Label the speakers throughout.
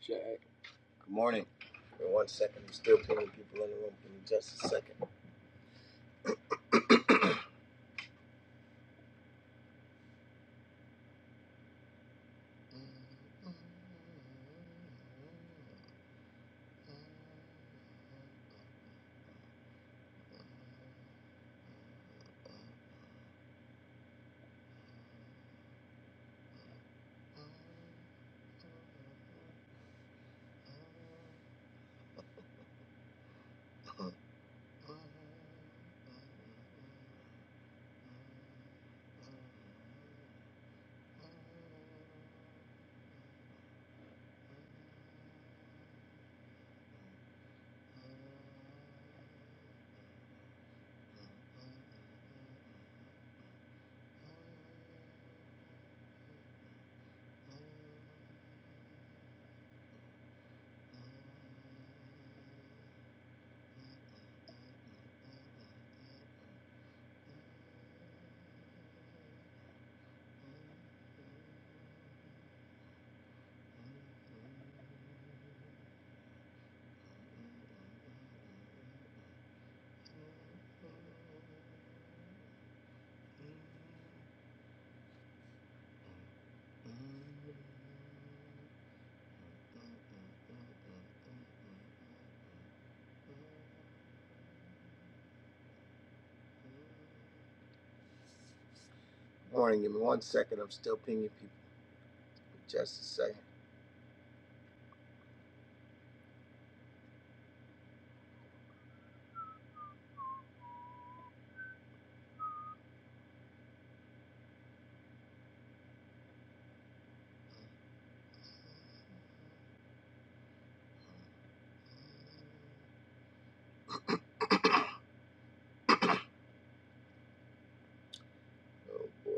Speaker 1: Jack. Good morning. In one second, there's still plenty of people in the room. Give me just a second. Morning, give me one second. I'm still pinging people for just a second. Oh boy,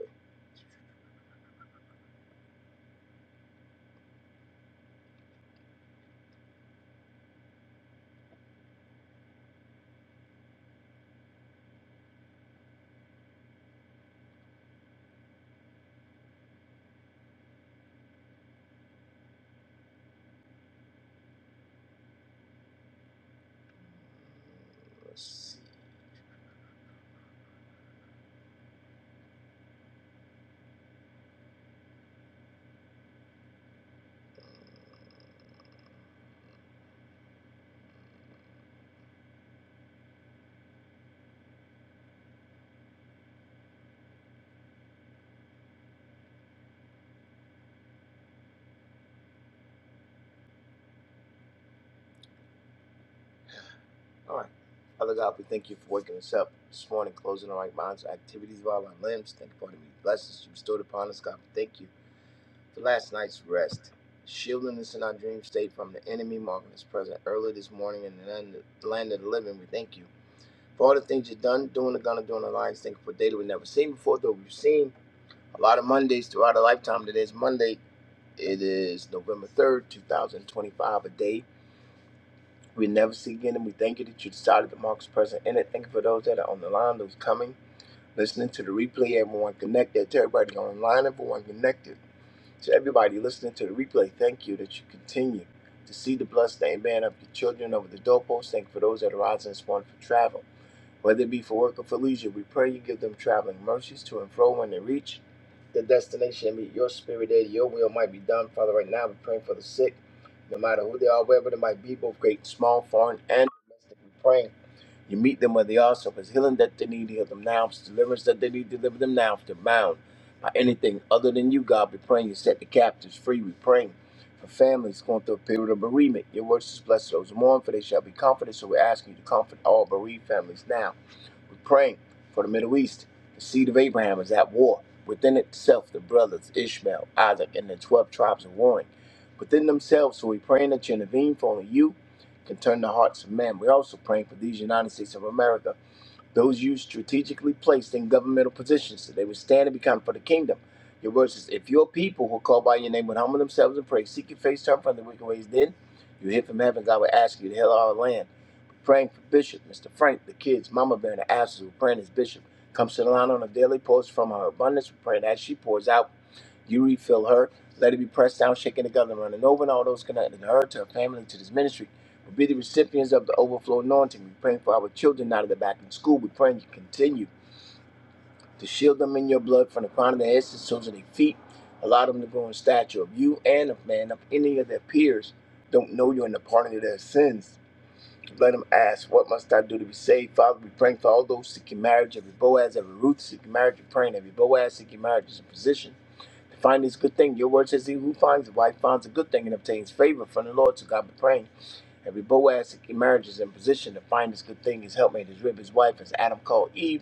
Speaker 1: let's see. All right. Father God, we thank you for waking us up this morning, closing our right minds, activities of all our limbs. Thank you for the many blessings you bestowed upon us, God. We thank you for last night's rest, shielding us in our dream state from the enemy, marking us present early this morning in the land the land of the living. We thank you for all the things you've done, doing the gun and doing the lines. Thank you for data we've never seen before, though we've seen a lot of Mondays throughout our lifetime. Today's Monday. It is November 3rd, 2025, a day we never see again. And we thank you that you decided to mark us present in it. Thank you for those that are on the line, those coming, listening to the replay, everyone connected, to everybody online, everyone connected. To everybody listening to the replay, thank you that you continue to see the bloodstained band of your children over the doorpost. Thank you for those that are rising this morning for travel. Whether it be for work or for leisure, we pray you give them traveling mercies to and fro when they reach the destination and meet your spirit there. Your will might be done, Father. Right now, we're praying for the sick, no matter who they are, wherever they might be, both great, small, foreign, and domestic. We're praying you meet them where they are. So if it's healing that they need, heal them now. If it's deliverance that they need, deliver them now. If they're bound by anything other than you, God, we're praying you set the captives free. We're praying for families going through a period of bereavement. Your words is blessed those who mourn, for they shall be comforted. So we're asking you to comfort all bereaved families now we're praying for the Middle East. The seed of Abraham is at war. Within itself, the brothers Ishmael, Isaac, and the 12 tribes are warring within themselves. So we're praying that you intervene, for only you can turn the hearts of men. We're also praying for these United States of America, those you strategically placed in governmental positions, so they would stand and be counted for the kingdom. Your word says, if your people who call by your name would humble themselves and pray, seek your face, turn from the wicked ways, then you hear from heaven, God will ask you to heal our land praying for Bishop, Mr. Frank, the kids, Mama Bear, and the asses we are praying as Bishop. Comes to the line on a daily post from her abundance. We are praying as she pours out, you refill her. Let it be pressed down, shaken together, and running over, and all those connected to her, to her family, to this ministry. will be the recipients of the overflow anointing. We are praying for our children out of the back in school. We are praying you continue to shield them in your blood from the crown of their heads to the soles of their feet. Allow them to grow in stature of you and of man, of any of their peers. Don't know you and the pardon of their sins let him ask, What must I do to be saved? Father, we praying for all those seeking marriage, every Boaz, every Ruth seeking marriage, we're praying every Boaz seeking marriage is in position to find this good thing. Your word says, He who finds a wife finds a good thing and obtains favor from the Lord. So God, we praying every Boaz seeking marriage is in position to find this good thing, his helpmate, his rib, his wife, as Adam called Eve.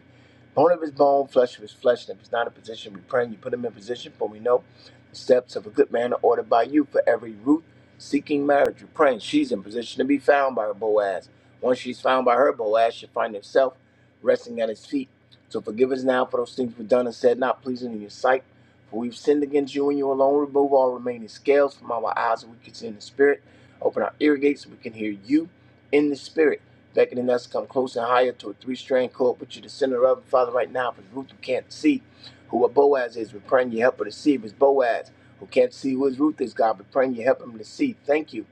Speaker 1: Bone of his bone, flesh of his flesh. And if he's not in position, we pray and you put him in position. For we know the steps of a good man are ordered by you. For every root seeking marriage, we pray and she's in position to be found by her Boaz. Once she's found by her Boaz, she'll find herself resting at his feet. So forgive us now for those things we've done and said not pleasing in your sight. For we've sinned against you and you alone. Remove all remaining scales from our eyes that we can see in the spirit. Open our ear gates so we can hear you in the spirit beckoning us to come closer, and higher to a three-strand cord, but you're the center of it, Father, right now, for Ruth who can't see who a Boaz is. We're praying you help her to see if it's Boaz who can't see who his Ruth is, God. We're praying you help him to see. Thank you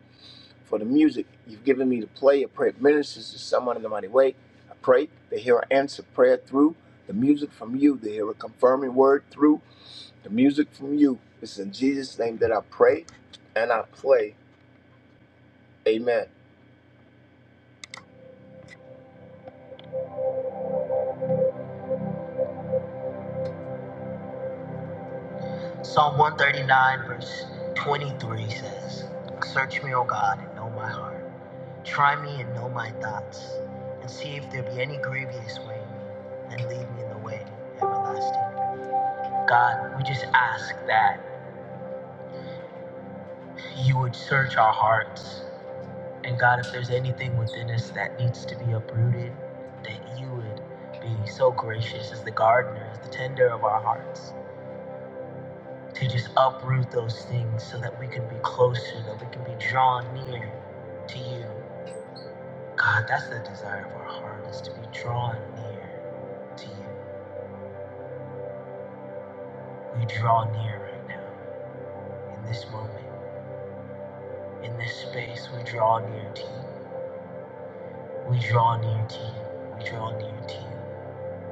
Speaker 1: for the music you've given me to play. I pray it ministers to someone in the mighty way. I pray they hear an answer prayer through the music from you. They hear a confirming word through the music from you. It's in Jesus' name that I pray and I play. Amen. Psalm 139, verse 23 says, Search me, O God, and know my heart. Try me and know my thoughts, and see if there be any grievous way in me, and lead me in the way everlasting. God, we just ask that you would search our hearts. And God, if there's anything within us that needs to be uprooted, that you would be so gracious as the gardener, as the tender of our hearts. to just uproot those things so that we can be closer, that we can be drawn near to you. God, that's the desire of our heart is to be drawn near to you. We draw near right now, in this moment, in this space, we draw near to you. We draw near to you. We draw near to you.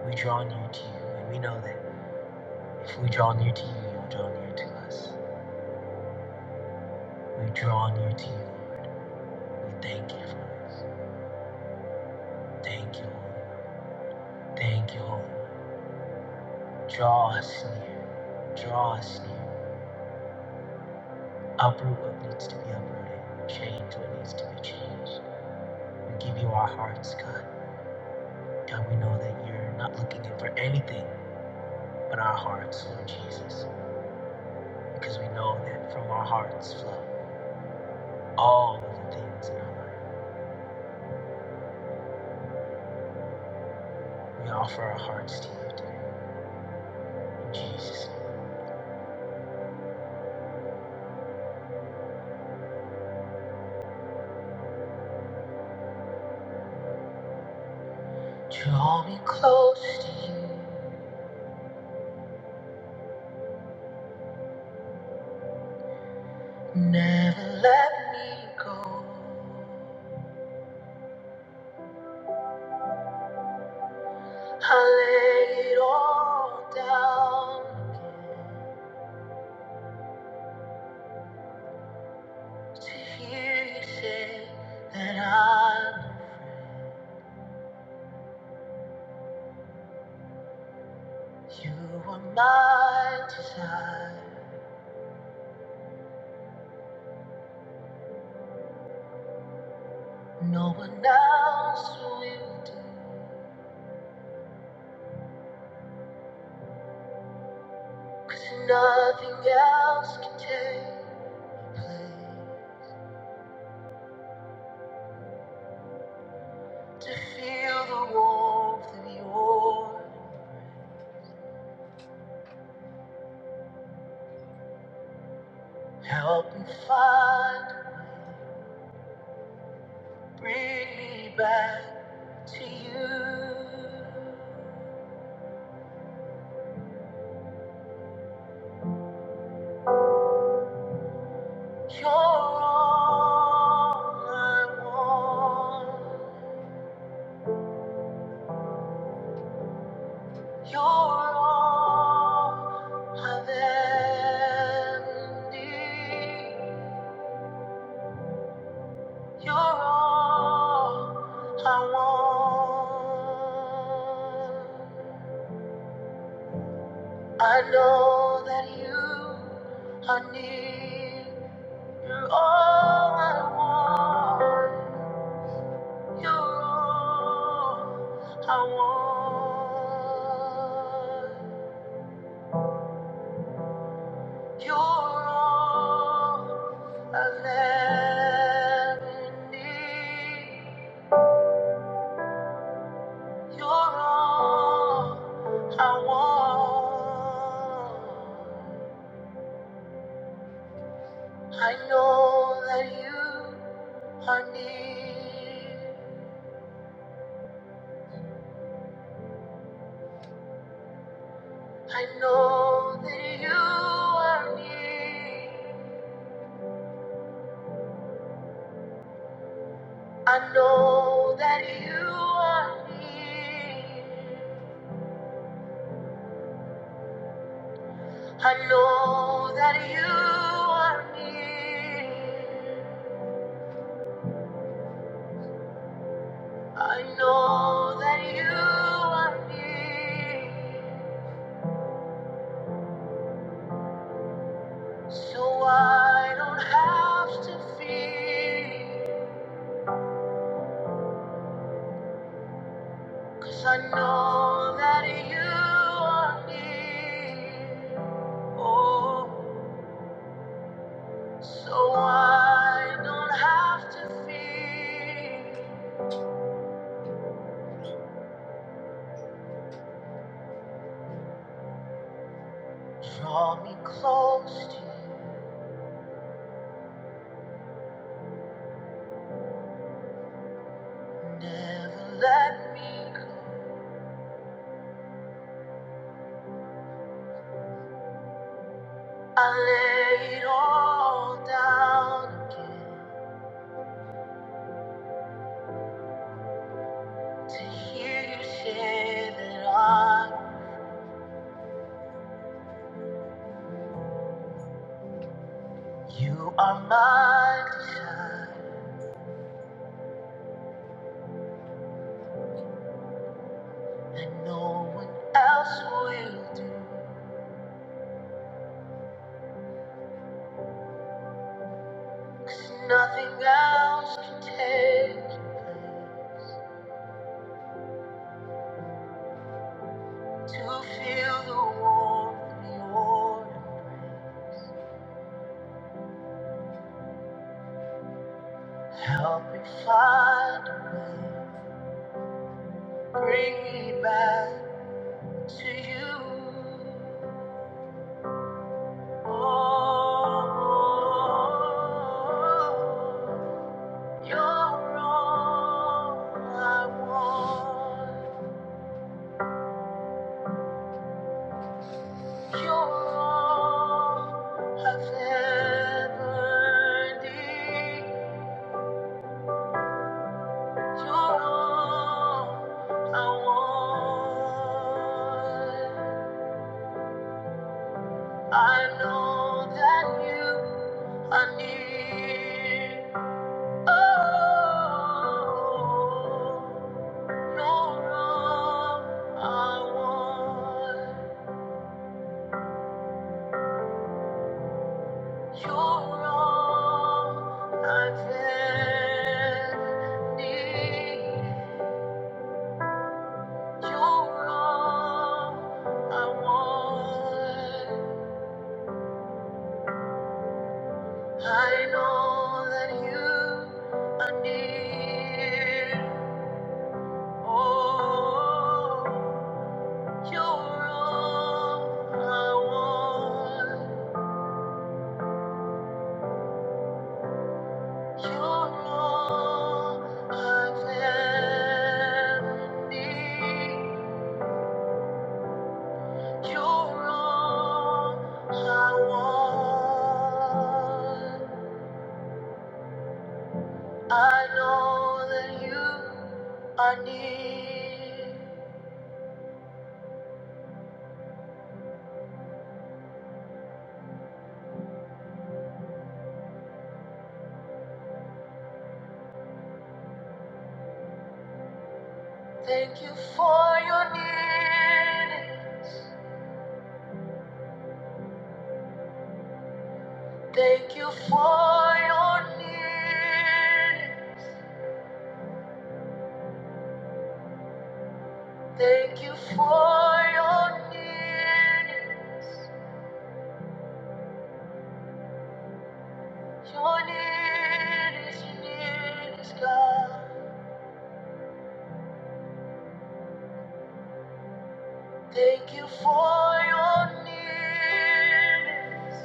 Speaker 1: We draw near to you. And we know that if we draw near to you, you'll draw near to us. We draw near to you. We thank you for this. Thank you, Lord. Thank you, Lord. Draw us near. Draw us near. Uproot what needs to be uprooted. Change what needs to be changed. We give you our hearts, God. God, we know that you're not looking for anything but our hearts, Lord Jesus. Because we know that from our hearts flow all of the things in our life. We offer our hearts to you, dear. In Jesus' name. Draw me close to you. Never let me go. I lay it all down to hear you say that I'm free. you are my desire. No one else will do, 'cause nothing else can take place to feel the warmth of your help me find, bring me back to you. You're all I want. You're all I've ever needed. You're all I want. I know that you are near. You're all I want. You're all I want. You're all I've ever need. You're all I want. I know that you are near. I know that you are near. I know that you are near. I know that you are near. I know that you are near. So I don't have to fear. 'Cause I know that you are near. Oh, so I don't have to fear. Draw me close to you, never let me go. I lay it all down again to hear you say that I, you are my desire, and no one else will do. 'Cause nothing else can take your place to feel the warmth of your embrace. Help me find a way. Bring me back to you. Oh, you're all I want. You're all I've ever needed. You're all I want. I know that you are near. Oh, no wrong I want. You're all I've ever needed. You're all I want. I know that you are near. Oh, you're all I want. You're all I've ever need. You're all I want. I know that you are near. Thank you for your nearness. Thank you for your nearness. Thank you for your nearness. Your nearness, nearness, God. Thank you for your nearness.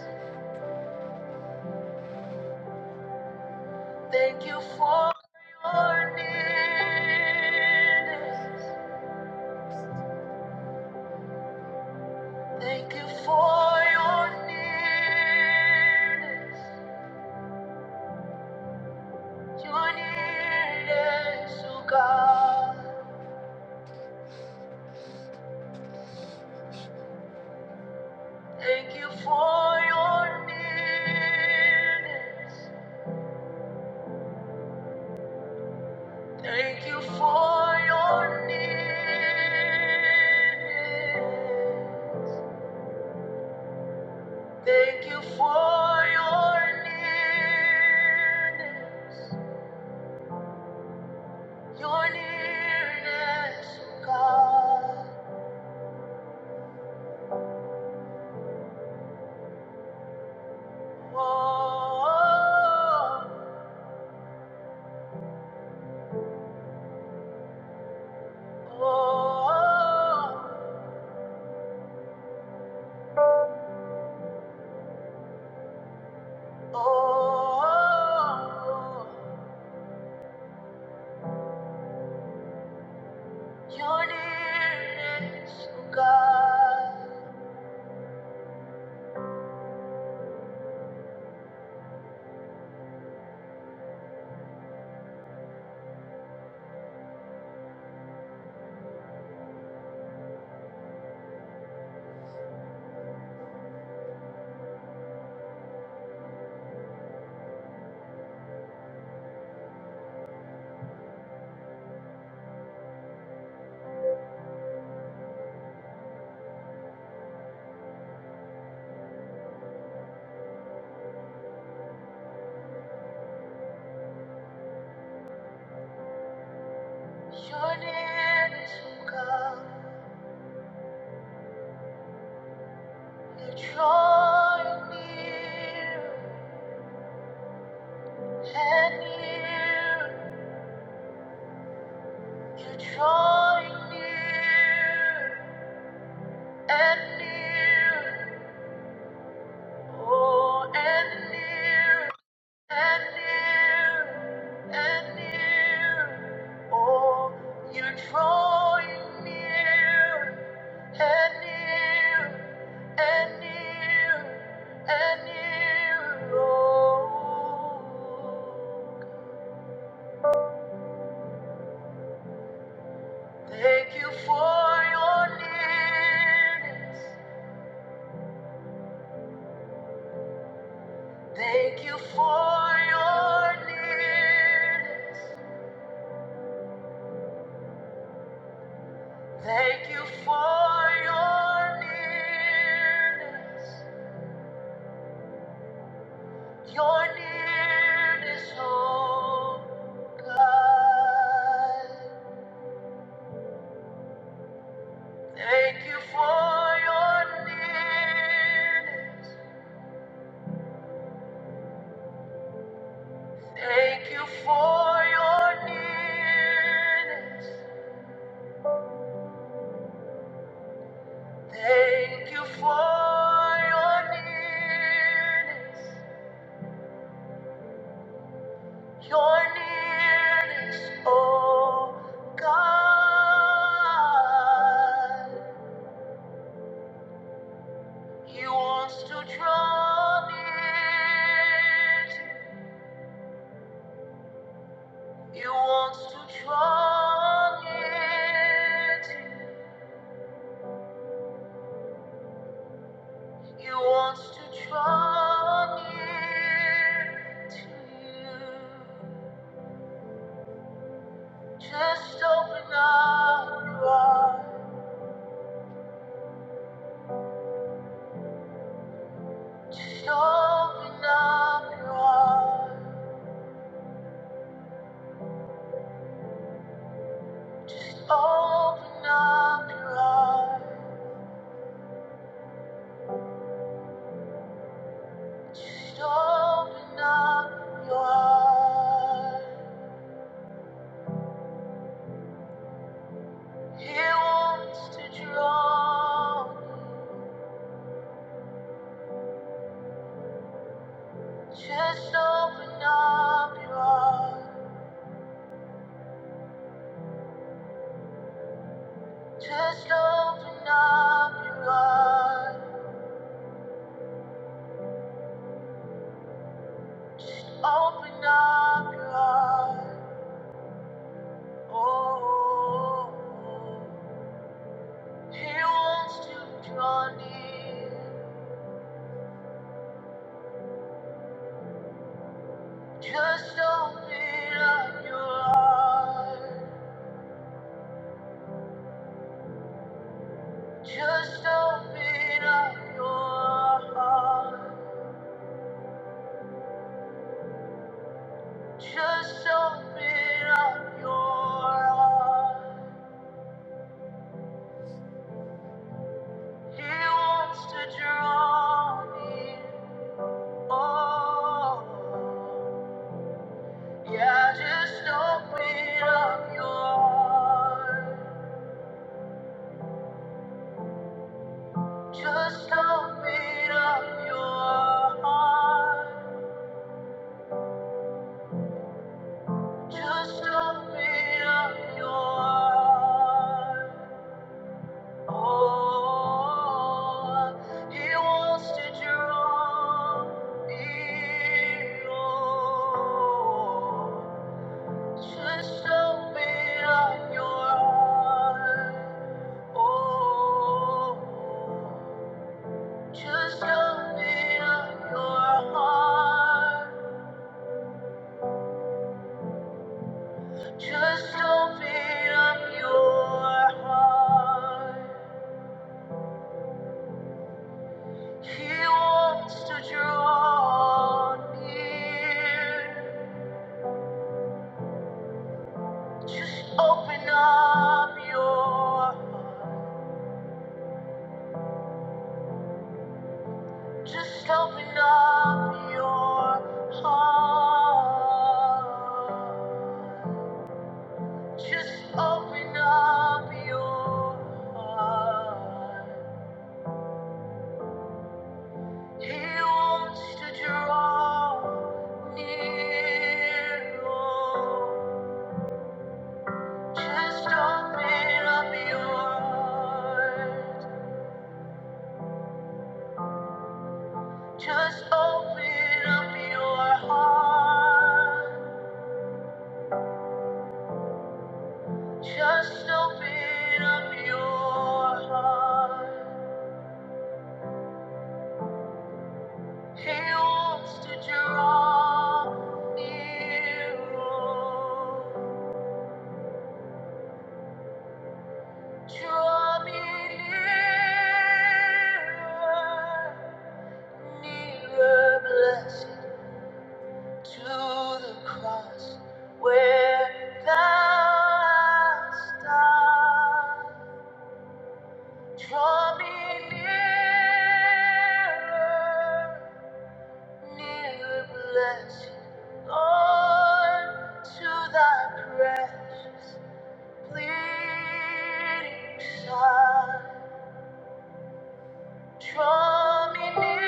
Speaker 1: Thank you for your nearness. Thank you for your nearness. Your nearness, O God. Thank you for your nearness. Thank you for your nearness. Thank you for your nearness. Your nearness, O God. Oh, oh, oh. Oh, your nearness, oh God, your nearness, oh God, you're drawing near and near, you're drawing near and near, oh, and near. and near, and near. Oh, you're drawing near, and near, and near, and near. Oh, thank you for your nearness. Thank you for your nearness. Thank you for your nearness. Your nearness, oh God. Thank you for your nearness. Thank you for your nearness. Thank you for your nearness. Your nearness, oh God. He wants to draw near He wants to draw near He wants to draw near to you. Just open up your heart. Just open up your heart. Just open up your heart. Just open up your heart. He wants to draw. Just open up your heart. Just open up your heart. Just open up your heart. Oh, He wants to draw near. Just open up your heart. Just open up your heart. Just open up your heart. He wants to draw me. Oh, yeah, just open up your heart. Just open up your heart. Just open up your heart. Oh, he wants to draw me on. Just open up your heart. Oh, just open up your heart. Just open up your heart. He wants to draw near. Just open up your heart. Just open up your heart. Just open up your heart. He wants to draw near. Just open up your heart. Just open up your heart. Just open up your heart. He wants to draw nearer, Draw me nearer, nearer, blessed. to the cross where thou hast died. Draw me nearer, nearer, blessed Lord, to thy precious bleeding side. Draw me nearer,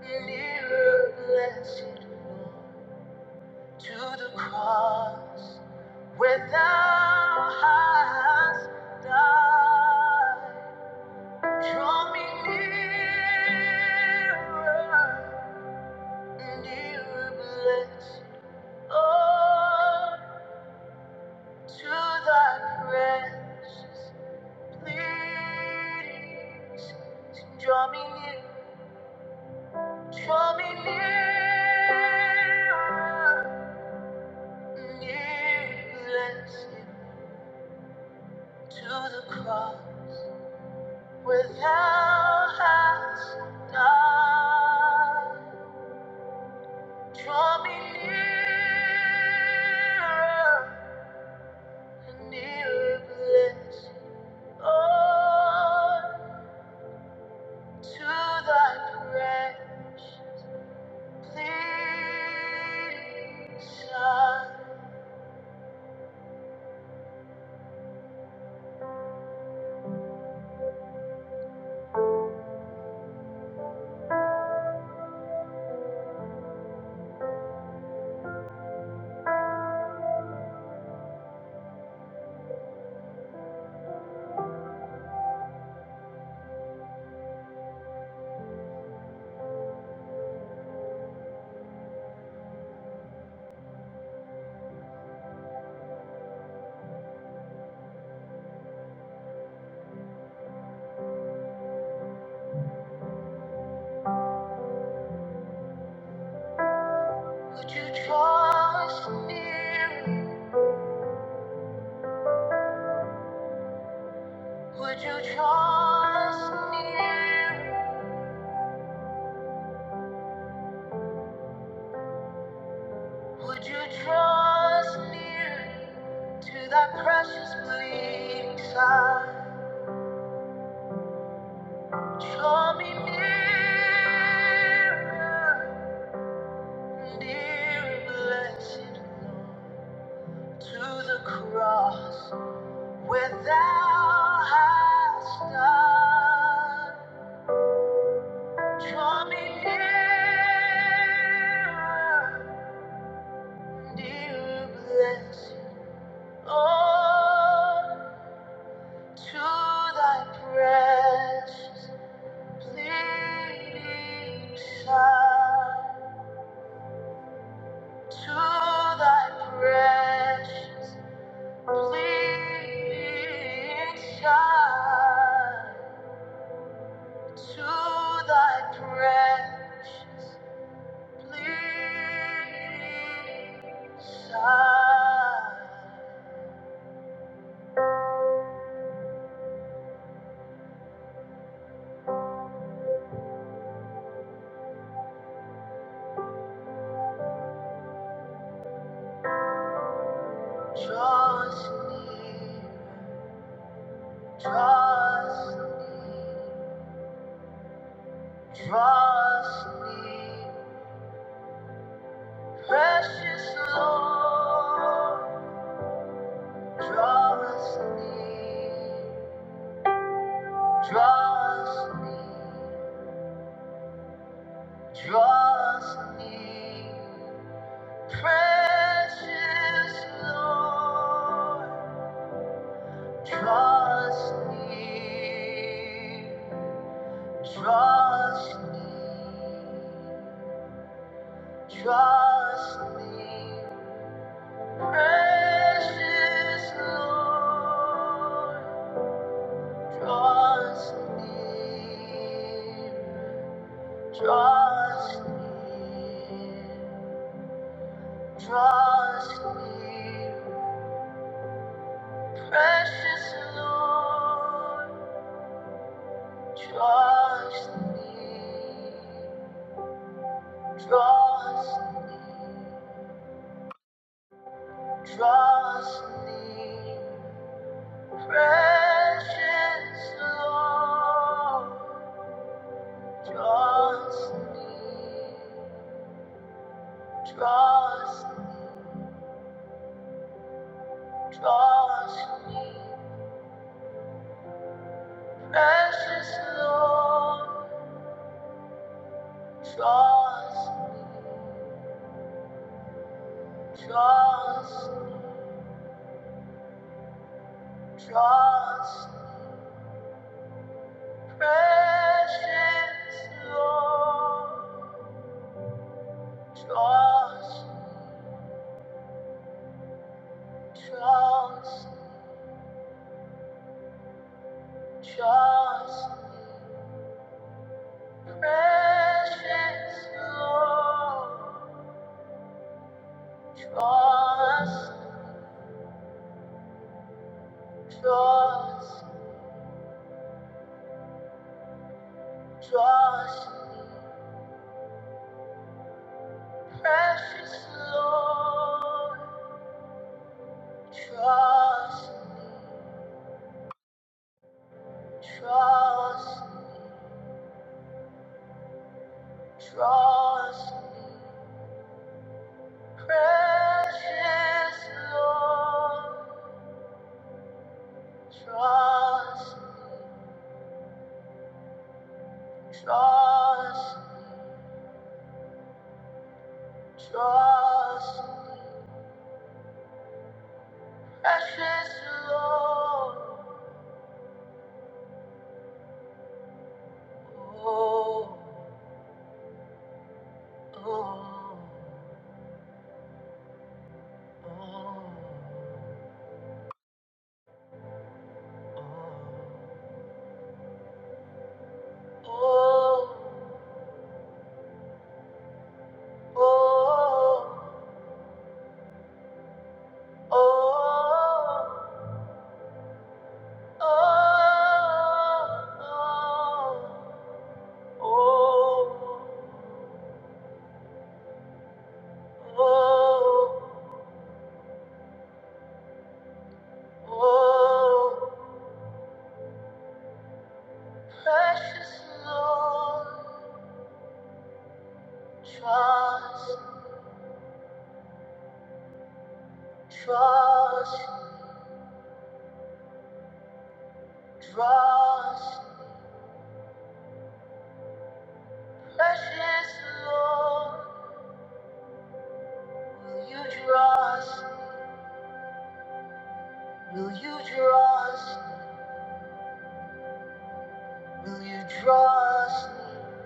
Speaker 1: nearer, blessed Lord. to the cross where thou hast died. Draw me nearer, nearer, blessed Lord, to thy precious please. Draw me near, draw me nearer, nearer, blessed to the cross. Without us, God, draw me nearer, and nearer, blessed Lord, to Thy presence. Please, Son, would You draw us near? Would You draw us near? Would you draw us near to that precious bleeding side? Draw me nearer, dear blessed Lord, to the cross where thou hast died. Draw me nearer, dear blessed Lord. To thy precious bleeding Son, to thy precious bleeding Son, to thy precious bleeding Son, draws near, draws near. Draw us near, precious Lord. Draw us near, draw us near, draw us near, precious Lord. Draw us near, draw us near, draw us near. Precious Lord, draw us near, draw us near, draw us near. Precious Lord, draw us near, draw us near draws near. precious Lord, Trust me, Trust, trust me, precious Lord. Trust, trust, trust, precious Lord. Trust, trust, trust, precious Lord. Trust, trust. Trust, me, precious Lord. Trust, me, trust, me, trust, me, precious Lord. Trust, me, trust, me, trust, me, precious Lord. Oh, oh, oh. Oh, oh, oh, oh, oh, oh, oh. Precious Lord, trust, trust, trust. Precious Lord, will you trust? Will you trust? Will you draw us near,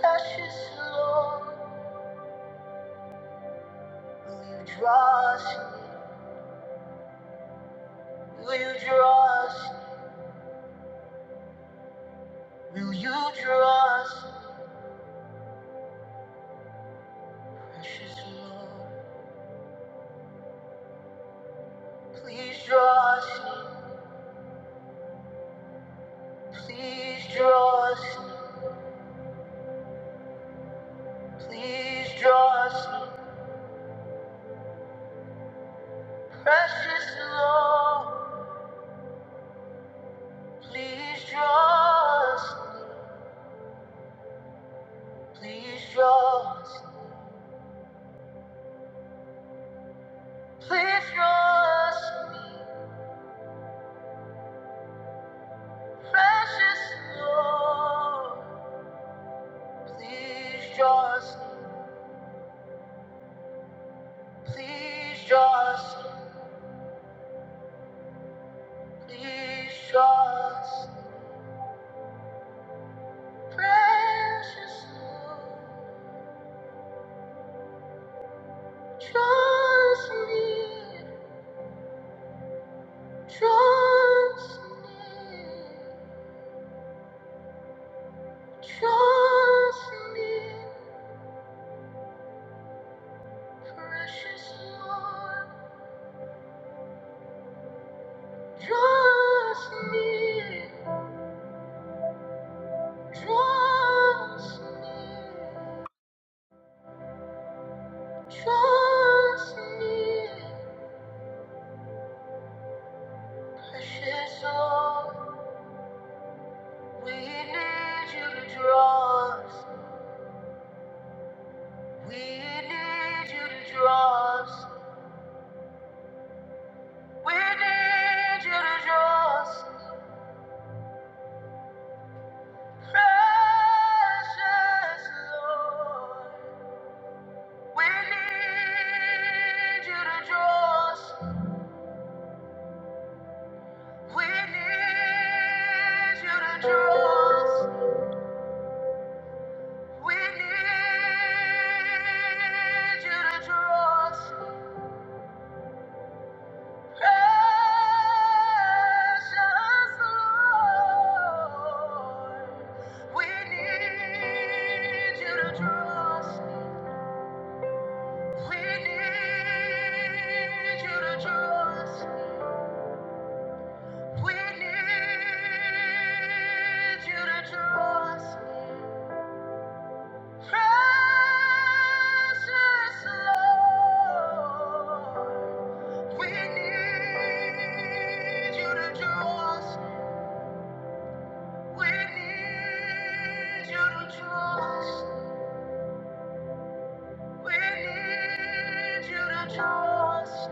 Speaker 1: precious Lord? Will you draw us near? Will you draw us near? Will you draw us near, precious Lord? Please draw us near. Please draw us near. Please draw us near, precious Lord. Please draw us near. Please draw us near. Please draw us near, precious Lord. Please just, please just, please just, precious Lord, trust me, trust me, trust me, precious Lord, trust me, trust me, trust me, precious Lord. We need you to draw us. We need you to draw us. We need you to draw us. Precious Lord. We need you to draw us. We need you to draw us. We need you to draw us. Precious Lord, we need you to draw us. We need you to draw us. We need you to draw us. Precious Lord, we need you to draw us. We need you to trust. We need you to trust.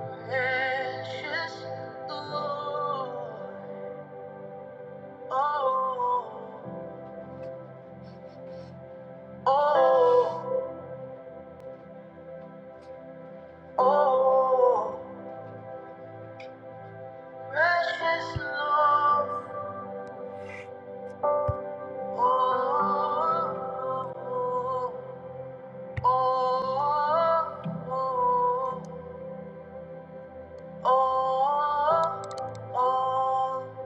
Speaker 1: Precious Lord. Oh, oh, oh. Precious Lord. Oh, oh, oh, oh, oh. oh.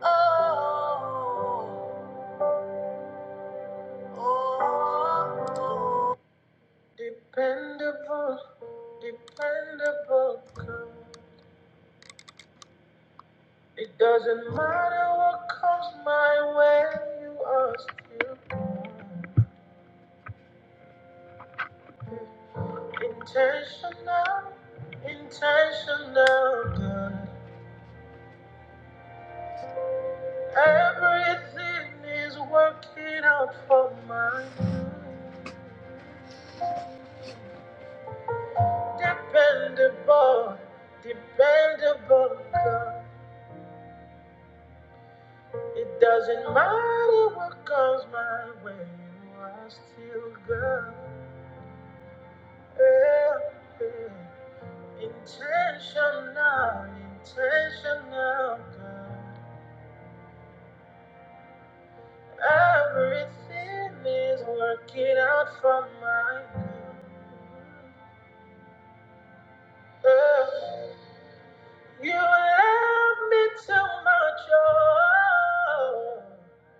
Speaker 1: Oh, oh, oh. Dependable, dependable girl. It doesn't matter what comes my way, you are still intentional, intentional girl. Everything is working out for my good. Dependable, dependable girl. It doesn't matter what comes my way, I still go. Yeah, yeah. Intentional, intentional, God. Everything is working out for my good. Yeah. You love me too much, oh,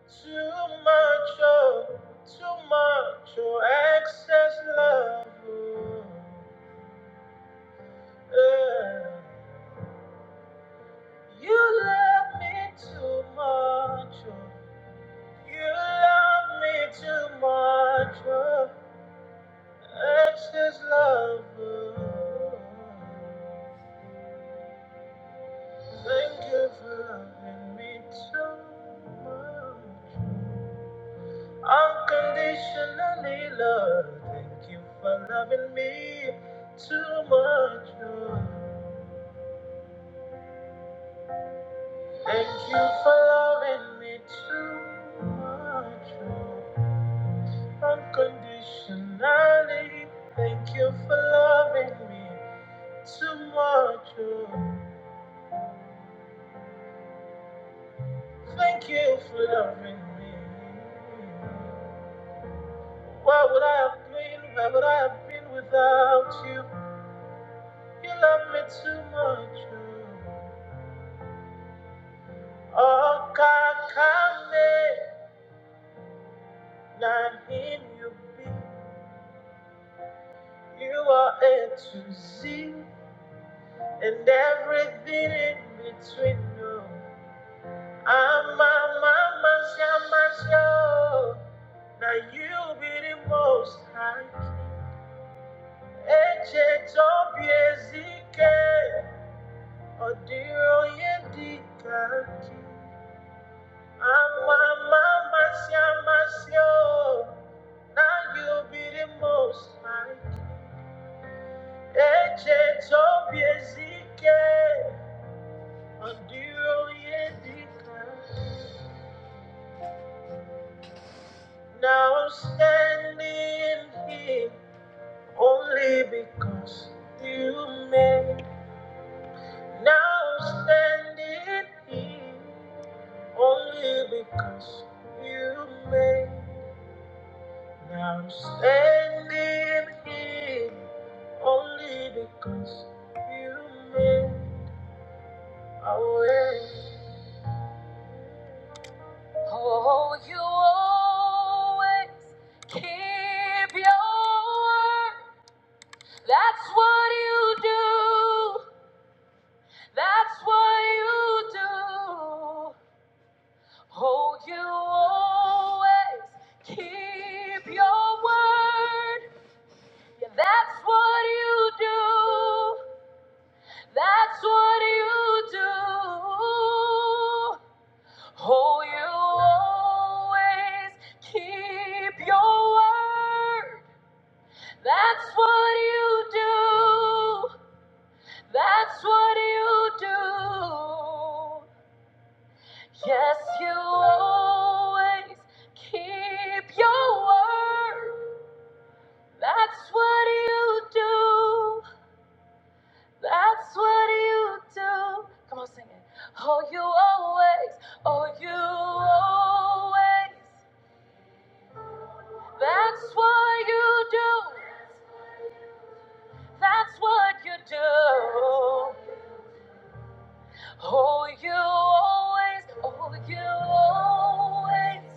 Speaker 1: too much, oh, too much, oh, excess love. Oh, yeah. You love me too much, oh, you love me too much, oh, excess love. Oh, thank you for loving me too much. Oh. Unconditionally love. Thank you for loving me too much. oh. Thank you for loving me too much. oh. Unconditionally. Thank you for loving me too much. oh. Thank you for loving me. What would I have been? Where would I have been without you? You love me too much. oh. Oh, Okakame, not him you be. You are A to Z, and everything in between. No, I'm a mama, show. Now you be the most high. Eche tobi ezike, odiro ye dikaki. Ama mama siamasio, now you be the most high. Eche tobiezike, ondiro yedika. Now I'm standing here only because you made. Now I'm standing here only because you made. Now I'm standing here only because you made a way. Oh, you always keep your word. That's what you do. That's what you do. Oh, you always keep your word. Yeah, that's what you do. That's what you do. Oh, you always keep your word. That's what you do. That's what you do. Yes, you always keep your word. That's what you do. That's what you do. Come on, sing it. Oh, you always, oh, you always. That's what you do. That's what you do. Oh, you always, oh, you always.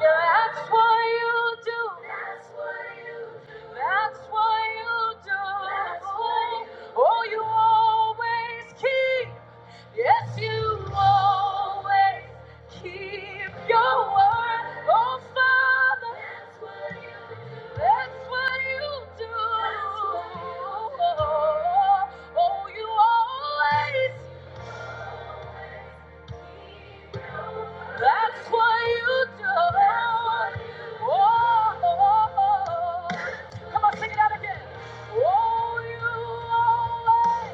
Speaker 1: Yeah, that's what you do. That's what you do. Oh, you always keep. Yes, you always keep your word. Oh, Father. That's what you do. That's what you do. Oh, you always That's what you do. Oh, oh, oh. come on, sing it out again. Oh, you always.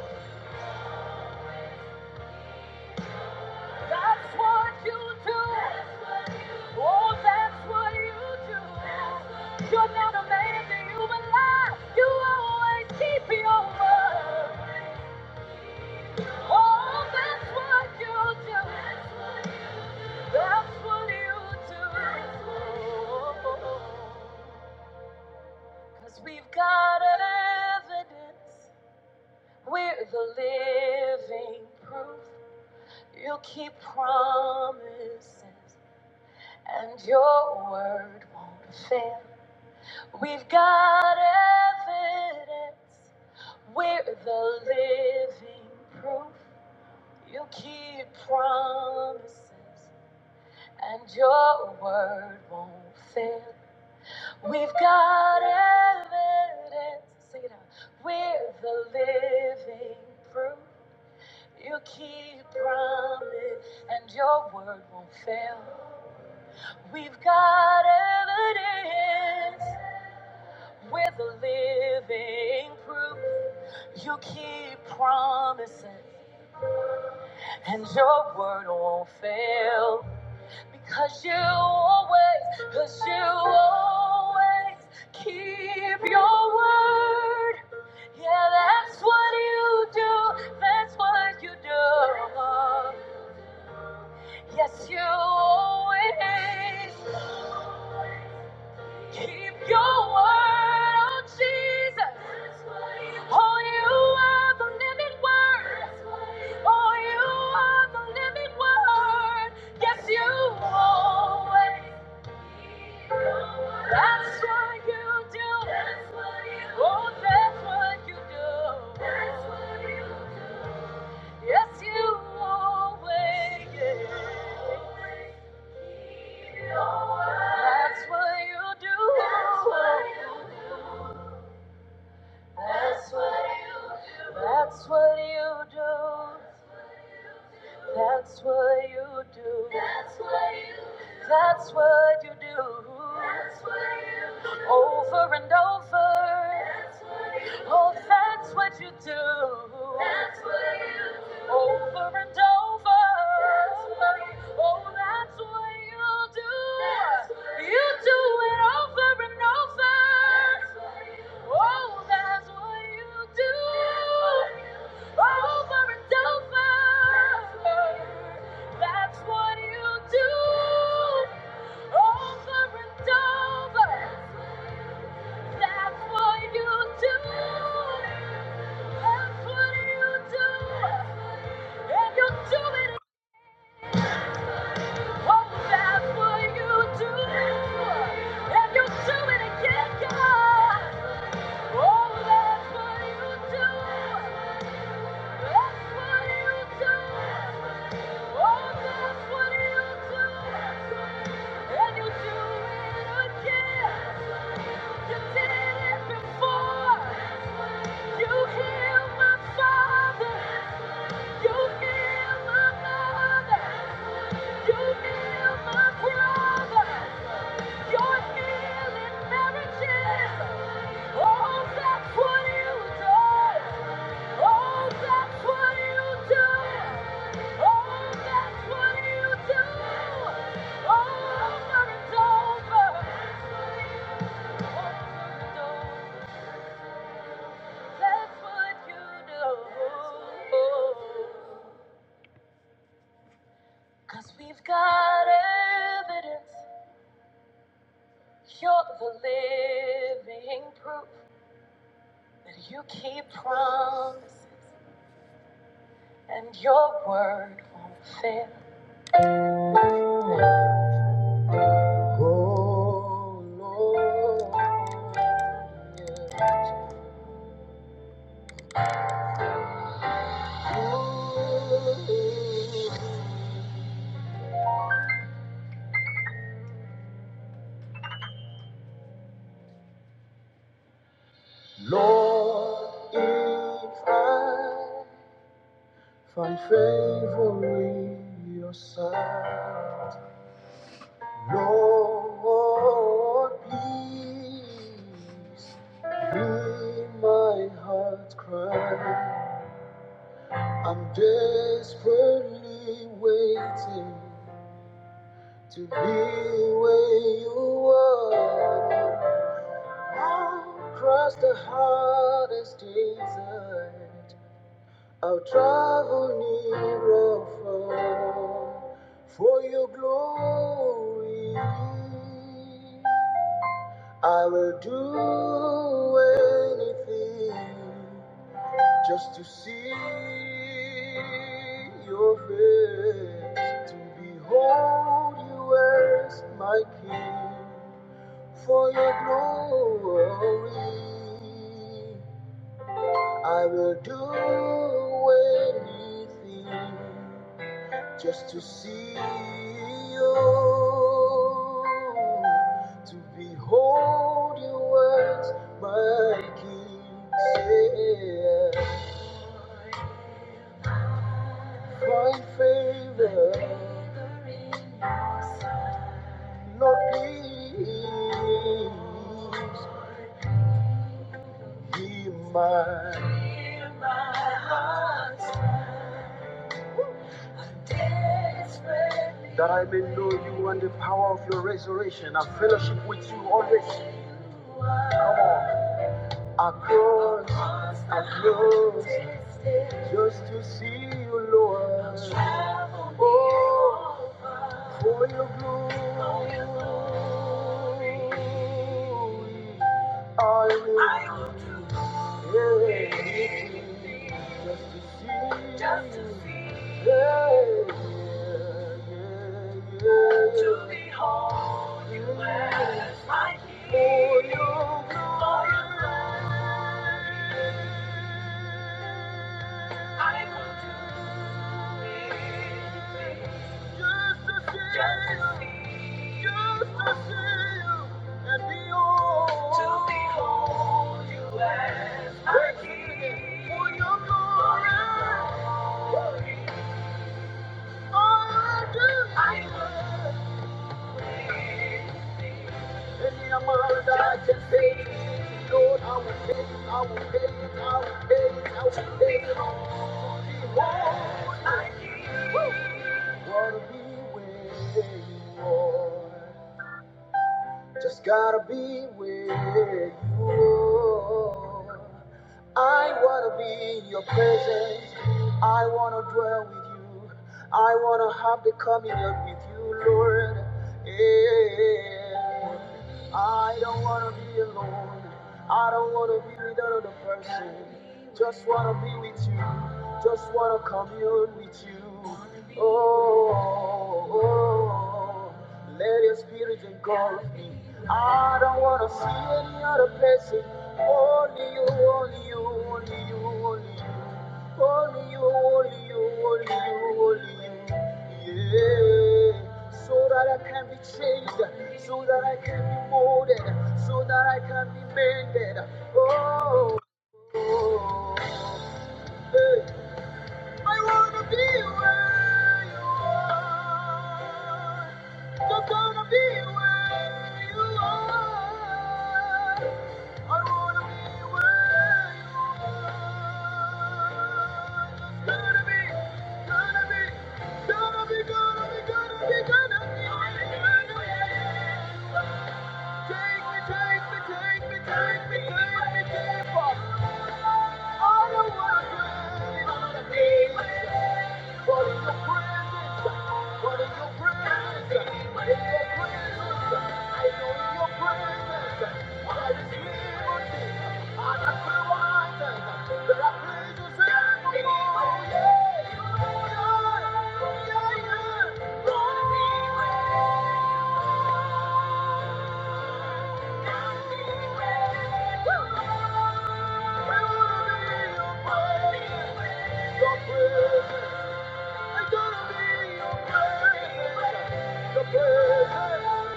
Speaker 1: That's what you do. Oh, that's what you do. You're not a man that you will lie. You always keep your word. Oh, that's what you do. That's what you do. Cause we've got evidence. We're the living proof. You keep promises, and your word won't fail. We've got evidence. We're the living proof. You keep promises, and your word won't fail. We've got evidence. Sing it out. We're the living proof. You keep promise, and your word won't fail. We've got evidence. We're the living proof. You keep promises, and your word won't fail. Because you always, because you always keep your word. Yeah, that's what you do. That's what you do. Yes, you always keep your word. Oh, Jesus. Oh, you are the living word. Oh, you are the living word. Yes, you always. That's what you do. That's what you do. Oh, that's what you do. That's what you do. Yes, you always. That's what you do. That's what you do. That's what you do. That's what you do. That's what you do. That's what you do. That's what you do. That's what you do. Over and over. That's Oh, that's what you do. That's what you do. Over and over. That's what you do. Oh, that's what you do. That's what you, you do. do it over and over. That's what you do. Oh, that's what you do. That's what you do. Over and over. That's what you do. That's what you do. Over and over. That's what you do. Before You heal my father. Oh, but it's over. That's what you do. Cause we've got evidence. You're the living proof that you keep promises and your word won't fail. find favor in your sight. Lord, please hear my heart's cry. I'm desperately waiting to be where you are. I'll cross the hardest desert. I'll travel near or far for your glory. I will do anything just to see your face, to behold you as my king for your glory. I will do anything just to see you, to behold you as my King. Yeah. Find favor, Lord, please hear my Hear my heart's desperate That I may know you and the power of your resurrection and fellowship with you always. Come on. I close, I close, just to see you, Lord. Oh, for your glory. I will everything just to see Just to see. Yeah, yeah, yeah. yeah. To be who you are. For your glory. I will. Wanna be where you are. Just gotta be where you are. I wanna be in your presence. I wanna dwell with you. I wanna have the communion with you, Lord. Yeah. I don't wanna be alone. I don't wanna be with another person. Just wanna be with you. Just wanna commune with you. Oh, oh, oh. Let your spirit engulf me. I don't wanna see any other person. Only you, only you, only you, only you. Only you, only you, only you, only you. Yeah. So that I can be changed, so that I can be molded, so that I can be mended. Oh. oh, hey. I wanna be where you, just wanna be where you are. I wanna be where you are. Gonna be, gonna be, gonna be, gonna be, gonna be, gonna be where you are. Take me, take me, take me, take me, take me, take me far. Yeah. I wanna be Your presence. your presence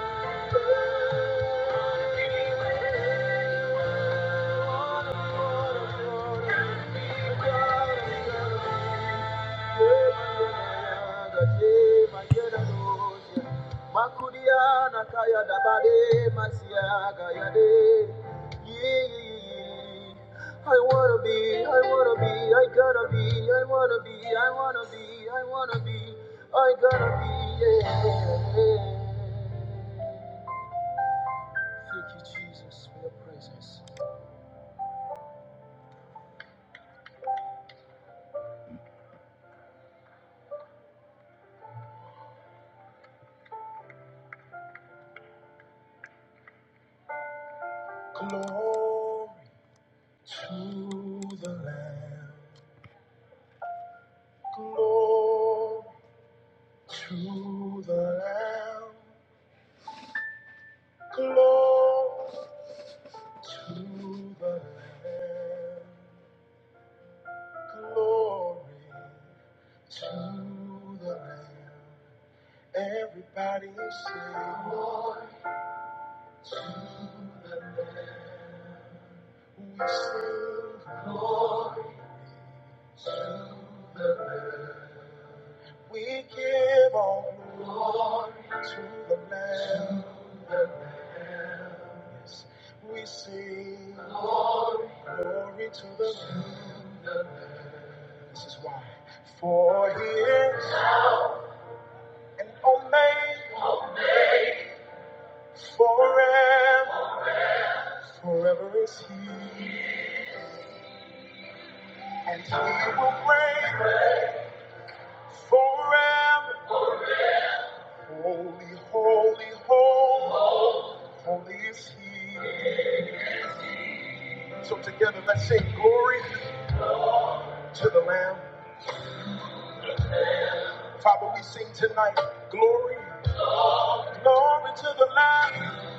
Speaker 1: kaya dabade masiaga yade. Yeah. I wanna be, I wanna be, I gotta be, I wanna be, I wanna be, I wanna be. I got to be. yeah, yeah. Thank you, Jesus, for your presence. Glory to the Lamb. Glory to the Lamb. Glory to the Lamb. Glory to the Lamb. Everybody say, Glory to the Lamb. We sing glory to the Lamb. We give all glories. We this is why. For he and he will reign forever. Holy, holy, holy, holy is he. So together let's sing glory to the Lamb. Father, we sing tonight glory, glory to the Lamb.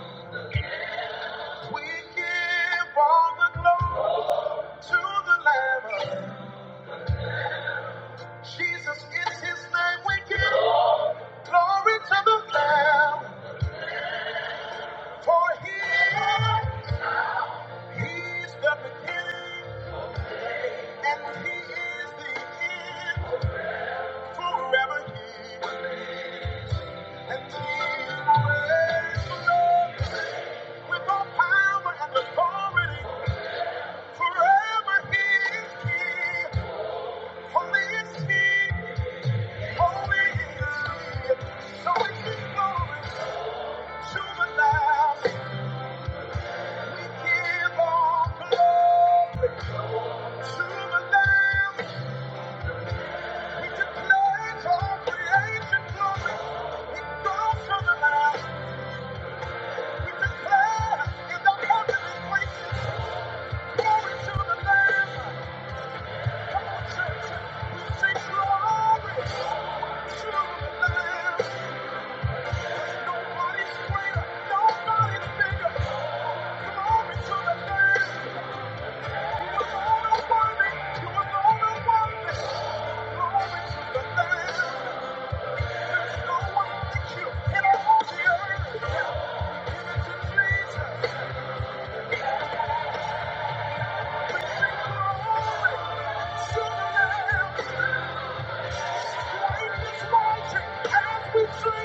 Speaker 1: We give all the glory. To the Lamb, Jesus is His name. We give glory to the Lamb, for He He's the beginning and He is the end. Forever He remains, and He reigns with all power and authority. Forever He is King. Holy is He. Holy is He. So we give glory. To glory. greater. nobody's bigger. Glory to the you. Glory to the Lamb. Spirit is Moving to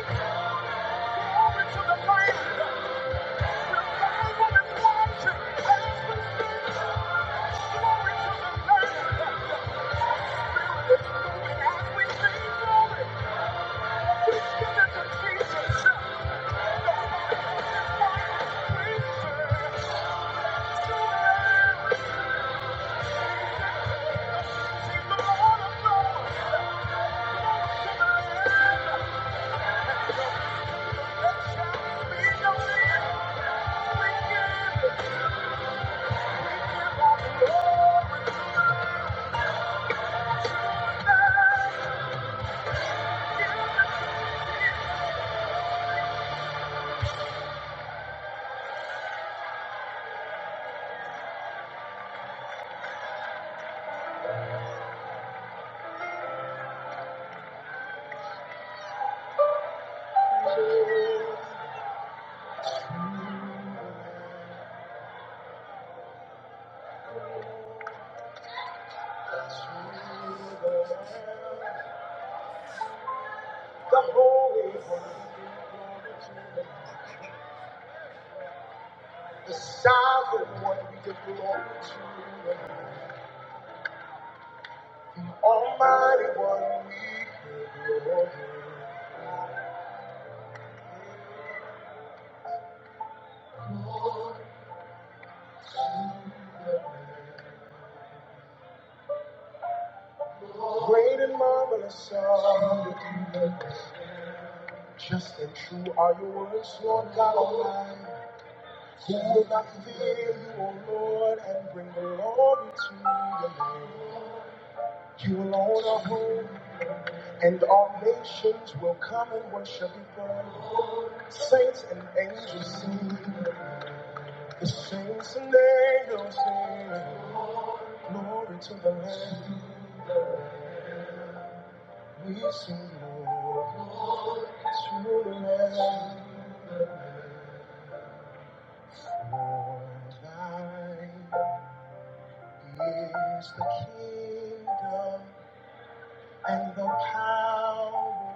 Speaker 1: Thank you. Great and marvelous are your deeds. Just and true are your words, Lord God Almighty. Who will not fear you, O Lord, and bring glory to your name? You alone are holy. And all nations will come and worship before him. Saints and angels sing. The saints and angels sing. Mercy, Lord, thine is the kingdom and the power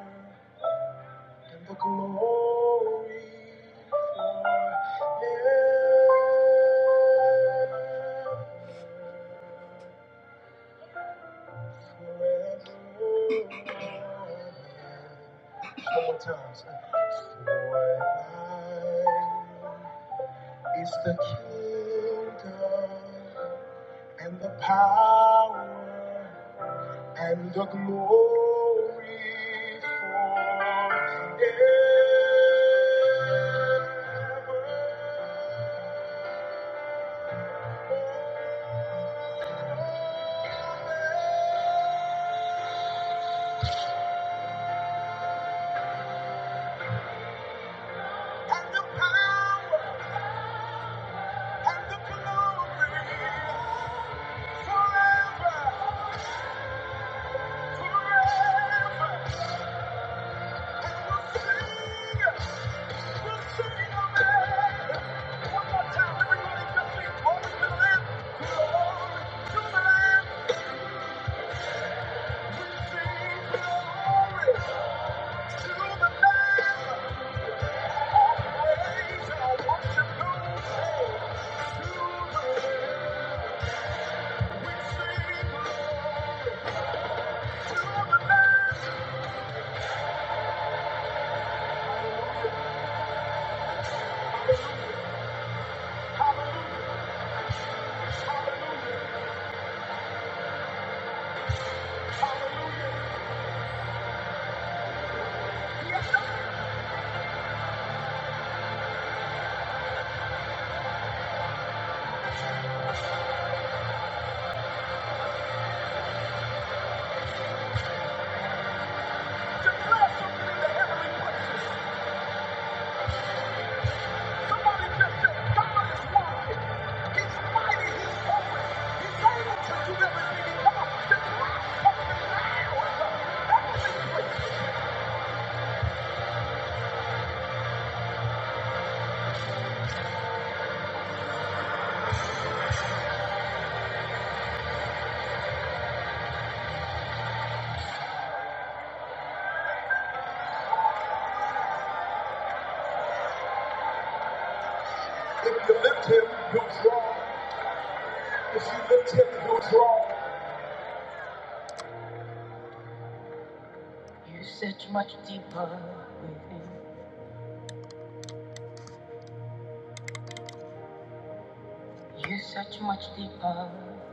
Speaker 1: and the power and the glory forever, forever. And we'll sing. Hallelujah, hallelujah, hallelujah. Yes, declare something in the heavenly places. right. you lift are such much deeper with You're such much deeper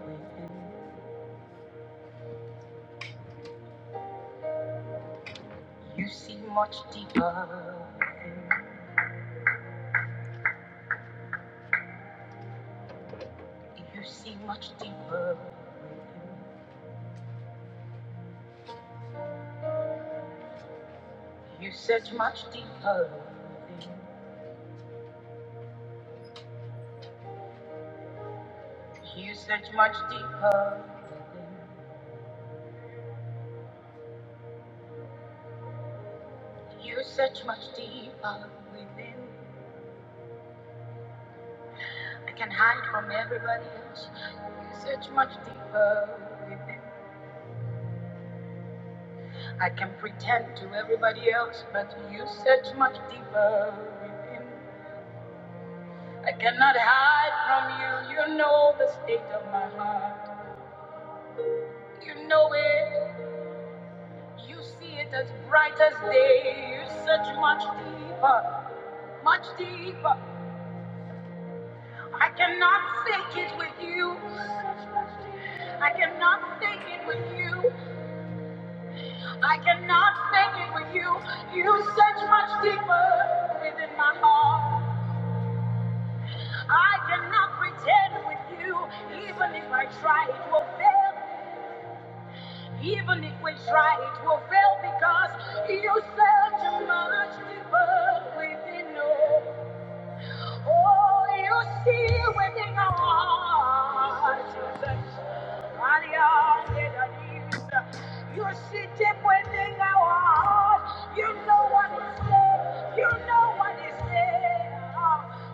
Speaker 1: with You see much deeper with You see much deeper with him. You search much deeper, much deeper within. I can hide from everybody else. You search much deeper within. I can pretend to everybody else, but you search much deeper within. I cannot hide from you. You know the state of my heart. You know it. You see it as bright as day. You search much deeper, much deeper. I cannot fake it with you. I cannot fake it with you. I cannot make it with you. You search much deeper within my heart. I cannot pretend with you. Even if I try, it will fail. Even if we try, it will fail because you search much deeper within us. Oh, you see within our hearts, Jesus. Hallelujah, that is. You see deep within our hearts. You know what is there. You know what is there.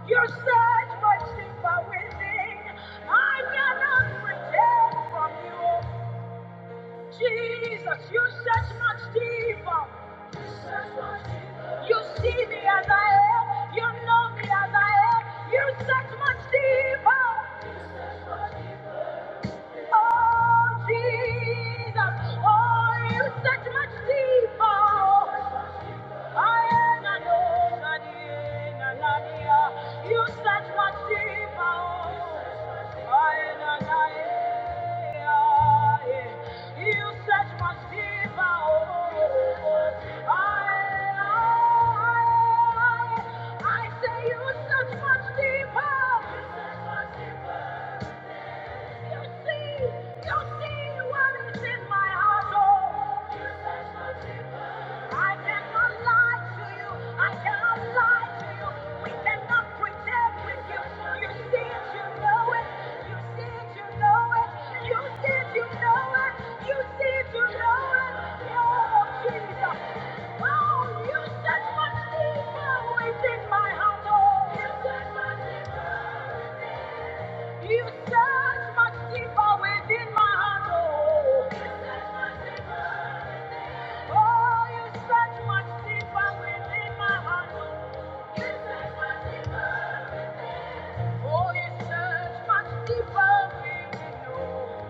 Speaker 1: You search much deeper within. I cannot pretend from you. Jesus, you search much deeper. You search much deeper. You see me as I am. You know me as I am. You search much deeper. Oh, Jesus. Oh, you search much deeper. You search much deeper, oh. I na na eh, ah, eh. You search much deeper, oh. I, I, I say you search much deeper. Oh, you set my feet within my heart, oh, you set my feet you search much deeper within my heart, oh. Oh, you search much deeper within my heart, oh. Oh, you search much deeper within, oh.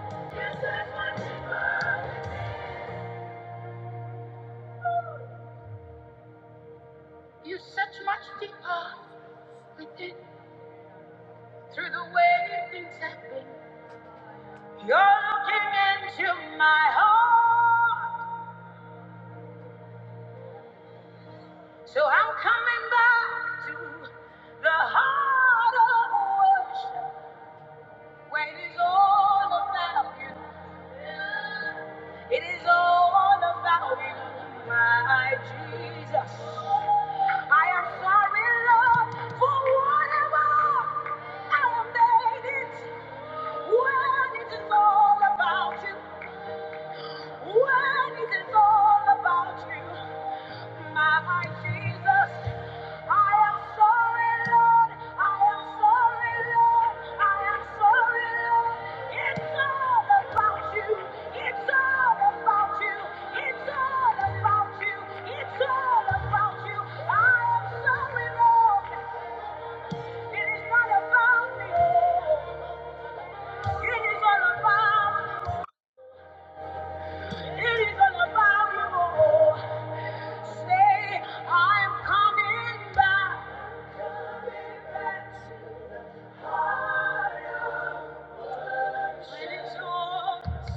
Speaker 1: within, through the way things have been. You're looking into my heart, so I'm coming back to the heart of worship. Wait is all about you. It is all about you, my Jesus. I am sorry, Lord, for whatever I have made it. When it is all about you. What is it all about you, my Jesus? I am sorry, Lord. I am sorry, Lord. I am sorry, Lord. It's all about you. It's all about you. It's all about you. It's all about you. I am sorry, Lord. It is not about me. Oh. It is all about. It is all about you. oh. Say, I'm coming back. When it's all, when it's all,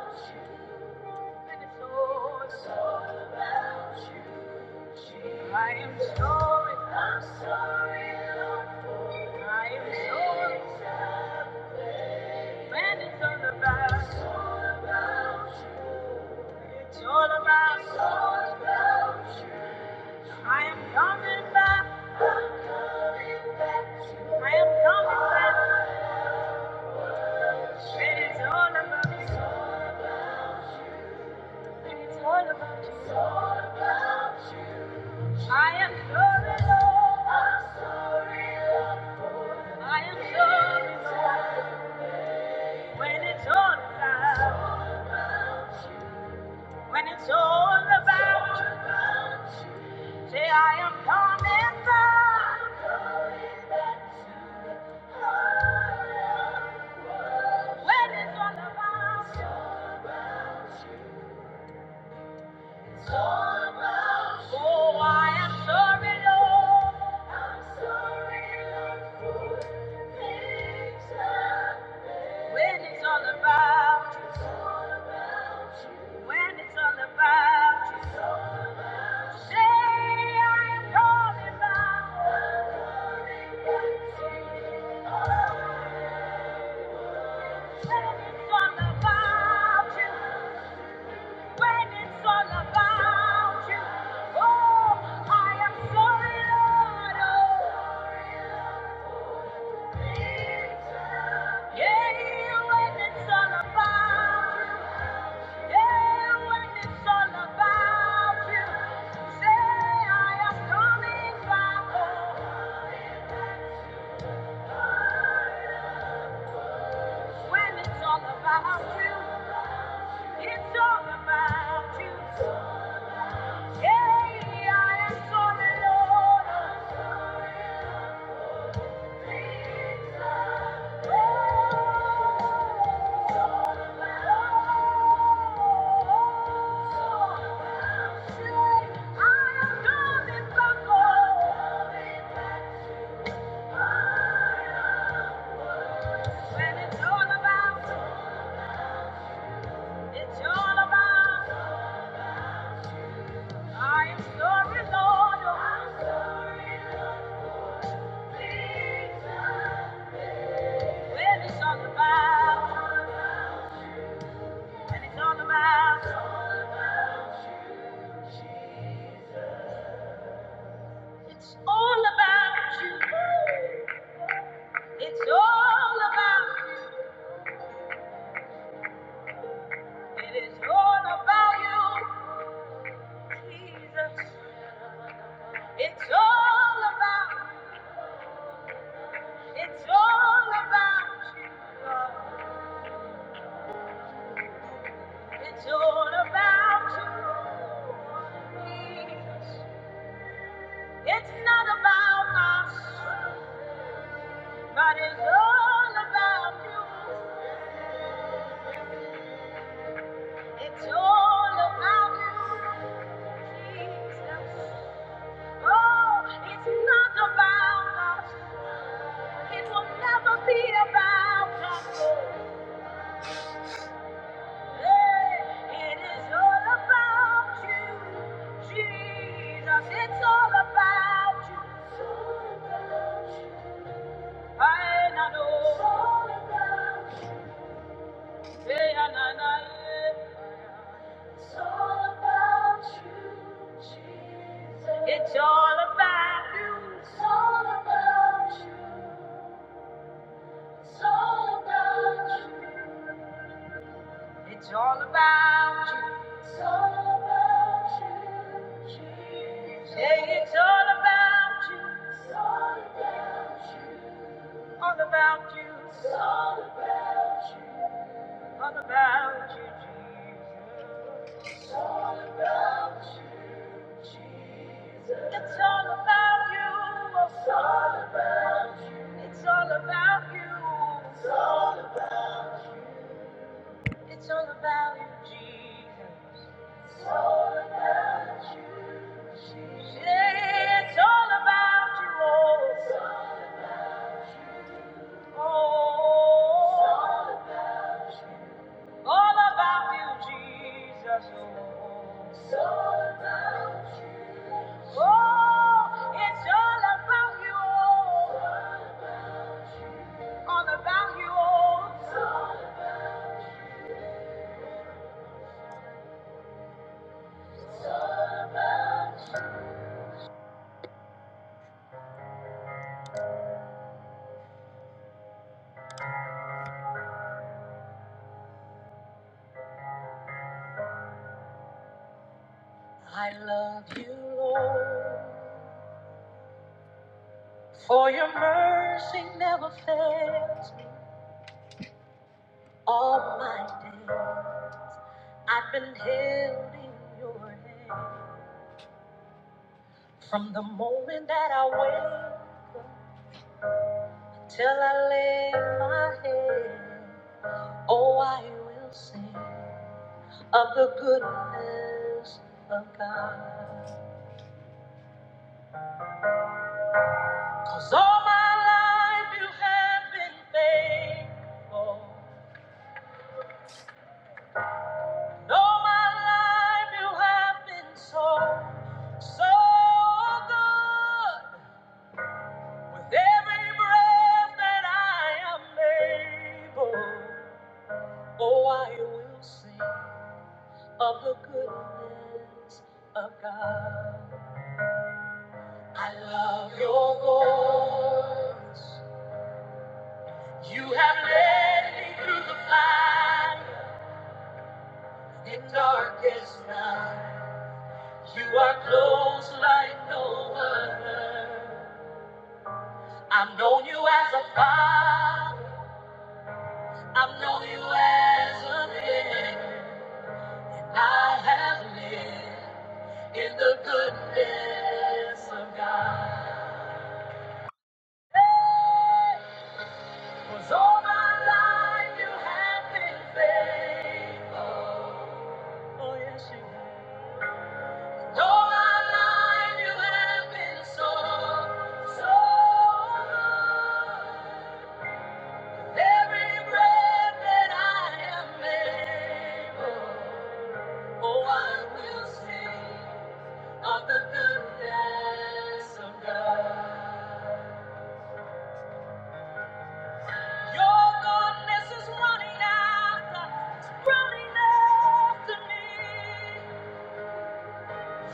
Speaker 1: I am sorry. I'm sorry. I am sorry. When it's all about, it's all about. I am coming back. I am coming back. When it's all about, when it's all about you. I am sorry, Lord. I am sorry when it's all about, when it's all about you. Say I am coming back when it's all about you. Oh, I am sorry, Lord, when it's all about you. When it's all about you. Say I am coming back. When it's all about you. When it's all about you, oh, I am sorry, Lord. Oh, yeah, when it's all about you, yeah, when it's all about you, say I am coming back. Oh, when it's all about you, it's all about you. Yeah, I am sorry, Lord. oh. It's all about, it's all about you, Lord. It's all about you, Jesus. It's not about us, but it's all about you. It's all about you, Jesus. Oh, it's not about us. It will never be about us. Hey, it is all about you, Jesus. It's all about you. It's all about you. Hey, It's all about you, Jesus. It's all about you. It's all about you. It's all about you. It's all about you. Jesus. Say it's all about you. It's all about you. It's all about you, Jesus. It's all about you. It's all about you. It's all about you. It's all about you, Jesus. It's all you, oh, oh. all about you, Jesus. Oh, oh, it's all about you, oh, all about you. Oh. All my day, I've been held in your hand from the moment that I wake. up Till I lay my head, oh, I will sing of the goodness of God. 'Cause all my life you have been faithful. And all my life you have been so, so good. With every breath that I am able, oh, I will sing. of the goodness of God. In the goodness of God. Was all my life you have been faithful. Oh, yes, you have. All my life you have been so, so good. Every breath that I am able. Oh, I will sing of the goodness of God. Your goodness is running after, it's running after me.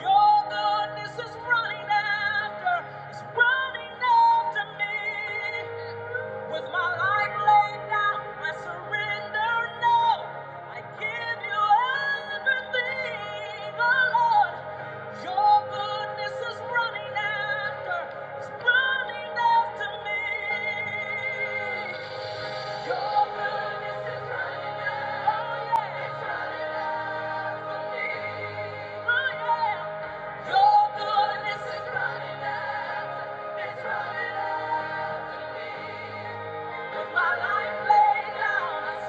Speaker 1: Your goodness is running after, is running after me. With my life laid down, I surrender now. I give you everything, oh Lord. Your goodness is running after, is running after me. Your goodness is running out. It's running out.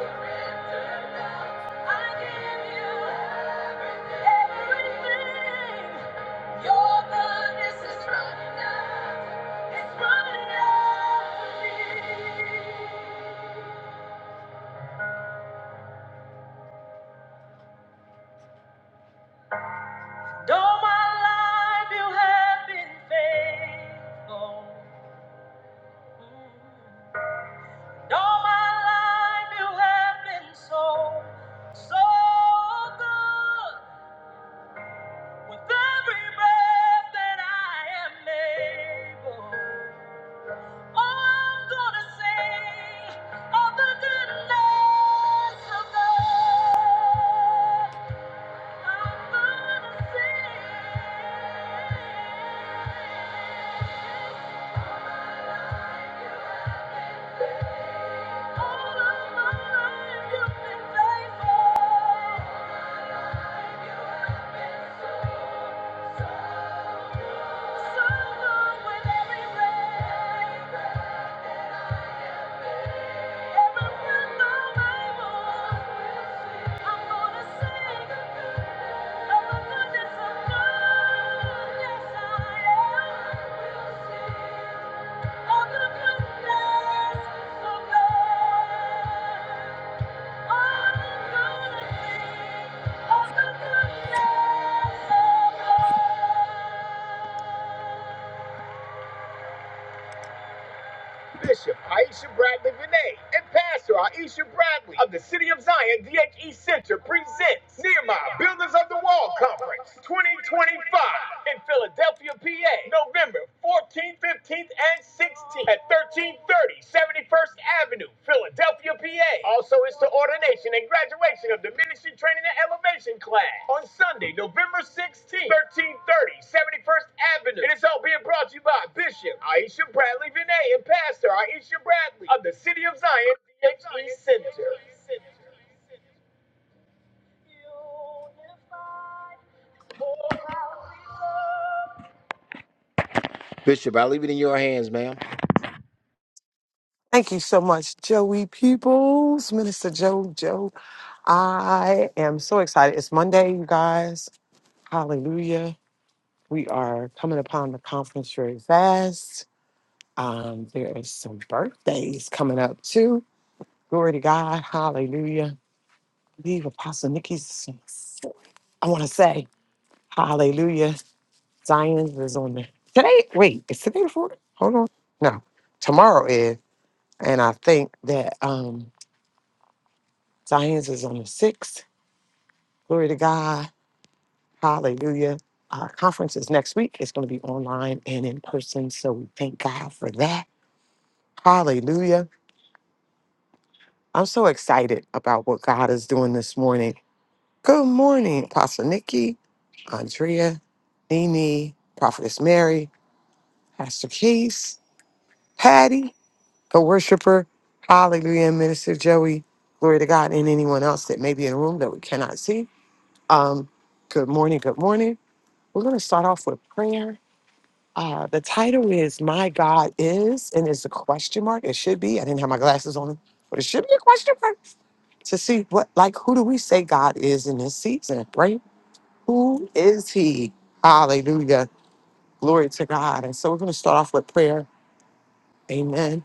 Speaker 1: of me. And all my life you have been faithful. And all my life you have been so, so good. With every breath that I am able, oh, I'm gonna sing of the goodness of God. I'm gonna sing. You have been faithful. Oh, the goodness of God. Bishop Aisha Bradley Vinay and Pastor Aisha Bradley of the City of Zion DHE Center presents Nehemiah Builders of the Wall Conference 2025 in Philadelphia, PA, November 14th, 15th, and 16th at 1330 71st Avenue, Philadelphia, PA. Also it's to ordination and graduation of the ministry training and elevation class on Sunday, November 16th, 1330, 71st Avenue. It is all being brought to you by Bishop Aisha Bradley Vinay and Pastor Aisha Bradley of the Science DHE Center. Beautiful.
Speaker 2: Thank you so much, Joey Peoples, Minister Joe. Joe, I am so excited. It's Monday, you guys. Hallelujah. We are coming upon the conference very fast. Um, there is some birthdays coming up too. Glory to God. Hallelujah. I believe Apostle Nikki's, I want to say, Hallelujah. Zion's is on the Today, wait, is today the 4th? Hold on. No, tomorrow is. And I think that. um Zion's is on the 6th. Glory to God. Hallelujah. Our conference is next week. It's going to be online and in person. So we thank God for that. Hallelujah. I'm so excited about what God is doing this morning. Good morning, Pastor Nikki, Andrea, Nini, Prophetess Mary, Pastor Keys, Patty, the worshiper. Hallelujah, Minister Joey. Glory to God and anyone else that may be in the room that we cannot see. Um, good morning. Good morning. We're going to start off with prayer. Uh, the title is My God Is, and it's a question mark. It should be. I didn't have my glasses on, but it should be a question mark to see what, like, who do we say God is in this season, right? Who is He? Hallelujah. Glory to God. And so we're going to start off with prayer. Amen.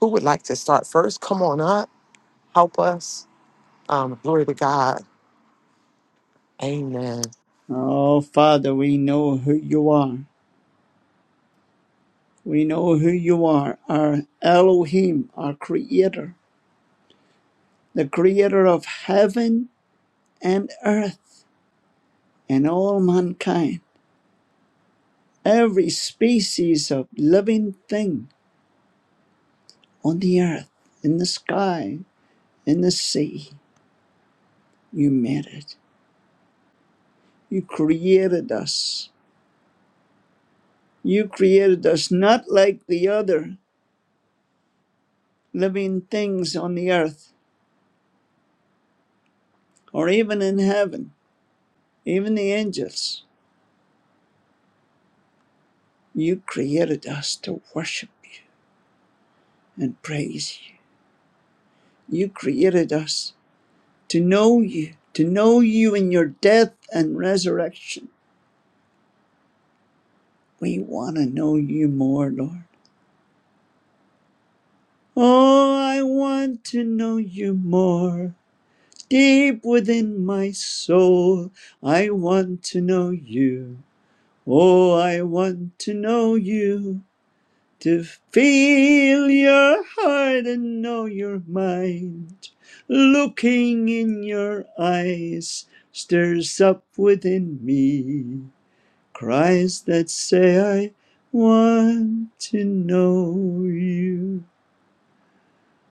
Speaker 2: Who would like to start first? Come on up. Help us. Um, glory to God. Amen.
Speaker 3: Oh, Father, we know who you are. We know who you are, our Elohim, our Creator, the Creator of heaven and earth and all mankind, every species of living thing on the earth, in the sky, in the sea. You made it. You created us. You created us not like the other living things on the earth or even in heaven, even the angels. You created us to worship you and praise you. You created us to know you, to know you in your death and resurrection. We want to know you more, Lord. Oh, I want to know you more. Deep within my soul, I want to know you. Oh, I want to know you. To feel your heart and know your mind, looking in your eyes stirs up within me cries that say, I want to know you.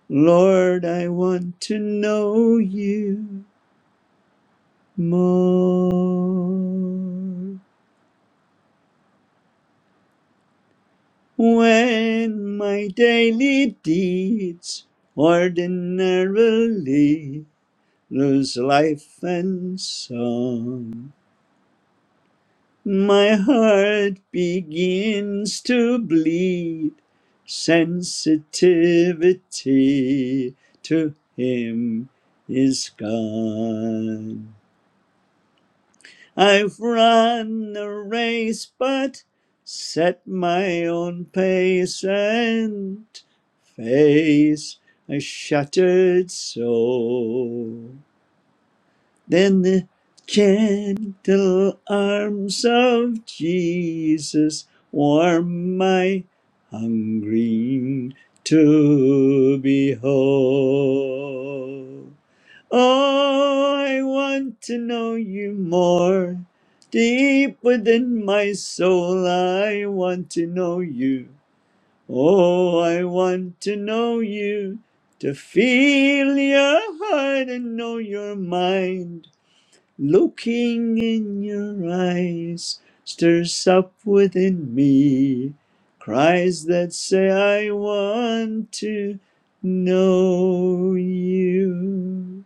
Speaker 3: Lord, I want to know you more. When my daily deeds ordinarily lose life and song. My heart begins to bleed sensitivity to him is gone. I've run the race, but set my own pace and face a shattered soul. than the gentle arms of Jesus warm my hungering to behold. Oh, I want to know you more. Deep within my soul, I want to know you. Oh, I want to know you. To feel your heart and know your mind Looking in your eyes stirs up within me cries that say, I want to know you.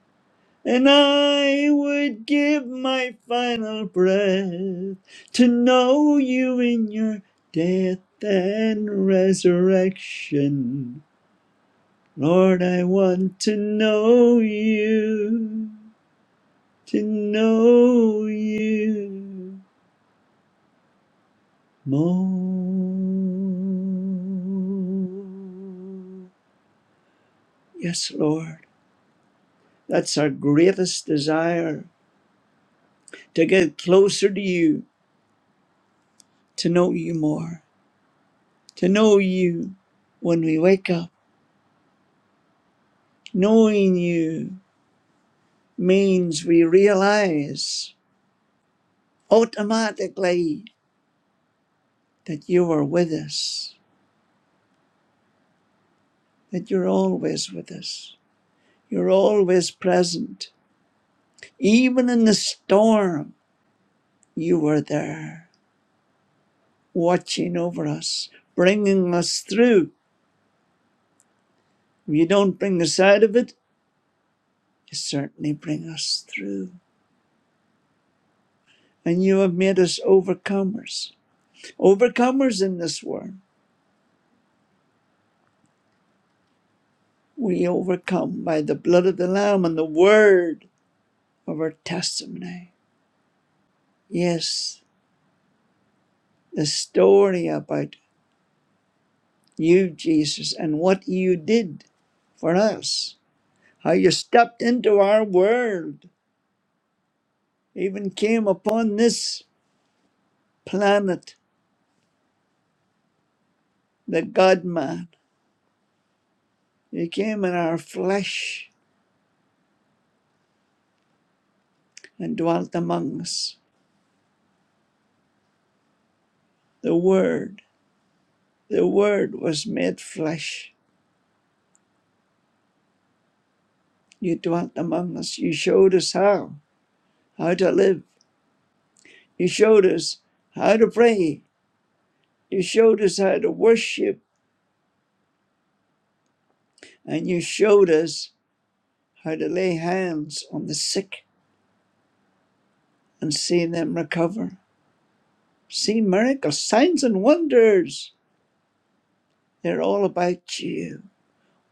Speaker 3: And I would give my final breath to know you in your death and resurrection. Lord, I want to know you to know you more. Yes, Lord, that's our greatest desire to get closer to you, to know you more, to know you when we wake up. Knowing you means we realize automatically that you are with us, that you're always with us, you're always present Even in the storm, you were there, watching over us, bringing us through. If you don't bring us out of it, you certainly bring us through. And you have made us overcomers. Overcomers in this world. We overcome by the blood of the Lamb and the word of our testimony. Yes, the story about you, Jesus, and what you did for us, how you stepped into our world even came upon this planet, the God man. He came in our flesh and dwelt among us. The Word, the Word was made flesh. You dwelt among us. You showed us how, how to live. You showed us how to pray. You showed us how to worship. And you showed us how to lay hands on the sick and see them recover. See miracles, signs, and wonders. They're all about you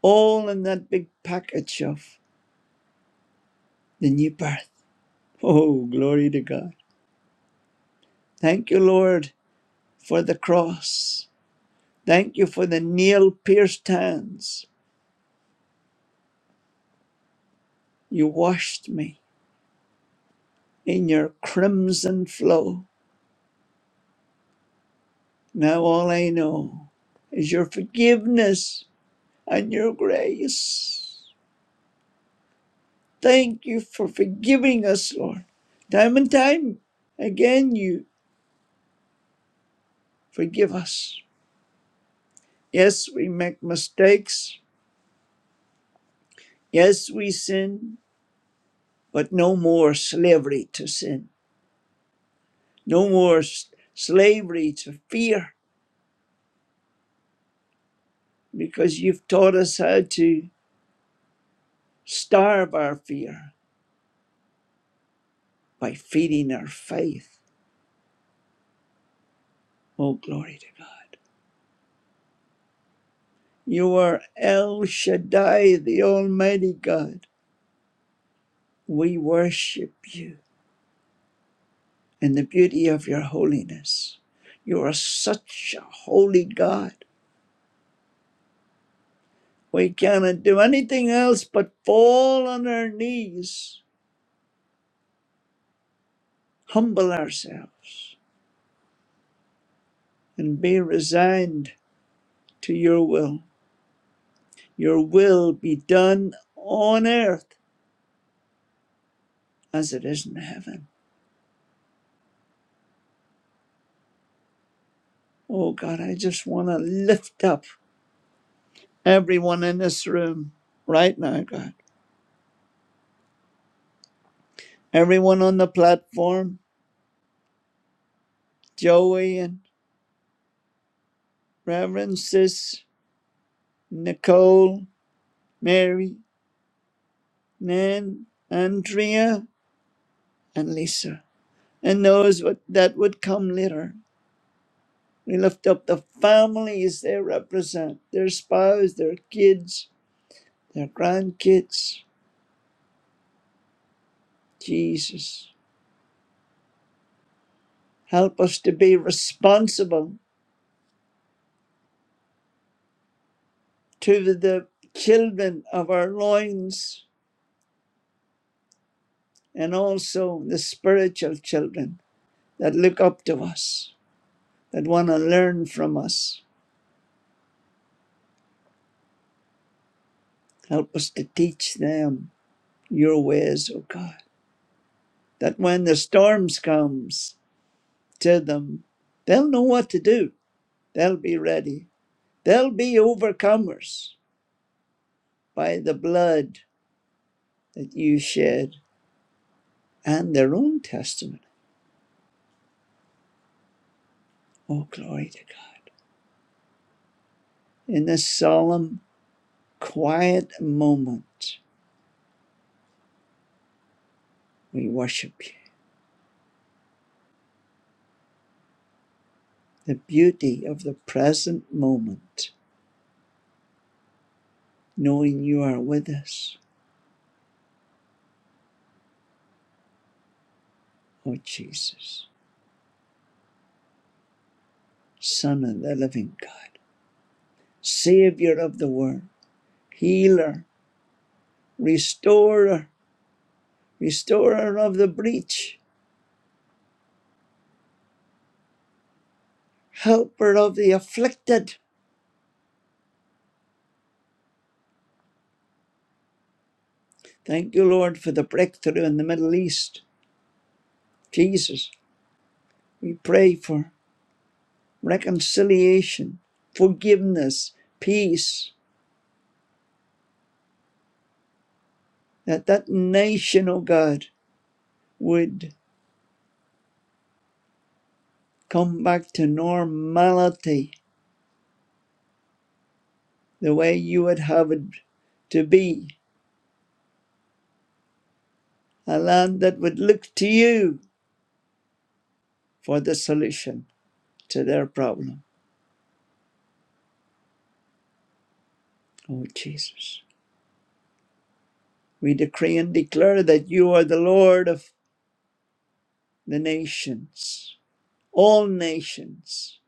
Speaker 3: all in that big package of the new birth. Oh, glory to God. Thank you, Lord, for the cross. Thank you for the nail pierced hands. You washed me in your crimson flow. Now all I know is your forgiveness and your grace. Thank you for forgiving us, Lord. Time and time again, you forgive us. Yes, we make mistakes. Yes, we sin. but no more slavery to sin, no more s- slavery to fear, because you've taught us how to starve our fear by feeding our faith. Oh, glory to God. You are El Shaddai, the Almighty God. We worship you in the beauty of your holiness. You are such a holy God. We cannot do anything else but fall on our knees, humble ourselves and be resigned to your will. Your will be done on earth as it is in heaven. Oh God, I just want to lift up everyone in this room right now, God. Everyone on the platform, Joey and Reverend Sis, Nicole, Mary, Nan, Andrea, and Lisa. And those what- that would come later. We lift up the families they represent, their spouse, their kids, their grandkids. Jesus, help us to be responsible to the children of our loins and also the spiritual children that look up to us, that want to learn from us. Help us to teach them your ways, O God, that when the storms comes to them, they'll know what to do. They'll be ready. They'll be overcomers by the blood that you shed and their own testimony. Oh, glory to God. In this solemn, quiet moment, we worship you. The beauty of the present moment, knowing you are with us. Oh, Jesus, Son of the living God, Savior of the world, Healer, Restorer, Restorer of the breach, Helper of the afflicted. Thank you, Lord, for the breakthrough in the Middle East. Jesus, we pray for reconciliation, forgiveness, peace, that that nation, oh God, would come back to normality the way you would have it to be, a land that would look to you for the solution to their problem. Oh Jesus, we decree and declare that you are the Lord of the nations, all nations,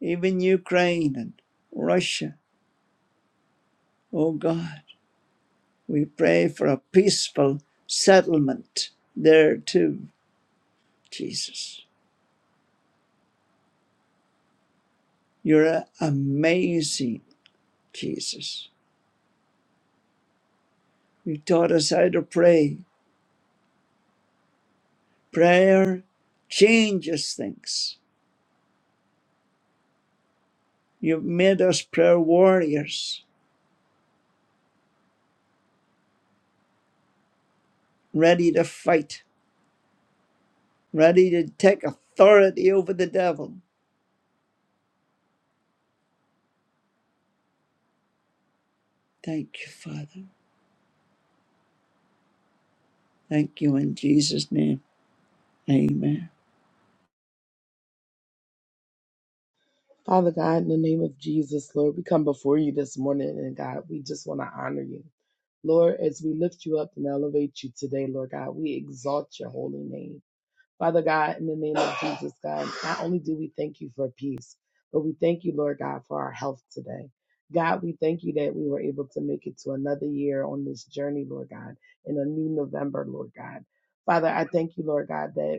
Speaker 3: even Ukraine and Russia, oh God. We pray for a peaceful settlement there too, Jesus. You're a- amazing, Jesus. You taught us how to pray. Prayer changes things. You've made us prayer warriors, ready to fight, ready to take authority over the devil. Thank you, Father. Thank you in Jesus' name. Amen.
Speaker 4: Father God, in the name of Jesus, Lord, we come before you this morning, and God, we just want to honor you. Lord, as we lift you up and elevate you today, Lord God, we exalt your holy name. Father God, in the name of Jesus, God, not only do we thank you for peace, but we thank you, Lord God, for our health today. God, we thank you that we were able to make it to another year on this journey, Lord God, in a new November, Lord God. Father, I thank you, Lord God, that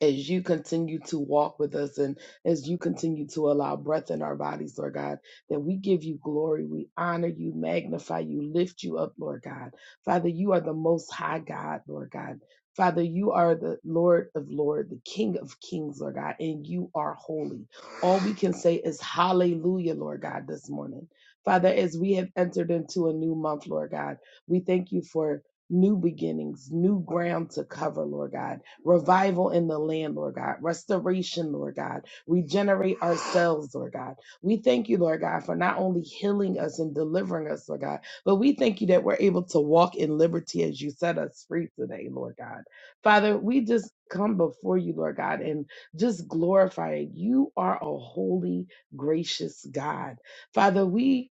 Speaker 4: as you continue to walk with us and as you continue to allow breath in our bodies, Lord God, that we give you glory, we honor you, magnify you, lift you up, Lord God. Father, you are the most high God, Lord God. Father, you are the Lord of Lords, the King of Kings, Lord God, and you are holy. All we can say is hallelujah, Lord God, this morning. Father, as we have entered into a new month, Lord God, we thank you for new beginnings, new ground to cover, Lord God Revival in the land, Lord God. Restoration, Lord God. Regenerate ourselves, Lord God. We thank you, Lord God, for not only healing us and delivering us, Lord God, but we thank you that we're able to walk in liberty as you set us free today, Lord God. Father, we just come before you, Lord God, and just glorify it. You are a holy, gracious God. Father, we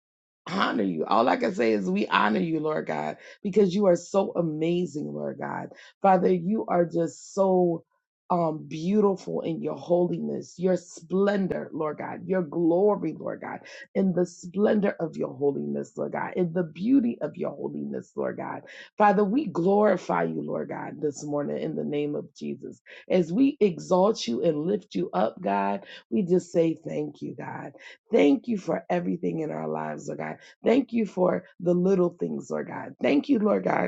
Speaker 4: honor you. All I can say is we honor you, Lord God, because you are so amazing, Lord God. Father, you are just so um, beautiful in your holiness, your splendor, Lord God, your glory, Lord God, in the splendor of your holiness, Lord God, in the beauty of your holiness, Lord God. Father, we glorify you, Lord God, this morning in the name of Jesus. As we exalt you and lift you up, God, we just say thank you, God. Thank you for everything in our lives, Lord God. Thank you for the little things, Lord God. Thank you, Lord God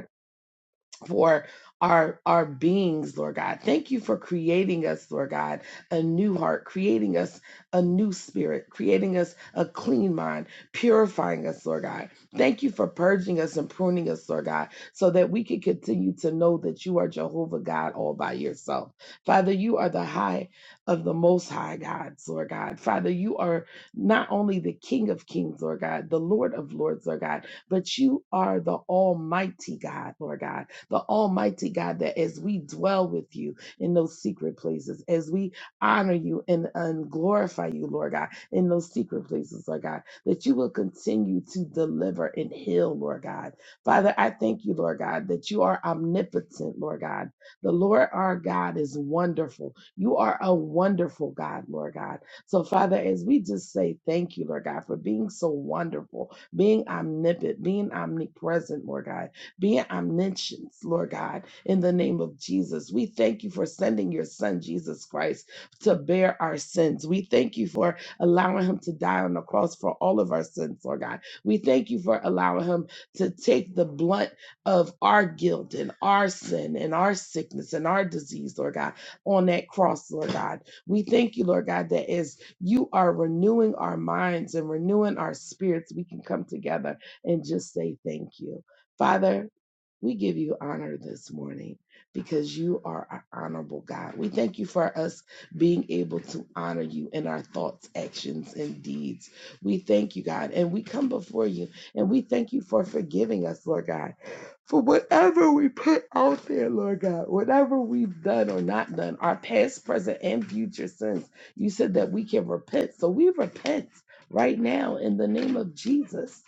Speaker 4: for our our beings lord god thank you for creating us lord god a new heart creating us a new spirit creating us a clean mind purifying us lord god thank you for purging us and pruning us lord god so that we can continue to know that you are jehovah god all by yourself father you are the high of the most high god lord god father you are not only the king of kings lord god the lord of lords lord god but you are the almighty god lord god the Almighty God, that as we dwell with you in those secret places, as we honor you and, and glorify you, Lord God, in those secret places, Lord God, that you will continue to deliver and heal, Lord God. Father, I thank you, Lord God, that you are omnipotent, Lord God. The Lord our God is wonderful. You are a wonderful God, Lord God. So, Father, as we just say thank you, Lord God, for being so wonderful, being omnipotent, being omnipresent, Lord God being omniscient, Lord God, in the name of Jesus. We thank you for sending your son, Jesus Christ, to bear our sins. We thank you for allowing him to die on the cross for all of our sins, Lord God. We thank you for allowing him to take the blunt of our guilt and our sin and our sickness and our disease, Lord God, on that cross, Lord God. We thank you, Lord God, that as you are renewing our minds and renewing our spirits, we can come together and just say thank you. Father, we give you honor this morning because you are an honorable God. We thank you for us being able to honor you in our thoughts, actions, and deeds. We thank you, God. And we come before you and we thank you for forgiving us, Lord God, for whatever we put out there, Lord God, whatever we've done or not done, our past, present, and future sins. You said that we can repent. So we repent right now in the name of Jesus.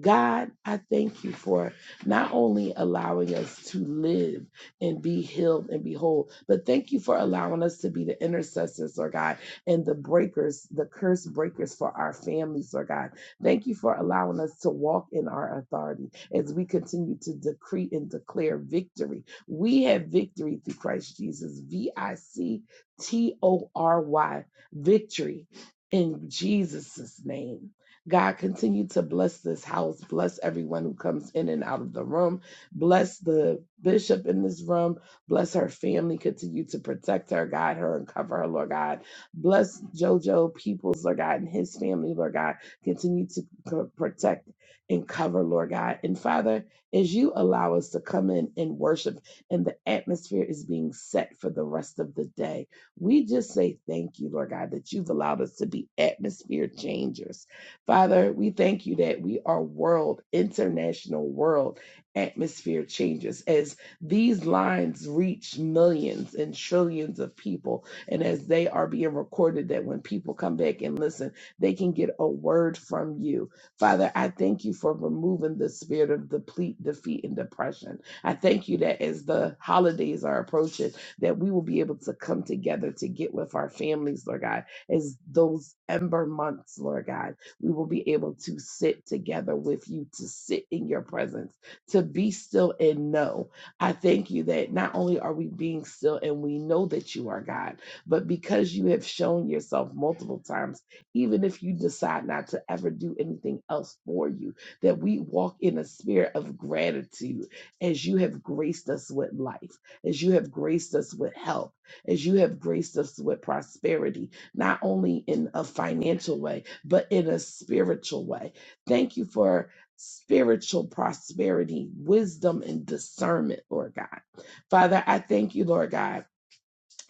Speaker 4: God, I thank you for not only allowing us to live and be healed and be whole, but thank you for allowing us to be the intercessors, Lord God, and the breakers, the curse breakers for our families, Lord God. Thank you for allowing us to walk in our authority as we continue to decree and declare victory. We have victory through Christ Jesus, V I C T O R Y, victory in Jesus' name. God, continue to bless this house. Bless everyone who comes in and out of the room. Bless the bishop in this room. Bless her family. Continue to protect her, guide her, and cover her, Lord God. Bless JoJo Peoples, Lord God, and his family, Lord God. Continue to co- protect and cover, Lord God. And Father, as you allow us to come in and worship, and the atmosphere is being set for the rest of the day, we just say thank you, Lord God, that you've allowed us to be atmosphere changers Father, we thank you that we are world, international world atmosphere changes as these lines reach millions and trillions of people, and as they are being recorded, that when people come back and listen, they can get a word from you. Father, I thank you for removing the spirit of deplete, defeat, and depression. I thank you that as the holidays are approaching, that we will be able to come together to get with our families, Lord God, as those ember months, Lord God we will be able to sit together with you, to sit in your presence, to be still and know. I thank you that not only are we being still and we know that you are God, but because you have shown yourself multiple times, even if you decide not to ever do anything else for you, that we walk in a spirit of gratitude as you have graced us with life, as you have graced us with health, as you have graced us with prosperity not only in a financial way, but in a spiritual way. Thank you for spiritual prosperity, wisdom, and discernment, Lord God. Father, I thank you, Lord God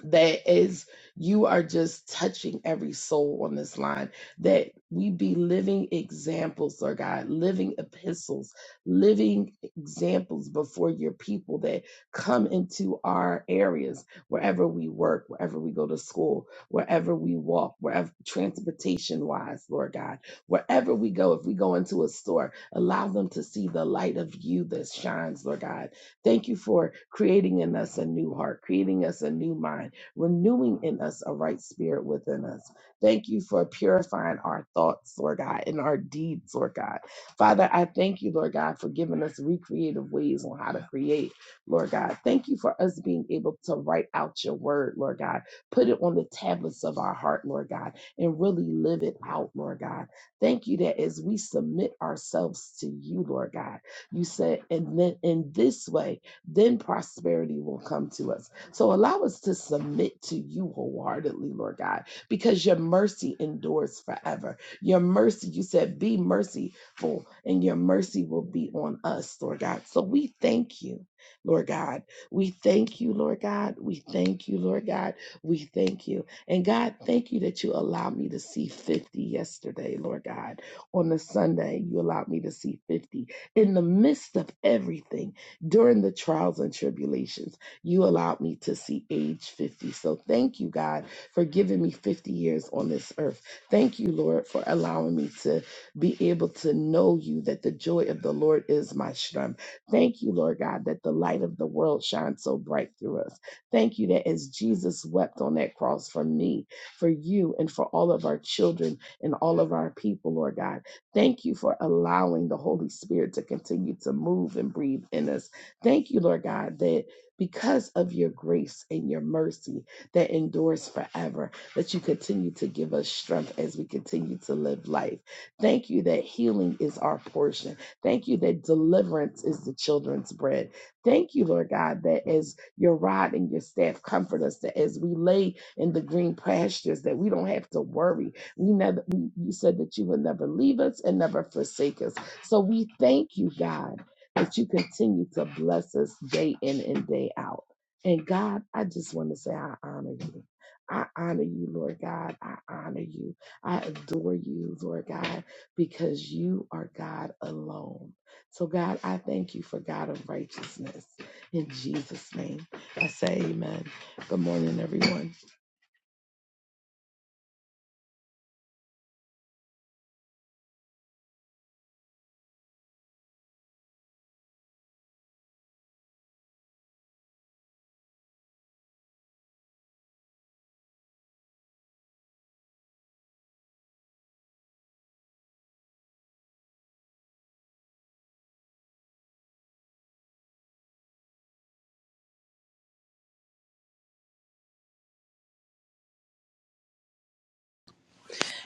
Speaker 4: that is you are just touching every soul on this line that we be living examples lord god living epistles living examples before your people that come into our areas wherever we work wherever we go to school wherever we walk wherever transportation wise lord god wherever we go if we go into a store allow them to see the light of you that shines lord god Thank you for creating in us a new heart, creating us a new mind renewing in us a right spirit within us. Thank you for purifying our thoughts, Lord God, and our deeds, Lord God. Father, I thank you, Lord God, for giving us recreative ways on how to create, Lord God. Thank you for us being able to write out your word, Lord God. Put it on the tablets of our heart, Lord God, and really live it out, Lord God. Thank you that as we submit ourselves to you, Lord God, you said, and then in this way, then prosperity will come to us. So allow us to submit to you wholeheartedly, Lord God, because your mercy endures forever. Your mercy, you said, be merciful, and your mercy will be on us, Lord God. So we thank you, Lord God. We thank you, Lord God. We thank you, Lord God. We thank you. And God, thank you that you allowed me to see 50 yesterday, Lord God. On the Sunday, you allowed me to see 50 in the midst of everything during the trials and tribulations you allowed me to see age 50. So thank you, God, for giving me 50 years on this earth. Thank you, Lord, for allowing me to be able to know you, that the joy of the Lord is my strength. Thank you, Lord God, that the light of the world shines so bright through us. Thank you that as Jesus wept on that cross for me, for you, and for all of our children and all of our people, Lord God, Thank you for allowing the Holy Spirit to continue to move and breathe in us. Thank you, Lord God, that because of your grace and your mercy that endures forever, that you continue to give us strength as we continue to live life. Thank you that healing is our portion. Thank you that deliverance is the children's bread. Thank you, Lord God, that as your rod and your staff comfort us, that as we lay in the green pastures, that we don't have to worry. We never, we, you said that you would never leave us and never forsake us. So we thank you, God that you continue to bless us day in and day out. And God, I just want to say, I honor you. I honor you, Lord God. I honor you. I adore you, Lord God, because you are God alone. So, God, I thank you for God of righteousness. In Jesus' name, I say amen. Good morning, everyone.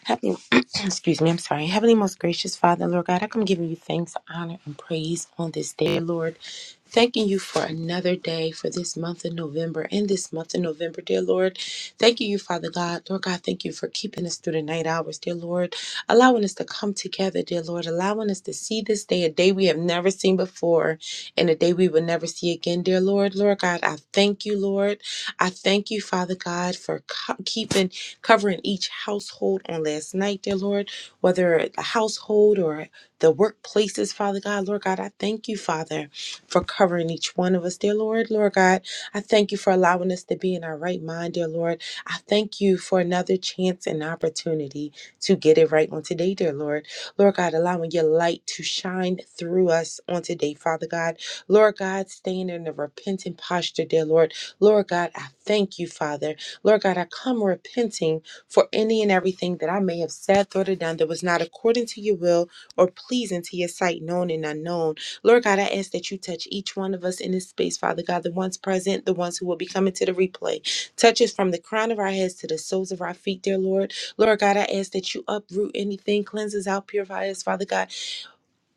Speaker 5: Heavenly, excuse me, I'm sorry. Heavenly, most gracious Father, Lord God, I come giving you thanks, honor, and praise on this day, Lord. Thanking you for another day for this month of November and this month of November, dear Lord. Thanking you, Father God. Lord God, thank you for keeping us through the night hours, dear Lord. Allowing us to come together, dear Lord. Allowing us to see this day, a day we have never seen before and a day we will never see again, dear Lord. Lord God, I thank you, Lord. I thank you, Father God, for co- keeping covering each household on last night, dear Lord, whether a household or the workplaces, Father God, Lord God, I thank you, Father, for covering each one of us, dear Lord, Lord God. I thank you for allowing us to be in our right mind, dear Lord. I thank you for another chance and opportunity to get it right on today, dear Lord. Lord God, allowing your light to shine through us on today, Father God. Lord God, staying in a repentant posture, dear Lord. Lord God, I thank you, Father. Lord God, I come repenting for any and everything that I may have said, thought, or done that was not according to your will or pleasing to your sight, known and unknown. Lord God, I ask that you touch each one of us in this space, Father God, the ones present, the ones who will be coming to the replay. Touch us from the crown of our heads to the soles of our feet, dear Lord. Lord God, I ask that you uproot anything, cleanse us out, purify us, Father God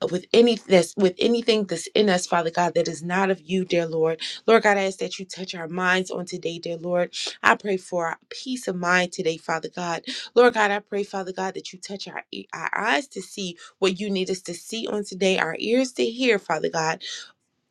Speaker 5: uh, with any that's with anything that's in us, Father God, that is not of you, dear Lord. Lord God, I ask that you touch our minds on today, dear Lord. I pray for our peace of mind today, Father God. Lord God, I pray, Father God, that you touch our e- our eyes to see what you need us to see on today, our ears to hear, Father God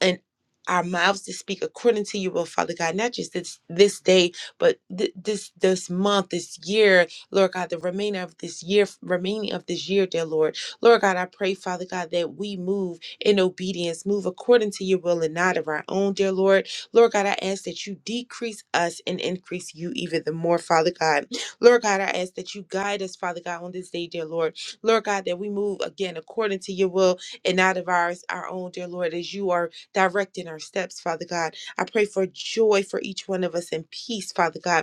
Speaker 5: and our mouths to speak according to you, oh Father God, not just this this day, but th- this this month, this year, Lord God, the remainder of this year, remaining of this year, dear Lord, Lord God, I pray, Father God, that we move in obedience, move according to your will and not of our own, dear Lord, Lord God, I ask that you decrease us and increase you even the more, Father God, Lord God, I ask that you guide us, Father God, on this day, dear Lord, Lord God, that we move again according to your will and not of ours, our own, dear Lord, as you are directing our steps, Father God. I pray for joy for each one of us and peace, Father God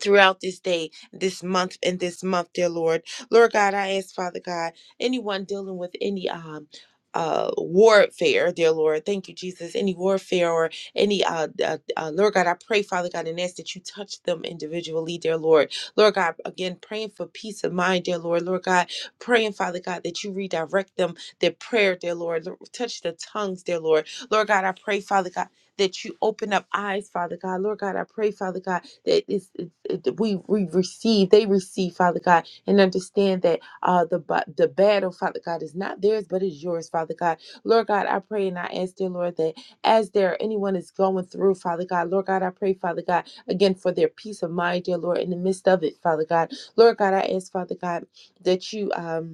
Speaker 5: throughout this day, this month, and this month, dear Lord. Lord God, I ask, Father God, anyone dealing with any um uh warfare dear lord thank you jesus any warfare or any uh, uh, uh lord god i pray father god and ask that you touch them individually dear lord lord god again praying for peace of mind dear lord lord god praying father god that you redirect them their prayer dear lord Lord, touch the tongues dear lord lord god i pray father god that you open up eyes father god lord god i pray father god that is it- we we receive they receive father god and understand that uh the ba- the battle father god is not theirs but is yours father god lord god i pray and i ask dear lord that as there anyone is going through father god lord god i pray father god again for their peace of mind dear lord in the midst of it father god lord god i ask father god that you um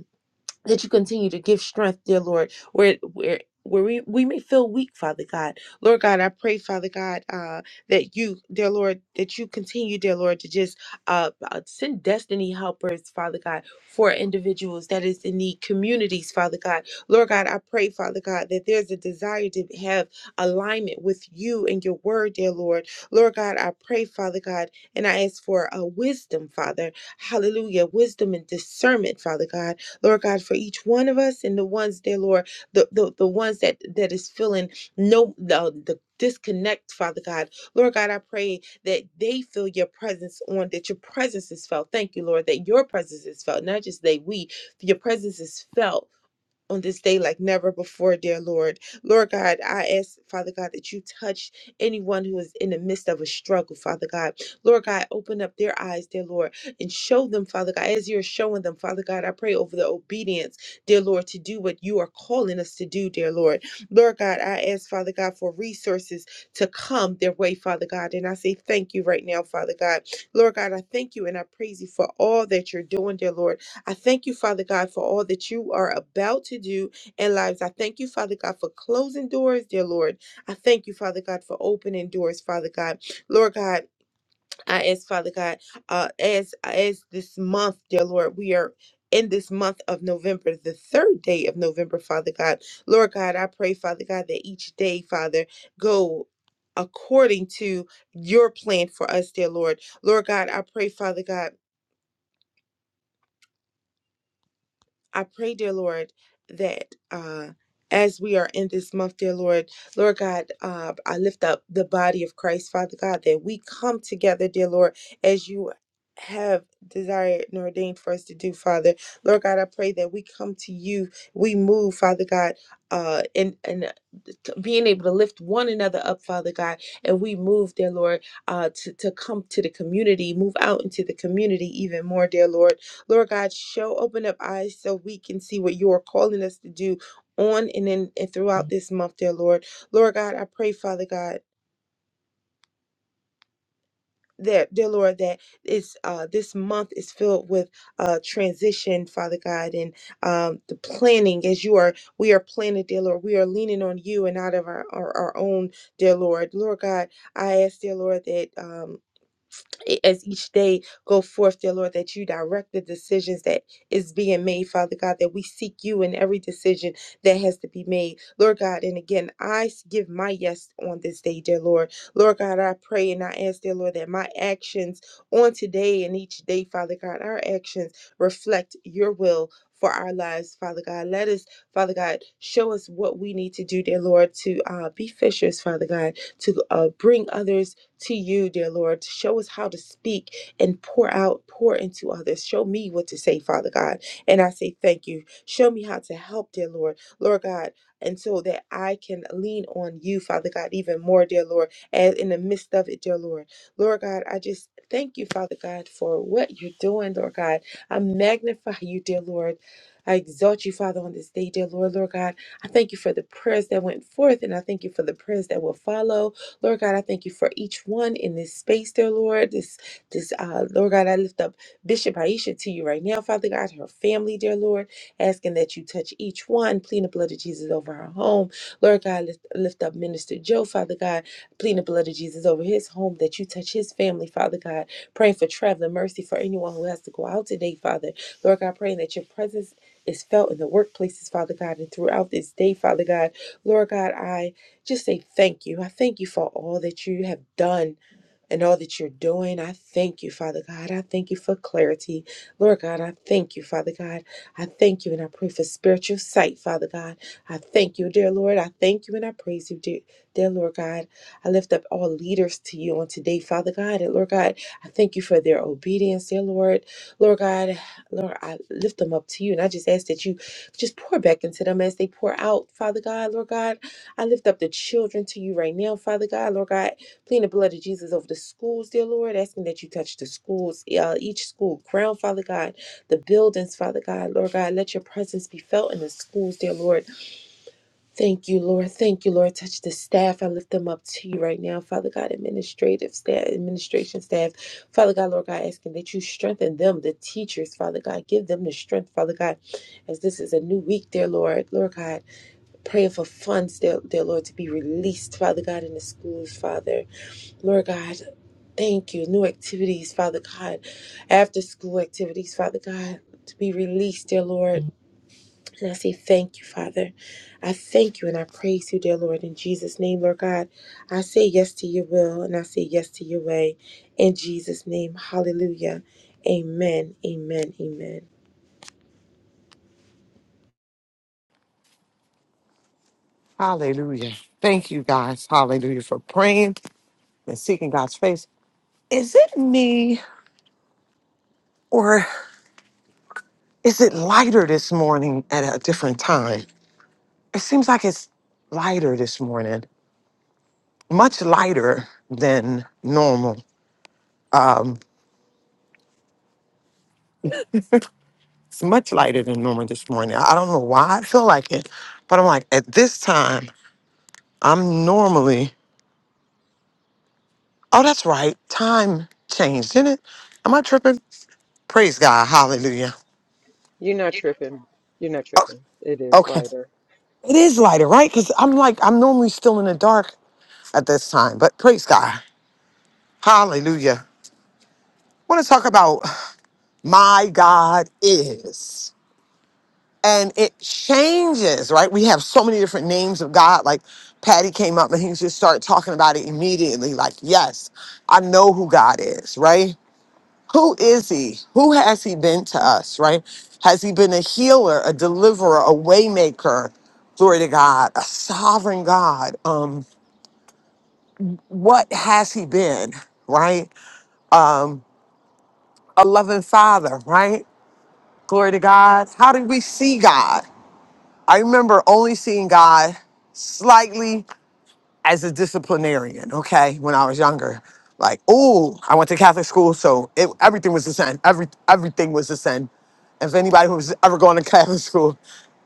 Speaker 5: that you continue to give strength, dear Lord, where where where we, we may feel weak, Father God. Lord God, I pray, Father God, uh, that you, dear Lord, that you continue, dear Lord, to just uh, uh, send destiny helpers, Father God, for individuals that is in need, communities, Father God. Lord God, I pray, Father God, that there's a desire to have alignment with you and your word, dear Lord. Lord God, I pray, Father God, and I ask for uh, wisdom, Father. Hallelujah. Wisdom and discernment, Father God. Lord God, for each one of us and the ones, dear Lord, the, the, the ones that that is feeling no the, the disconnect, Father God. Lord God, I pray that they feel your presence on, that your presence is felt. Thank you, Lord, that your presence is felt, not just they, we, your presence is felt on this day like never before, dear Lord. Lord God, I ask, Father God, that you touch anyone who is in the midst of a struggle, Father God. Lord God, open up their eyes, dear Lord, and show them, Father God, as you're showing them, Father God, I pray over the obedience, dear Lord, to do what you are calling us to do, dear Lord. Lord God, I ask, Father God, for resources to come their way, Father God. And I say thank you right now, Father God. Lord God, I thank you and I praise you for all that you're doing, dear Lord. I thank you, Father God, for all that you are about to do in lives. I thank you, Father God, for closing doors, dear Lord. I thank you, Father God, for opening doors, Father God. Lord God, I ask, Father God, uh, as as this month, dear Lord, we are in this month of November, the third day of November, Father God. Lord God, I pray, Father God, that each day, Father, go according to your plan for us, dear Lord. Lord God, I pray, Father God I pray, dear Lord, that uh, as we are in this month, dear Lord, Lord God, uh, I lift up the body of Christ, Father God, that we come together, dear Lord, as you have desired and ordained for us to do, Father. Lord God, I pray that we come to you, we move, Father God, uh, in, in t- being able to lift one another up, Father God, and we move, dear Lord, uh, to, to come to the community, move out into the community even more, dear Lord. Lord God, show, open up eyes so we can see what you are calling us to do on and in and throughout this month, dear Lord. Lord God, I pray, Father God that dear lord that it's uh this month is filled with uh transition father god and um the planning as you are we are planning dear lord we are leaning on you and out of our our, our own dear lord lord god i ask dear lord that um as each day go forth, dear Lord, that you direct the decisions that is being made, Father God, that we seek you in every decision that has to be made, Lord God. And again, I s- give my yes on this day, dear Lord. Lord God, I pray and I ask, dear Lord, that my actions on today and each day, Father God, our actions reflect your will. For our lives, Father God. Let us, Father God, show us what we need to do, dear Lord, to uh, be fishers, Father God, to uh, bring others to you, dear Lord. Show us how to speak and pour out, pour into others. Show me what to say, Father God. And I say thank you. Show me how to help, dear Lord. Lord God, and so that I can lean on you, Father God, even more, dear Lord, as in the midst of it, dear Lord. Lord God, I just thank you, Father God, for what you're doing, Lord God. I magnify you, dear Lord. I exalt you, Father, on this day, dear Lord, Lord God. I thank you for the prayers that went forth, and I thank you for the prayers that will follow. Lord God, I thank you for each one in this space, dear Lord. This, this, uh, Lord God, I lift up Bishop Aisha to you right now, Father God, her family, dear Lord, asking that you touch each one, plead the blood of Jesus over her home. Lord God, lift, lift up Minister Joe, Father God, plead the blood of Jesus over his home, that you touch his family, Father God, praying for traveling mercy for anyone who has to go out today, Father. Lord God, praying that your presence is felt in the workplaces, Father God, and throughout this day, Father God. Lord God, I just say thank you. I thank you for all that you have done and all that you're doing. I thank you, Father God. I thank you for clarity. Lord God, I thank you, Father God. I thank you and I pray for spiritual sight, Father God. I thank you, dear Lord. I thank you and I praise you, dear, dear Lord God. I lift up all leaders to you on today, Father God. And Lord God, I thank you for their obedience, dear Lord. Lord God, Lord, I lift them up to you and I just ask that you just pour back into them as they pour out, Father God. Lord God, I lift up the children to you right now, Father God. Lord God, Plead the blood of Jesus over the schools, dear Lord, asking that you touch the schools, uh, each school, ground, Father God, the buildings, Father God, Lord God, let your presence be felt in the schools, dear Lord. Thank you, Lord. Thank you, Lord. Touch the staff. I lift them up to you right now, Father God, administrative staff, administration staff, Father God, Lord God, asking that you strengthen them, the teachers, Father God, give them the strength, Father God, as this is a new week, dear Lord, Lord God, praying for funds, dear, dear Lord, to be released, Father God, in the schools, Father. Lord God. Thank you. New activities, Father God. After school activities, Father God, to be released, dear Lord. And I say thank you, Father. I thank you and I praise you, dear Lord. In Jesus' name, Lord God, I say yes to your will and I say yes to your way. In Jesus' name, hallelujah. Amen, amen, amen.
Speaker 2: Hallelujah. Thank you guys. Hallelujah for praying and seeking God's face. Is it me or is it lighter this morning at a different time? It seems like it's lighter this morning, much lighter than normal. Um, it's much lighter than normal this morning. I don't know why I feel like it, but I'm like, at this time, I'm normally, oh, that's right, time changed, didn't it? Am I tripping? Praise God, hallelujah.
Speaker 6: You're not tripping. You're not
Speaker 2: Oh,
Speaker 6: tripping. It is
Speaker 2: okay.
Speaker 6: lighter.
Speaker 2: It is lighter, right? Because I'm like, I'm normally still in the dark at this time, but praise God, hallelujah. I want to talk about my God is. And it changes, right? We have so many different names of God. Like Patty came up and he just started talking about it immediately. Like, yes, I know who God is, right? Who is he? Who has he been to us, right? Has he been a healer, a deliverer, a waymaker? Glory to God, a sovereign God. Um, what has he been, right? Um, a loving father, right? Glory to God. How did we see God? I remember only seeing God slightly as a disciplinarian, okay, when I was younger. Like, oh, I went to Catholic school, so it, everything was a sin. Every, everything was a sin. If anybody who's ever gone to Catholic school,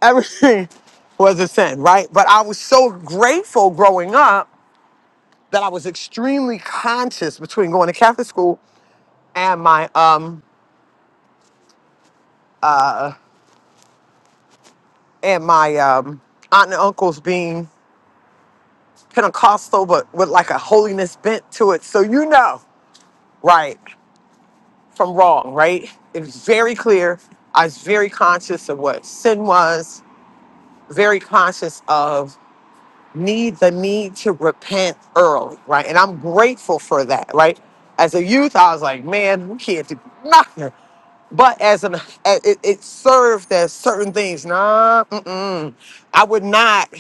Speaker 2: everything was a sin, right? But I was so grateful growing up that I was extremely conscious between going to Catholic school and my um and my um aunt and uncles being Pentecostal, but with like a holiness bent to it. So you know, right, from wrong, right? It's very clear. I was very conscious of what sin was, very conscious of need the need to repent early, right? And I'm grateful for that, right? As a youth, I was like, man, we can't do nothing. But as an, a- it, it served as certain things. Nah, mm-mm. I would not.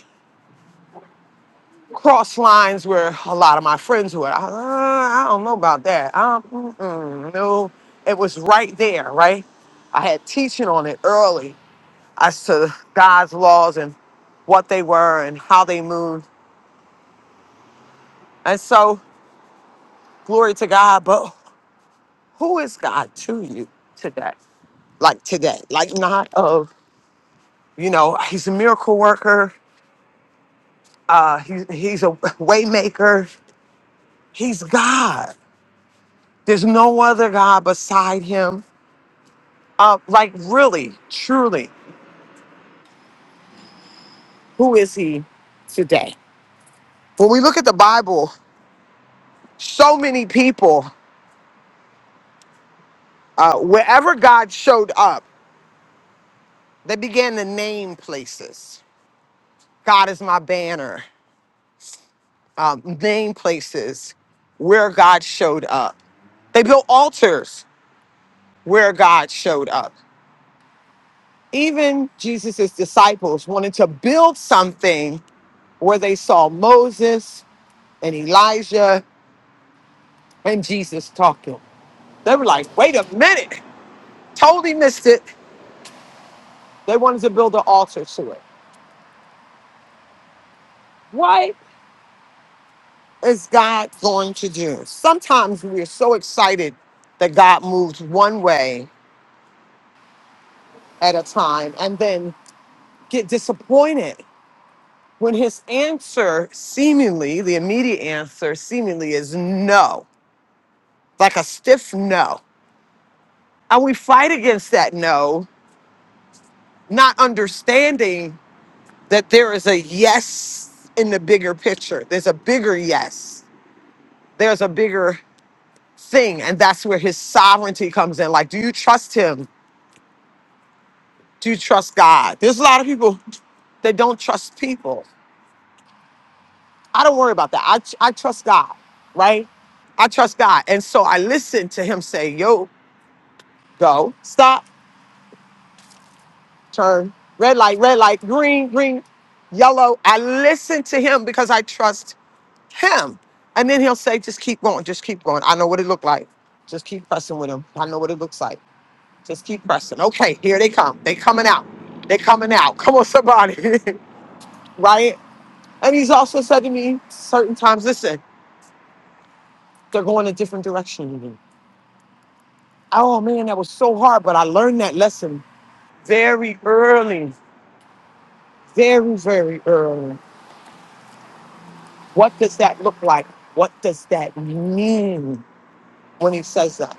Speaker 2: cross lines where a lot of my friends were. I, uh, I don't know about that. I, don't- mm-mm, no, it was right there, right? I had teaching on it early as to God's laws and what they were and how they moved. And so, glory to God. But who is God to you today? Like today, like not of, you know, he's a miracle worker. Uh, he, he's a way maker. He's God. There's no other God beside him Uh, like, really, truly, who is he today? When we look at the Bible, so many people, uh, wherever God showed up, they began to name places. God is my banner. Um, name places where God showed up. They built altars where God showed up. Even Jesus' disciples wanted to build something where they saw Moses and Elijah and Jesus talking. They were like, wait a minute, totally missed it. They wanted to build an altar to it. What is God going to do? Sometimes we are so excited that God moves one way at a time and then get disappointed when his answer, seemingly, the immediate answer, seemingly is no, like a stiff no. And we fight against that no, not understanding that there is a yes in the bigger picture. There's a bigger yes. there's a bigger thing and that's where his sovereignty comes in like do you trust him do you trust god there's a lot of people that don't trust people i don't worry about that i, I trust god right i trust god and so i listen to him say yo go stop turn red light red light green green yellow i listen to him because i trust him and then he'll say just keep going just keep going i know what it looked like just keep pressing with him i know what it looks like Just keep pressing. Okay, here they come. They coming out. They coming out. Come on, somebody. right? And he's also said to me certain times, listen, they're going a different direction than me. Oh man, that was so hard, but I learned that lesson very early. Very, very early. What does that look like? What does that mean when he says that?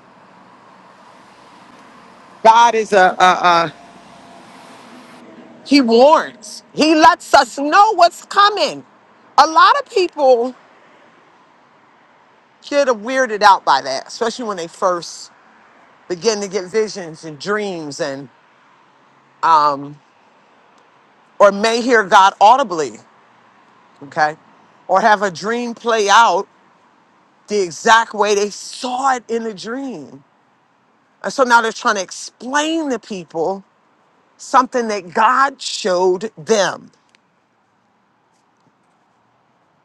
Speaker 2: God is a, a, a he warns. He lets us know what's coming. A lot of people Kid are weirded out by that, especially when they first begin to get visions and dreams and um, or may hear God audibly, okay? Or have a dream play out the exact way they saw it in the dream. And so now they're trying to explain to people something that God showed them.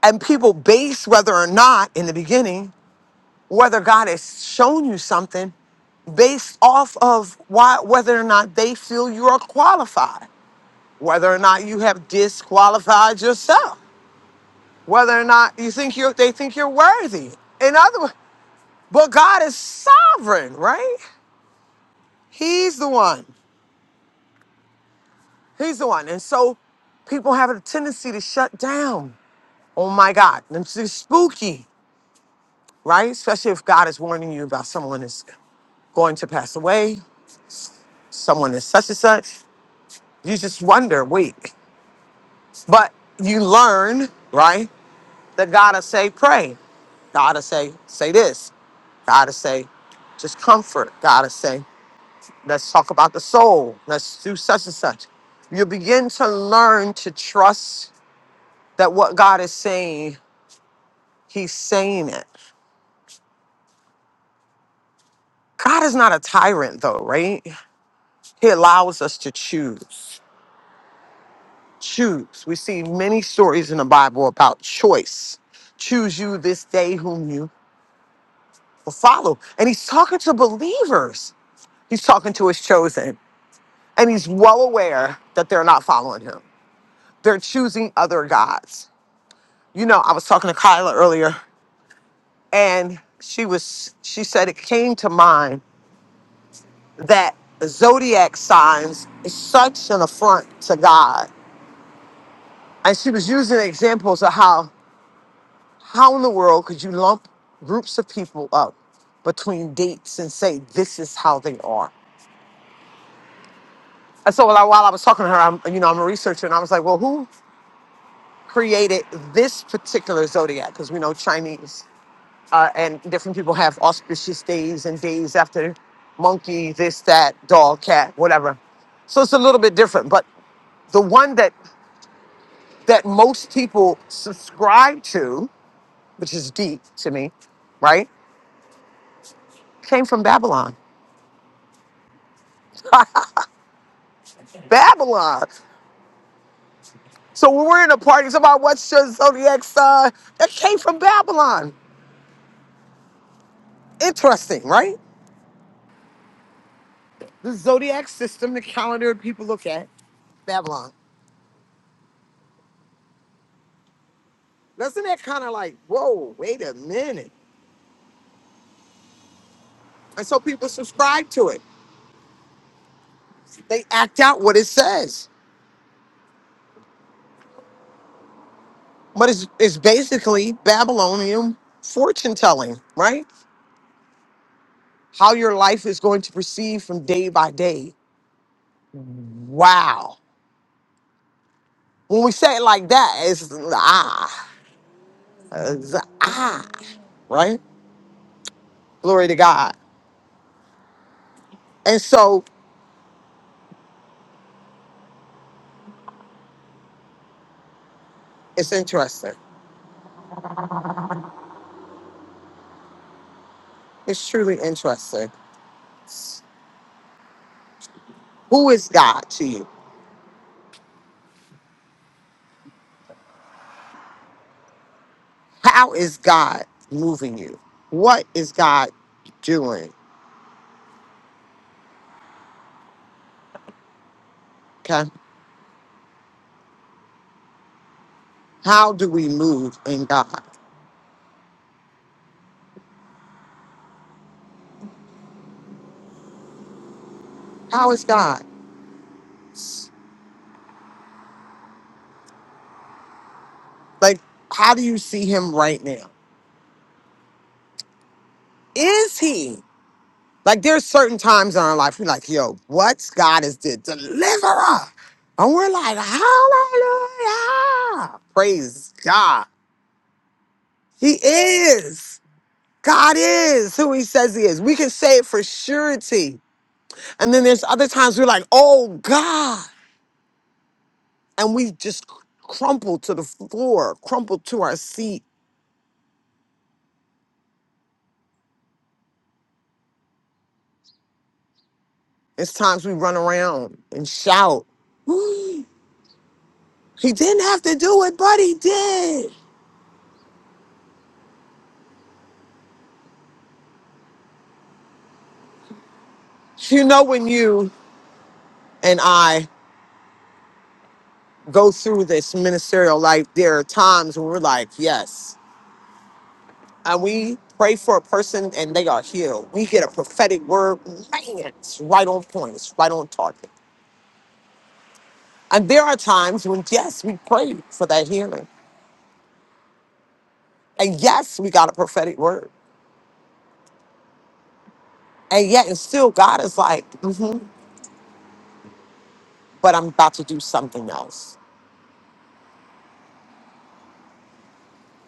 Speaker 2: And people base whether or not in the beginning, whether God has shown you something based off of why whether or not they feel you are qualified. whether or not you have disqualified yourself, whether or not you think you they think you're worthy. In other words, but God is sovereign, right? He's the one. He's the one. And so people have a tendency to shut down. Oh my God. And it's just spooky, right? Especially if God is warning you about someone is going to pass away, someone is such and such. You just wonder, wait. But you learn, right? That God will say, pray. God will say, say this. God is saying, just comfort. God is saying, let's talk about the soul. Let's do such and such. You begin to learn to trust that what God is saying, He's saying it. God is not a tyrant, though, right? He allows us to choose. Choose. We see many stories in the Bible about choice. Choose you this day whom you will follow. And He's talking to believers, He's talking to His chosen. And He's well aware that they're not following Him They're choosing other gods. You know, I was talking to Kyla earlier, and she was she said it came to mind that zodiac signs is such an affront to God. And she was using examples of how how in the world could you lump groups of people up between dates and say this is how they are. And so while I, while I was talking to her, I'm you know I'm a researcher, and I was like, well, who created this particular zodiac? Because we know Chinese. uh, and different people have auspicious days and days after monkey, this, that, dog, cat, whatever. So it's a little bit different. But the one that that most people subscribe to, which is deep to me, right, came from Babylon. Babylon. So when we're in a party, it's about what's your zodiac sign. That came from Babylon. Interesting, right? The zodiac system, the calendar people look at, Babylon. Doesn't that kind of like, whoa, wait a minute. And so people subscribe to it. They act out what it says. But it's, it's basically Babylonian fortune telling, right? How your life is going to proceed from day by day. Wow. When we say it like that, it's ah, it's, ah, right? Glory to God. And so it's interesting. It's truly interesting. Who is God to you? How is God moving you? What is God doing? Okay. How do we move in God? How is God? Like, how do you see him right now? Is he? Like, there's certain times in our life we're like, yo, what God is the deliverer. And we're like, hallelujah. Praise God. He is. God is who he says he is. We can say it for surety. And then there's other times we're like, oh God. And we just crumple to the floor, crumple to our seat It's times we run around and shout. "Ooh, he didn't have to do it, but he did. You know, when you and I go through this ministerial life, there are times when we're like, yes. And we pray for a person and they are healed. We get a prophetic word, man, it's right on point, it's right on target. And there are times when, yes, we pray for that healing. And yes, we got a prophetic word. And yet, and still, God is like, hmm but I'm about to do something else.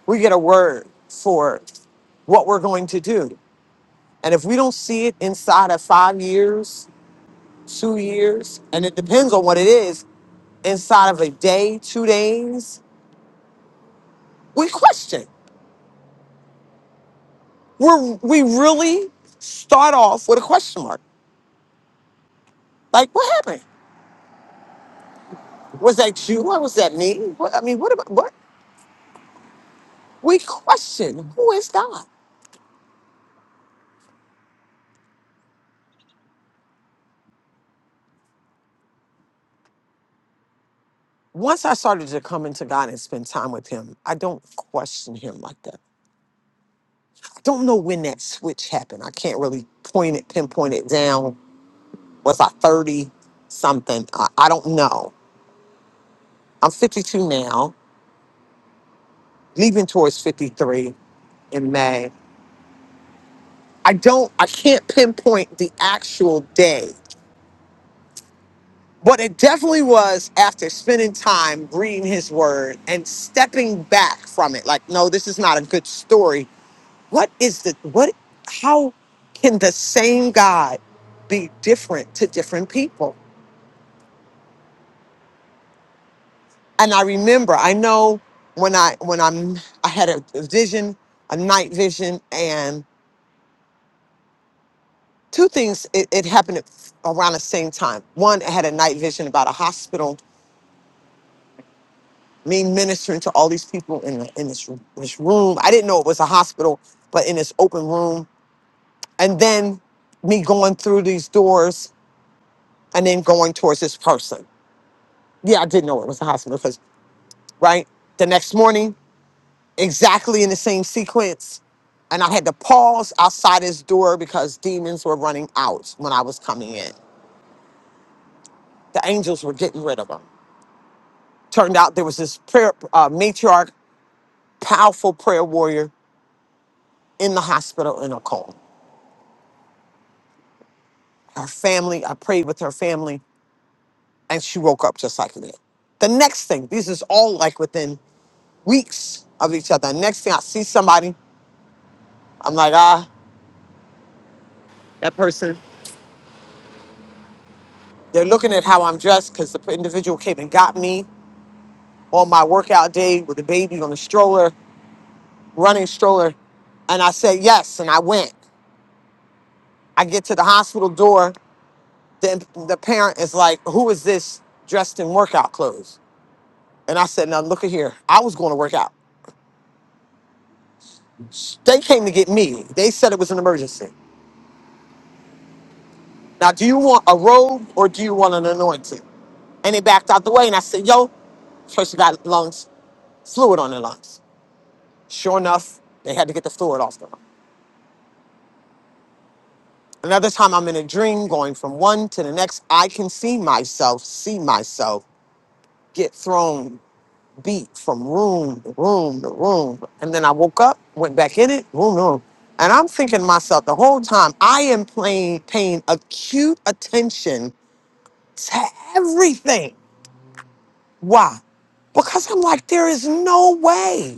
Speaker 2: we get a word for what we're going to do. And if we don't see it inside of five years, two years, and it depends on what it is, inside of a day, two days, we question. We're, we really start off with a question mark. Like, what happened? Was that you? Or was that me? What, I mean, what about what? We question who is God. Once I started to come into God and spend time with Him, I don't question Him like that. Don't know when that switch happened. I can't really point it, pinpoint it down. Was I 30 something? I, I don't know. I'm 52 now, leaving towards 53 in May. I don't, I can't pinpoint the actual day, but it definitely was after spending time reading his word and stepping back from it. Like, no, this is not a good story. What is the, what, how can the same God be different to different people? and I remember, I know when I when I'm I had a vision, a night vision, and two things it, it happened at, around the same time. One, I had a night vision about a hospital, me ministering to all these people in the- in this this room. I didn't know it was a hospital, but in this open room, and then me going through these doors and then going towards this person. Yeah, I didn't know it was a hospital because right the next morning exactly in the same sequence. And I had to pause outside his door because demons were running out when I was coming in. The angels were getting rid of them. Turned out there was this prayer uh, matriarch, powerful prayer warrior in the hospital in a coma. Her family, I prayed with her family, and she woke up just like that. The next thing, this is all like within weeks of each other. Next thing I see somebody, I'm like, ah, that person. They're looking at how I'm dressed because the individual came and got me. on my workout day with the baby on the stroller, running stroller. And I said yes, and I went. I get to the hospital door. Then the parent is like, Who is this dressed in workout clothes? And I said, Now look at here. I was going to work out. They came to get me. They said it was an emergency. Now, do you want a robe or do you want an anointing? And they backed out the way, and I said, Yo, person got lungs, fluid on their lungs. Sure enough, they had to get the fluid off them. Another time I'm in a dream going from one to the next. I can see myself, see myself get thrown, beat from room to room to room. And then I woke up, went back in it, room, to room. And I'm thinking to myself the whole time, I am playing, paying acute attention to everything. Why? Because I'm like, there is no way.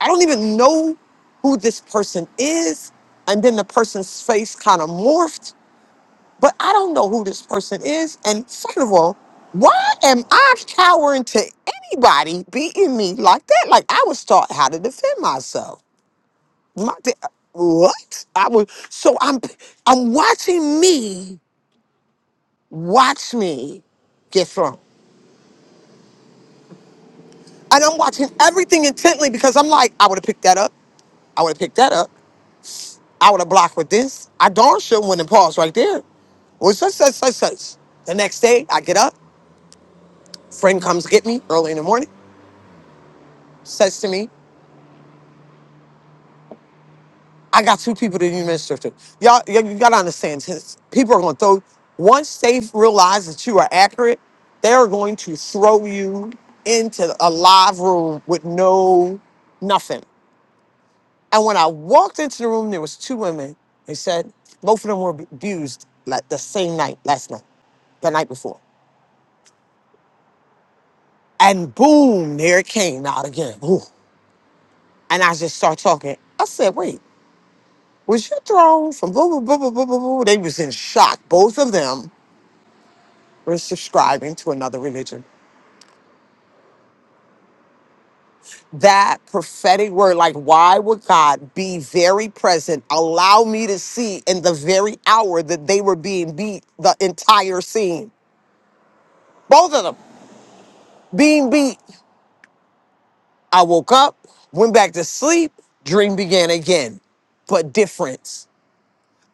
Speaker 2: I don't even know who this person is. And then the person's face kind of morphed but I don't know who this person is. And second of all, why am I cowering to anybody beating me like that? Like I was taught how to defend myself. My, de- what? I was so I'm I'm watching me watch me get thrown. And I'm watching everything intently because I'm like, I would have picked that up. I would have picked that up. I would have blocked with this. I darn sure wouldn't have paused right there. Well, such, such, such, such. The next day, I get up. Friend comes get me early in the morning. says to me, I got two people that you minister to. Y'all, y- you gotta understand, since people are gonna throw, once they realize that you are accurate, they're going to throw you into a live room with no, nothing. And when I walked into the room, there was two women. They said, both of them were abused like the same night, last night the night before. And boom, there it came out again. Ooh. And I just start talking. I said, wait, Was you thrown from blah, blah, blah, blah, blah, blah, blah? They was in shock. Both of them were subscribing to another religion. That prophetic word, like, why would God be very present, allow me to see in the very hour that they were being beat, the entire scene? Both of them being beat. I woke up, went back to sleep, dream began again, but different.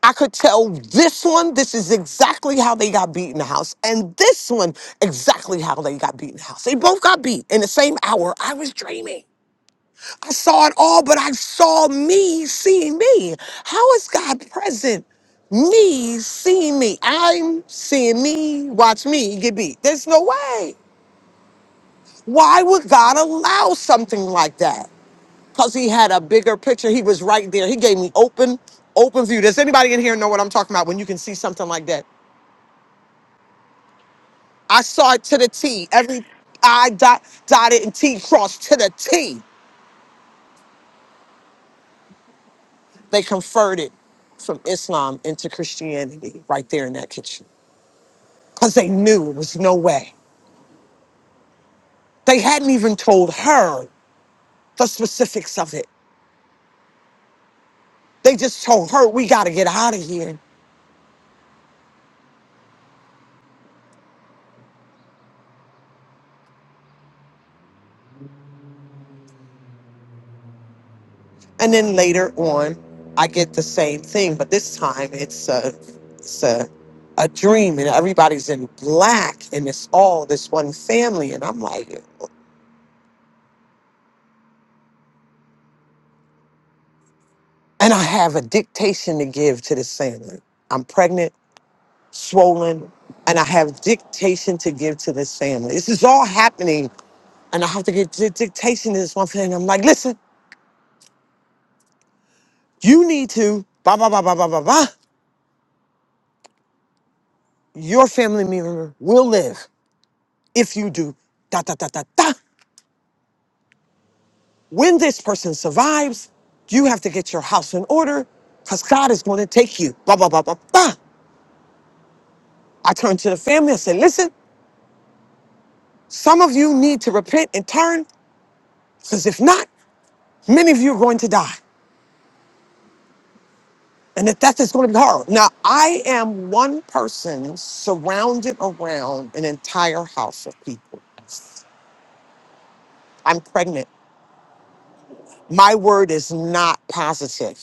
Speaker 2: I could tell this one, this is exactly how they got beat in the house, and this one, exactly how they got beat in the house. They both got beat in the same hour. I was dreaming. I saw it all, but I saw me seeing me. How is God present? Me seeing me. I'm seeing me, watch me get beat. There's no way. Why would God allow something like that? Because he had a bigger picture. He was right there. He gave me open, open view. Does anybody in here know what I'm talking about when you can see something like that? I saw it to the T. Every I dot, dotted and T crossed to the T. They converted from Islam into Christianity right there in that kitchen because they knew it was no way. They hadn't even told her the specifics of it. They just told her, we got to get out of here. And then later on, I get the same thing, but this time it's a, it's a, a dream, and everybody's in black, and it's all this one family. And I'm like, And I have a dictation to give to this family. I'm pregnant, swollen, and I have dictation to give to this family. This is all happening, and I have to get di- dictation to this one family. I'm like, listen, you need to, blah, blah, blah, blah, blah, blah, blah. Your family member will live if you do, da, da, da, da, da. When this person survives, you have to get your house in order because God is going to take you, blah, blah, blah, blah, blah. I turned to the family. I said, listen, some of you need to repent and turn Because if not, many of you are going to die. And the death is going to be horrible. Now, I am one person surrounded around an entire house of people. I'm pregnant. My word is not positive.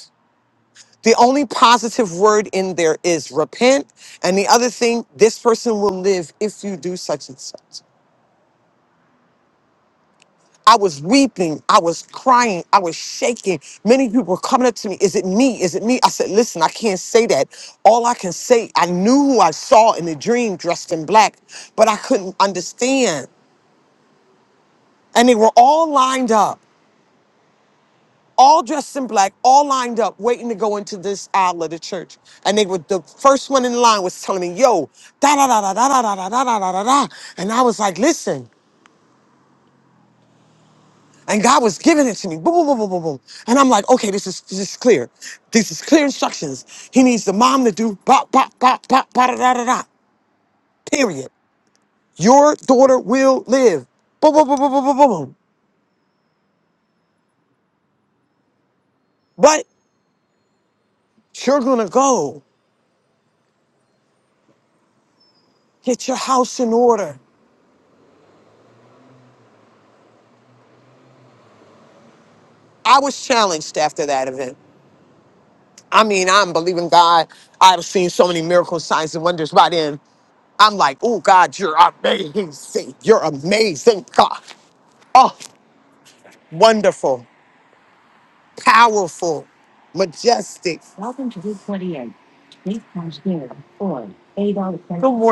Speaker 2: The only positive word in there is repent. And the other thing, this person will live if you do such and such. I was weeping. I was crying. I was shaking. Many people were coming up to me. Is it me? Is it me? I said, listen, I can't say that. All I can say, I knew who I saw in the dream dressed in black, but I couldn't understand. And they were all lined up, all dressed in black, all lined up, waiting to go into this aisle of the church. And they were the first one in line was telling me, yo, da da da da da da da da da da da da. da." And I was like, listen. And God was giving it to me. Boom, boom, boom, boom, boom, boom. And I'm like, okay, this is this is clear. This is clear instructions. He needs the mom to do bop, bop, bop, bop, bop, da, da, da, da. Period. Your daughter will live. Boom, boom, boom, boom, boom, boom, boom. boom. But you're gonna go get your house in order. I was challenged after that event. I mean, I'm believing God. I've seen so many miracles, signs, and wonders by then. I'm like, oh God, you're amazing. You're amazing, God. Oh, wonderful. powerful, majestic. Welcome to Route twenty-eight. Eight time's here or eight dollars. Good morning.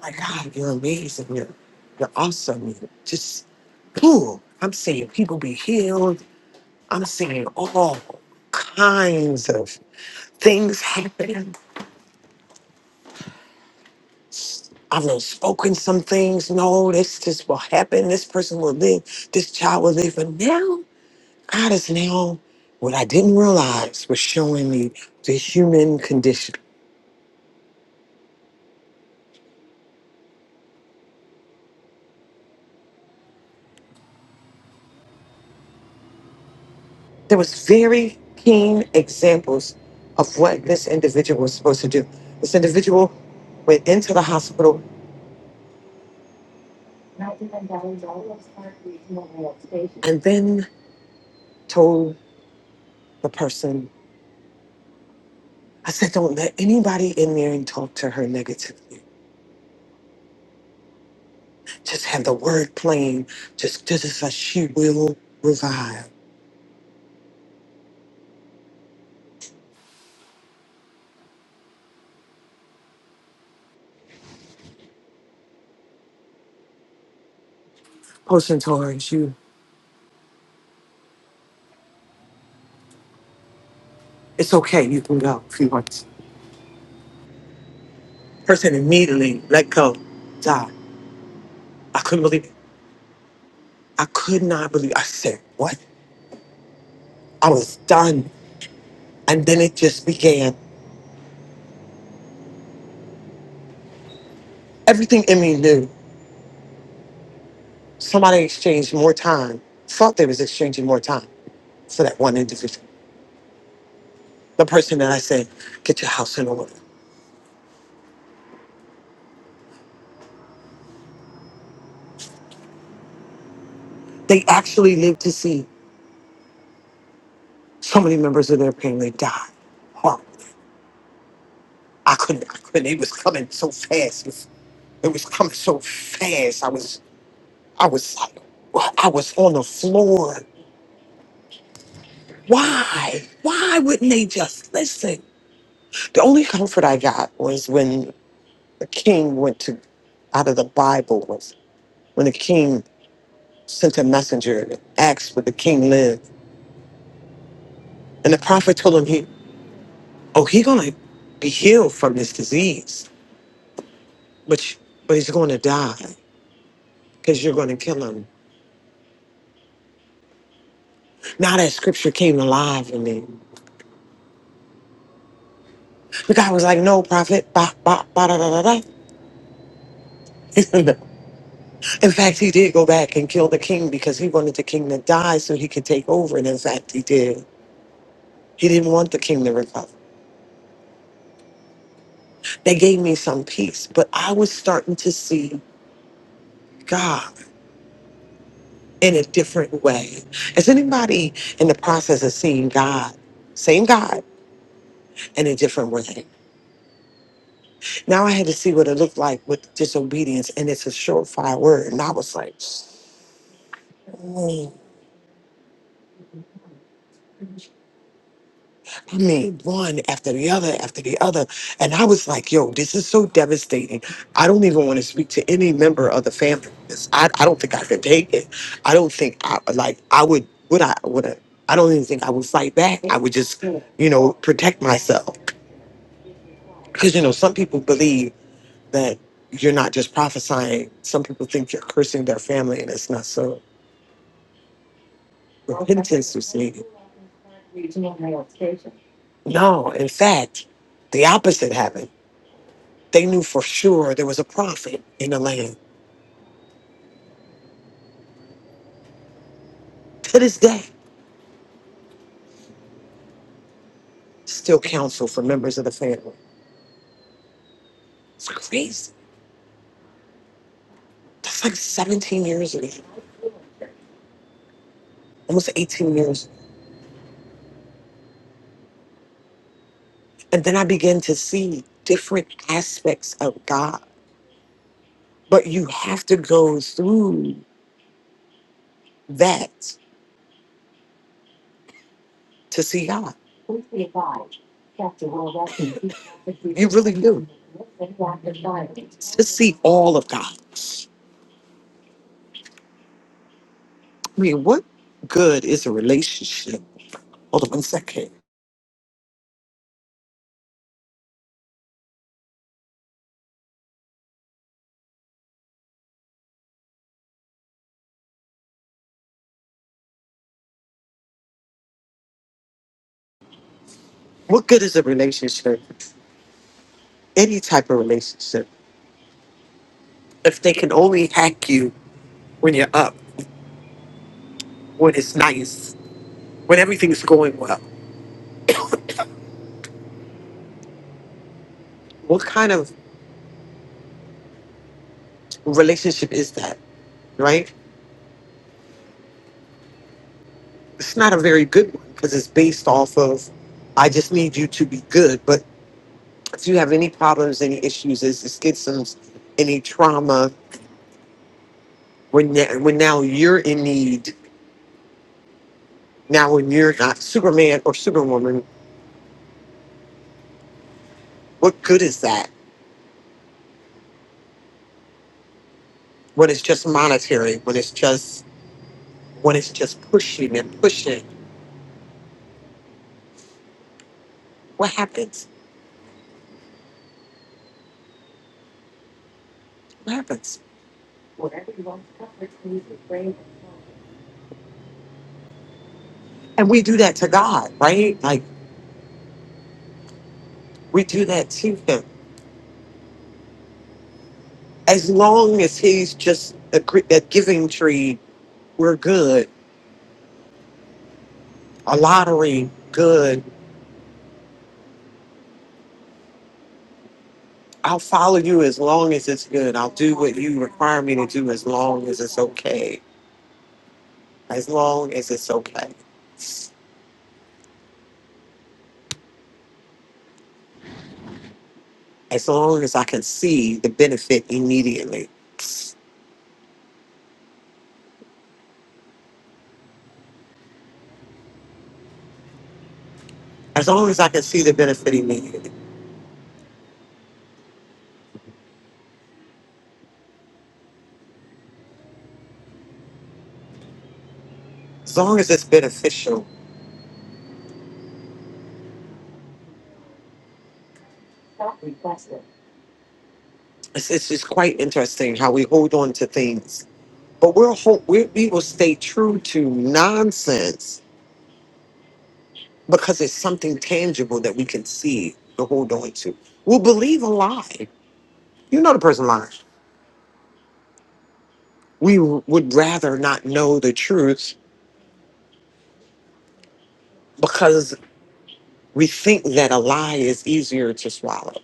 Speaker 2: My God, you're amazing. You're, you're awesome. You're just cool. I'm seeing people be healed. I'm seeing all kinds of things happen. I've spoken some things. No, this this will happen. This person will live. This child will live. But now. God is now what I didn't realize was showing me the human condition. There was very keen examples of what this individual was supposed to do. This individual went into the hospital and then told the person, I said, don't let anybody in there and talk to her negatively. Just have the word playing. Just this is a she will revive. Person told her, you, it's okay, you can go if you want Person immediately let go, died. I couldn't believe it. I could not believe it. I said, what? I was done. And then it just began. Everything in me knew somebody exchanged more time, thought they was exchanging more time for that one individual. The person that I said, get your house in order. They actually lived to see so many members of their family die. Horrible. I couldn't, I couldn't. It was coming so fast. It was, it was coming so fast. I was, I was like, I was on the floor. Why? Why wouldn't they just listen? The only comfort I got was when the king went to out of the Bible was when the king sent a messenger and asked would the king live. And the prophet told him he oh he gonna be healed from this disease, but but he's gonna die because you're gonna kill him. Now that scripture came alive in me. The guy was like, No prophet, ba ba ba da da da da. In fact, he did go back and kill the king because he wanted the king to die so he could take over. And in fact, he did. He didn't want the king to recover. They gave me some peace, but I was starting to see God in a different way. Is anybody in the process of seeing God, same God, in a different way? Now I had to see what it looked like with disobedience, and it's a surefire word. And I was like, I mean, one after the other after the other. And I was like, yo, this is so devastating. I don't even want to speak to any member of the family. This- I, I don't think I could take it. I don't think I like I would would I would I, I don't even think I would fight back. I would just, you know, protect myself. Cause you know, some people believe that you're not just prophesying. Some people think you're cursing their family and it's not so repentance is needed. No, in fact, the opposite happened They knew for sure there was a prophet in the land. To this day, still counsel for members of the family. It's crazy. That's like 17 years ago, almost 18 years. And then I began to see different aspects of God. But you have to go through that to see God. You really do. To see all of God. I mean, what good is a relationship? Hold on one second. What good is a relationship, any type of relationship, if they can only hack you when you're up, when it's nice, when everything's going well? What kind of relationship is that, right? It's not a very good one because it's based off of, I just need you to be good. But if you have any problems, any issues, any schisms, any trauma, when, when now you're in need, now when you're not Superman or Superwoman, what good is that? when it's just monetary, when it's just when it's just pushing and pushing, what happens? What happens? And we do that to God, right? Like we do that to Him. As long as He's just a gr- that giving tree, we're good. A lottery, good. I'll follow you as long as it's good. I'll do what you require me to do as long as it's okay. As long as it's okay. As long as I can see the benefit immediately. As long as I can see the benefit immediately as long as it's beneficial. It's, it's just quite interesting how we hold on to things, but we'll hold, we, we will stay true to nonsense because it's something tangible that we can see to hold on to. We'll believe a lie. You know the person lying. We w- would rather not know the truth because we think that a lie is easier to swallow.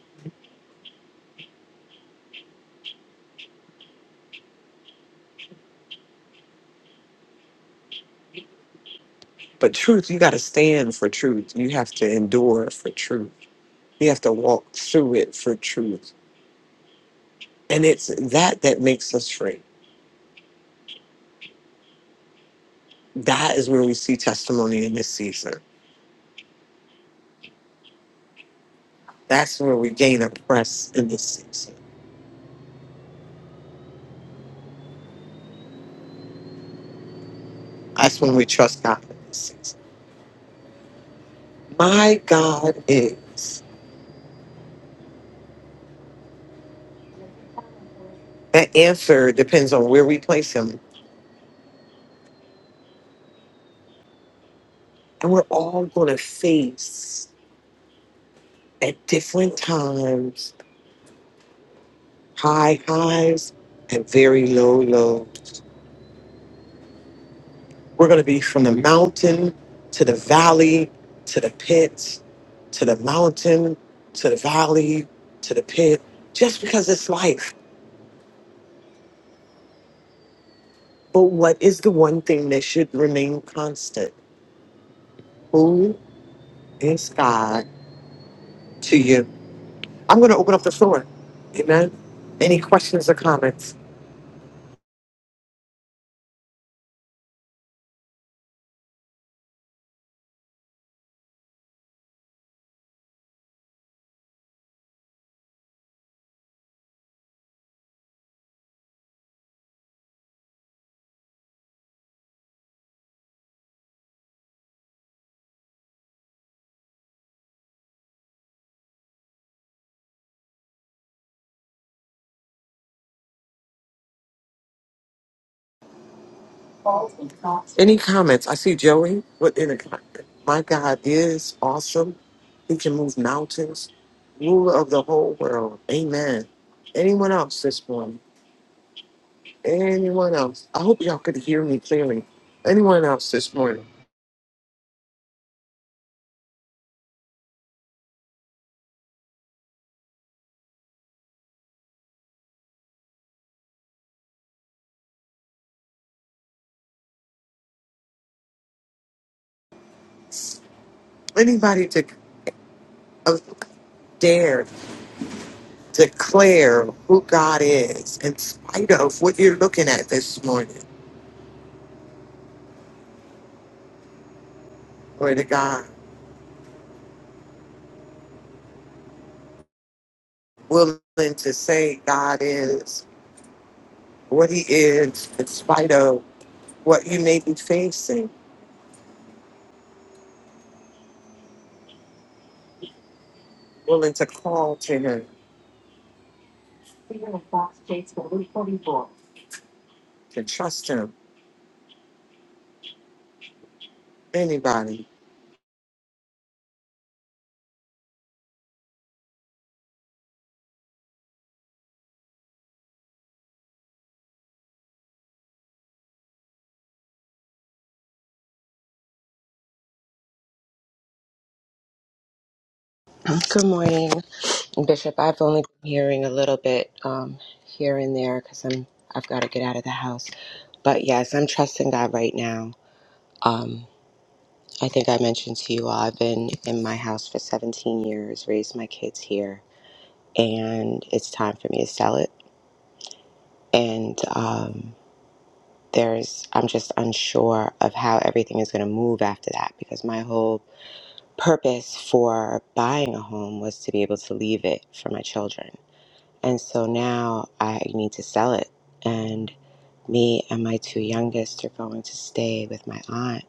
Speaker 2: But truth, you got to stand for truth. You have to endure for truth. You have to walk through it for truth And it's that that makes us free. That is where we see testimony in this season. That's where we gain a press in this season. That's when we trust God in this season. My God is. That answer depends on where we place Him. And we're all going to face at different times high highs and very low lows. We're going to be from the mountain to the valley to the pit to the mountain to the valley to the pit just because it's life. But what is the one thing that should remain constant? Who is God to you? I'm going to open up the floor. Amen. Any questions or comments? Any comments? I see Joey. What in the my God is awesome. He can move mountains. Ruler of the whole world. Amen. Anyone else this morning? Anyone else? I hope y'all could hear me clearly. Anyone else this morning? Anybody to uh, dare declare who God is in spite of what you're looking at this morning? Or to God willing to say God is what He is in spite of what you may be facing, willing to call to Him, to trust Him, anybody.
Speaker 7: Good morning, Bishop. I've only been hearing a little bit um, here and there because I'm I've got to get out of the house. But yes, I'm trusting God right now. Um, I think I mentioned to you all I've been in my house for 17 years, raised my kids here, and it's time for me to sell it. And um, there's I'm just unsure of how everything is going to move after that because my whole purpose for buying a home was to be able to leave it for my children And so now I need to sell it. And me and my two youngest are going to stay with my aunt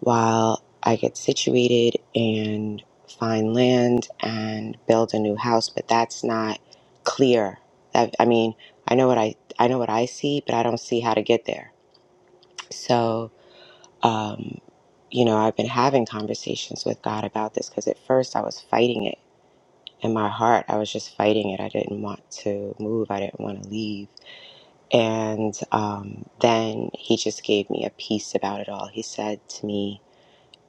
Speaker 7: while I get situated and find land and build a new house. But that's not clear. I, I mean, I know what I I know what I see, but I don't see how to get there. So, um, you know, I've been having conversations with God about this because at first I was fighting it in my heart. I was just fighting it. I didn't want to move. I didn't want to leave And um, then he just gave me a piece about it all. He said to me,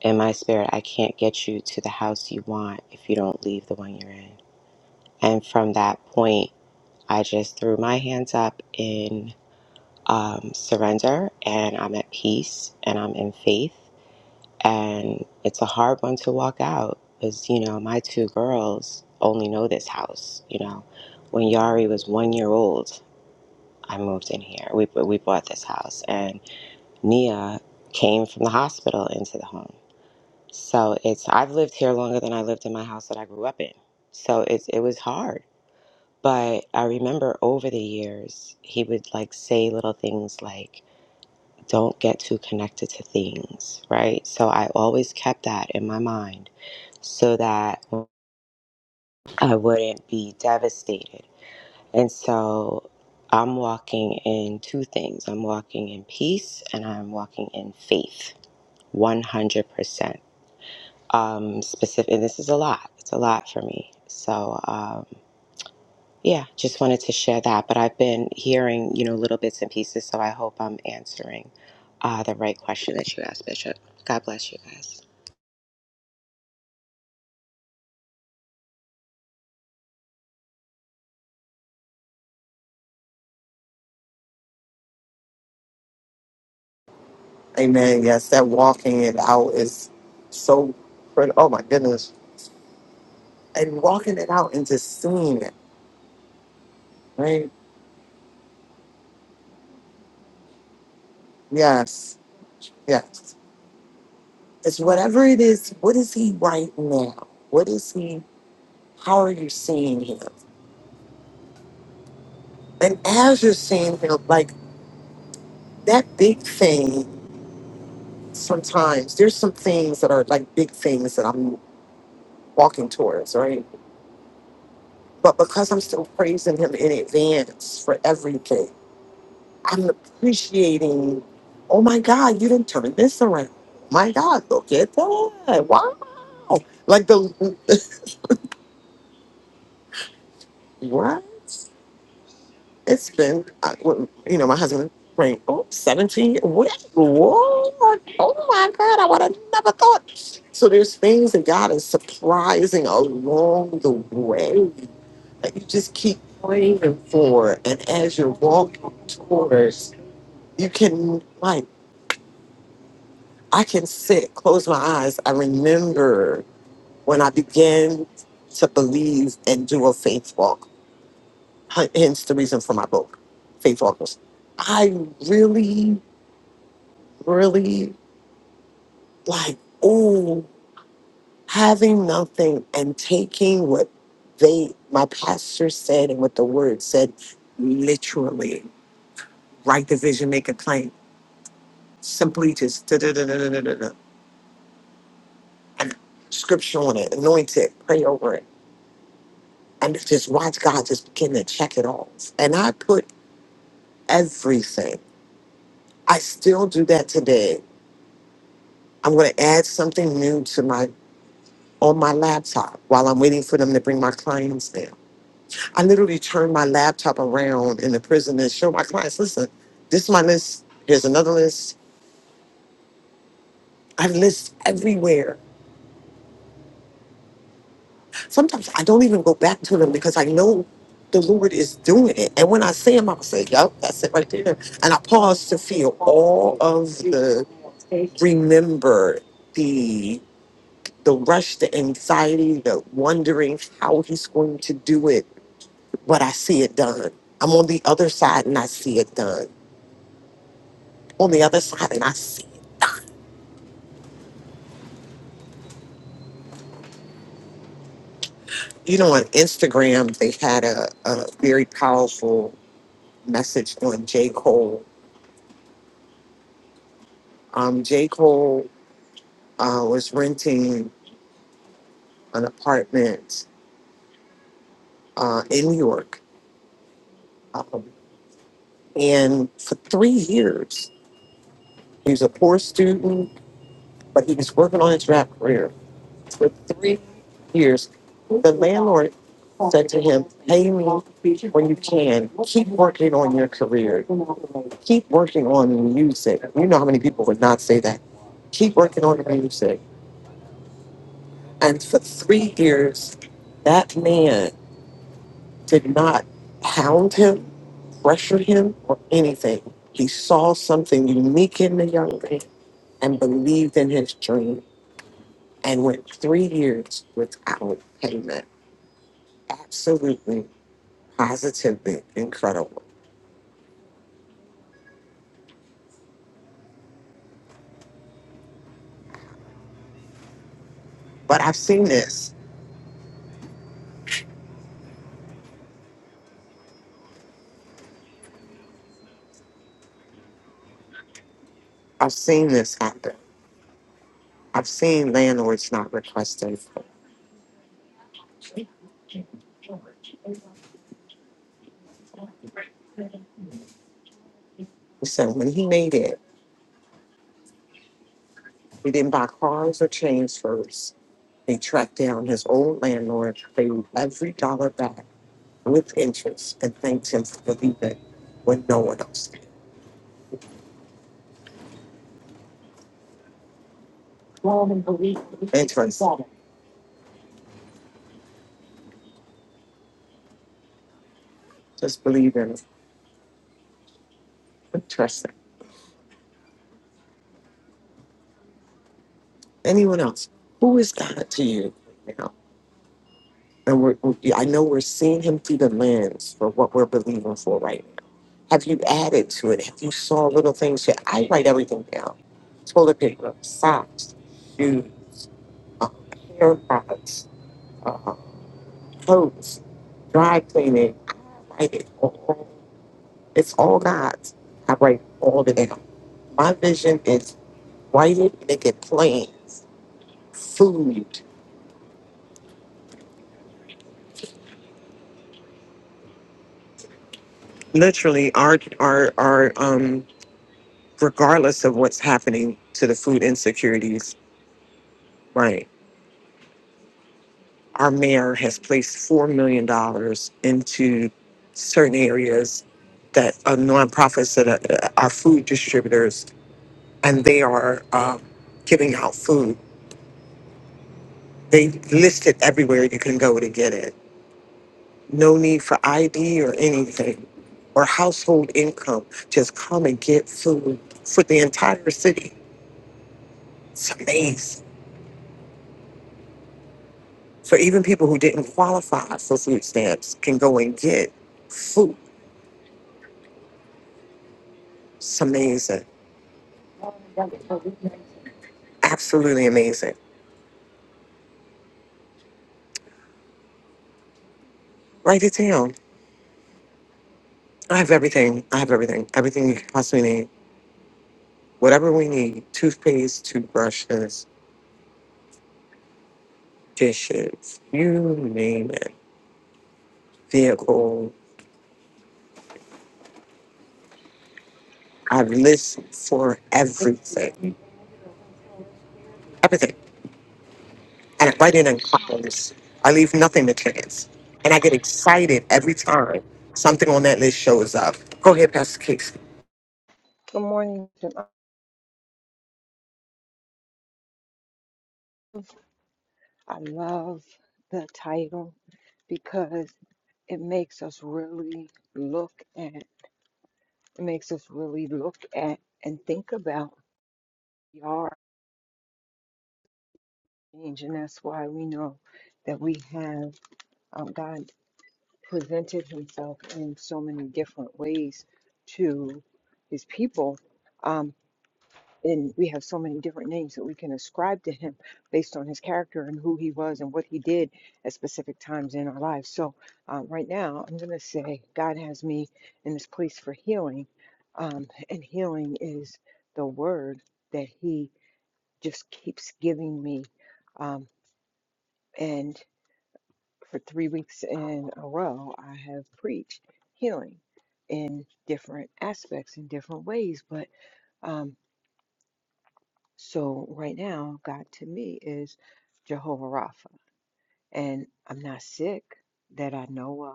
Speaker 7: In my spirit, I can't get you to the house you want if you don't leave the one you're in. And from that point, I just threw my hands up in um, surrender and I'm at peace and I'm in faith. And it's a hard one to walk out because, you know, my two girls only know this house. You know, when Yari was one year old, I moved in here. We, we bought this house. And Nia came from the hospital into the home. So it's I've lived here longer than I lived in my house that I grew up in. So it's it was hard. But I remember over the years he would like say little things like don't get too connected to things, right? So I always kept that in my mind so that I wouldn't be devastated. And so I'm walking in two things. I'm walking in peace and I'm walking in faith. 100%. um, specific. And this is a lot. It's a lot for me. So um, yeah, just wanted to share that. But I've been hearing, you know, little bits and pieces. So I hope I'm answering uh, the right question that you asked, Bishop. God bless you guys.
Speaker 2: Amen. Yes, that walking it out is so crit- Oh my goodness. And walking it out and just seeing it, right? Yes, yes. It's whatever it is, what is He right now? What is He, how are you seeing Him? And as you're seeing Him, like that big thing, sometimes there's some things that are like big things that I'm walking towards, right? But because I'm still praising him in advance for everything, I'm appreciating, oh my God, you didn't turn this around. My God, look at that. Wow. Like the, what? It's been, I- well, you know, my husband, right, oh, 17, what? What? Oh my God, I would have never thought. So there's things that God is surprising along the way that you just keep praying for. And as you're walking towards you can like i can sit close my eyes i remember when i began to believe and do a faith walk H- hence the reason for my book faith walkers i really really like oh having nothing and taking what they my pastor said and what the word said literally write the vision make a claim simply just da-da-da-da-da-da-da, and scripture on it anoint it pray over it and just watch God just begin to check it off. And I put everything. I still do that today. I'm going to add something new to my on my laptop while I'm waiting for them to bring my clients in. I literally turn my laptop around in the prison and show my clients, listen, this is my list. Here's another list. I have lists everywhere Sometimes I don't even go back to them because I know the Lord is doing it. And when I see him, I will say, Yup, that's it right there. And I pause to feel all of the remember the the rush, the anxiety, the wondering how he's going to do it, but I see it done. I'm on the other side and I see it done. On the other side and I see. You know, on Instagram they had a, a very powerful message on J. Cole. Um, J. Cole uh, was renting an apartment uh, in New York. Um, and for three years, he was a poor student, but he was working on his rap career. For three years, the landlord said to him, Pay me when you can. Keep working on your career. Keep working on music. You know how many people would not say that. Keep working on the music. And for three years, that man did not hound him pressured him or anything. He saw something unique in the young man and believed in his dream and went three years without payment. Absolutely, positively incredible. But I've seen this. I've seen this happen. I've seen landlords not requesting. So when he made it, he didn't buy cars or chains first. They tracked down his old landlord, paid every dollar back with interest, and thanked him for believing when no one else did. And trust. him. Just believe in it. And Trust him. Anyone else? Who is God to you right now? And we're, we- I know we're seeing him through the lens for what we're believing for right now. Have you added to it? Have you saw little things? Yeah, I write everything down. Toilet paper, socks, shoes, uh, hair products, uh, clothes, dry cleaning. I write it all. It's all God's. I write all of it down. My vision is Why didn't they get plans, food? Literally, our our our um, regardless of what's happening to the food insecurities, right? Our mayor has placed four million dollars into certain areas that are nonprofits that are, are food distributors, and they are um, giving out food. They list it everywhere you can go to get it. No need for ID or anything or household income just come and get food for the entire city. It's amazing. So even people who didn't qualify for food stamps can go and get food. It's amazing. Absolutely amazing. Write it down. I have everything. I have everything. Everything you could possibly need. Whatever we need. Toothpaste, toothbrushes, dishes, you name it. Vehicle. I've listed for everything. Everything. and I write it in columns. I leave nothing to chance. And I get excited every time something on that list shows up. Go ahead, Pastor Casey.
Speaker 6: Good morning, Jim. I love the title because it makes us really look at it makes us really look at and think about we are change and that's why we know that we have um, God presented himself in so many different ways to his people Um, and we have so many different names that we can ascribe to him based on his character and who he was and what he did at specific times in our lives. So, um, right now, I'm going to say God has me in this place for healing, um, and healing is the word that he just keeps giving me. Um, and for three weeks in a row, I have preached healing in different aspects in different ways, but. um, So right now, God to me is Jehovah Rapha, and I'm not sick that I know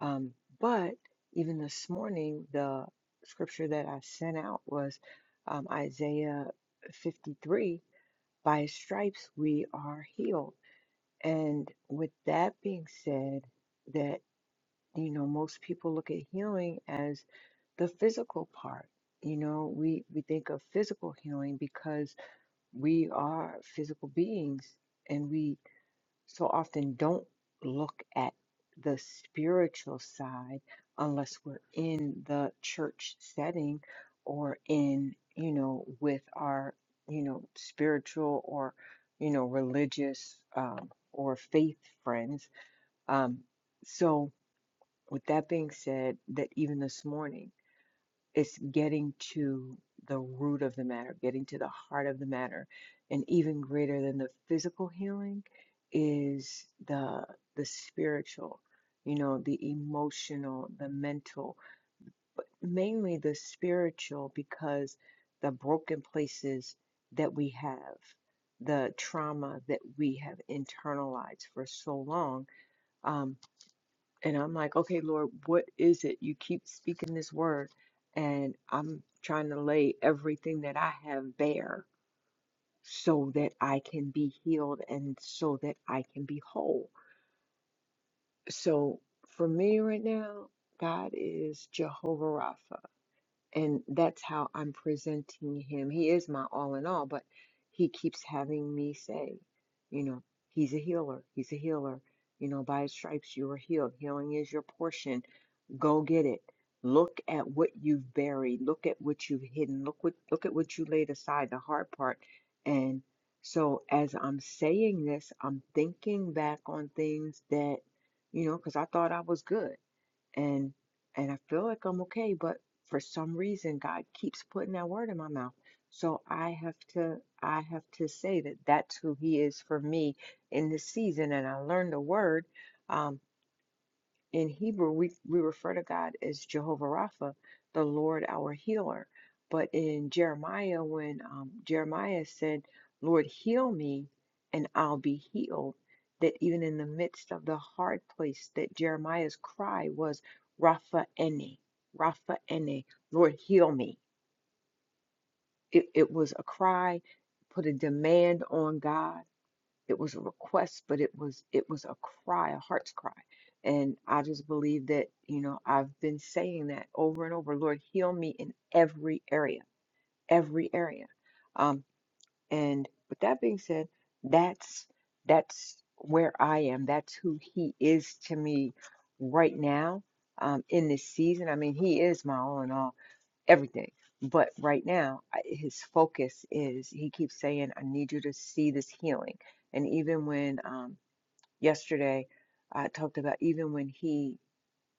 Speaker 6: of. Um, but even this morning, the scripture that I sent out was um, Isaiah 53 By his stripes we are healed. And with that being said, that you know, most people look at healing as the physical part. You know, we, we think of physical healing because we are physical beings and we so often don't look at the spiritual side unless we're in the church setting or in you know with our you know spiritual or you know religious um, or faith friends um, so with that being said that even this morning it's getting to the root of the matter, getting to the heart of the matter. And even greater than the physical healing is the the spiritual, you know, the emotional, the mental, but mainly the spiritual because the broken places that we have, the trauma that we have internalized for so long. um, and I'm like, okay, Lord, what is it? You keep speaking this word, and I'm trying to lay everything that I have bare so that I can be healed and so that I can be whole. So for me right now, God is Jehovah Rapha, and that's how I'm presenting him. He is my all in all, but he keeps having me say, you know, he's a healer, he's a healer. You know, by his stripes you are healed. Healing is your portion Go get it. Look at what you've buried. Look at what you've hidden. Look what look at what you laid aside, the hard part. And so as I'm saying this, I'm thinking back on things that, you know, because I thought I was good. And and I feel like I'm okay, but for some reason God keeps putting that word in my mouth. So I have to I have to say that that's who he is for me in this season. And I learned the word. Um, in Hebrew, we, we refer to God as Jehovah Rapha, the Lord our healer. But in Jeremiah, when um, Jeremiah said, Lord, heal me and I'll be healed, that even in the midst of the hard place, that Jeremiah's cry was, Rapha Ene, Rapha Ene, Lord, heal me. It, it was a cry, put a demand on God it was a request, but it was it was a cry, a heart's cry. And I just believe that, you know, I've been saying that over and over, Lord, heal me in every area, every area. Um, and with that being said, that's that's where I am. That's who he is to me right now, um, in this season. I mean, he is my all in all everything. But right now, I- his focus is he keeps saying, I need you to see this healing. And even when um, yesterday I talked about, even when he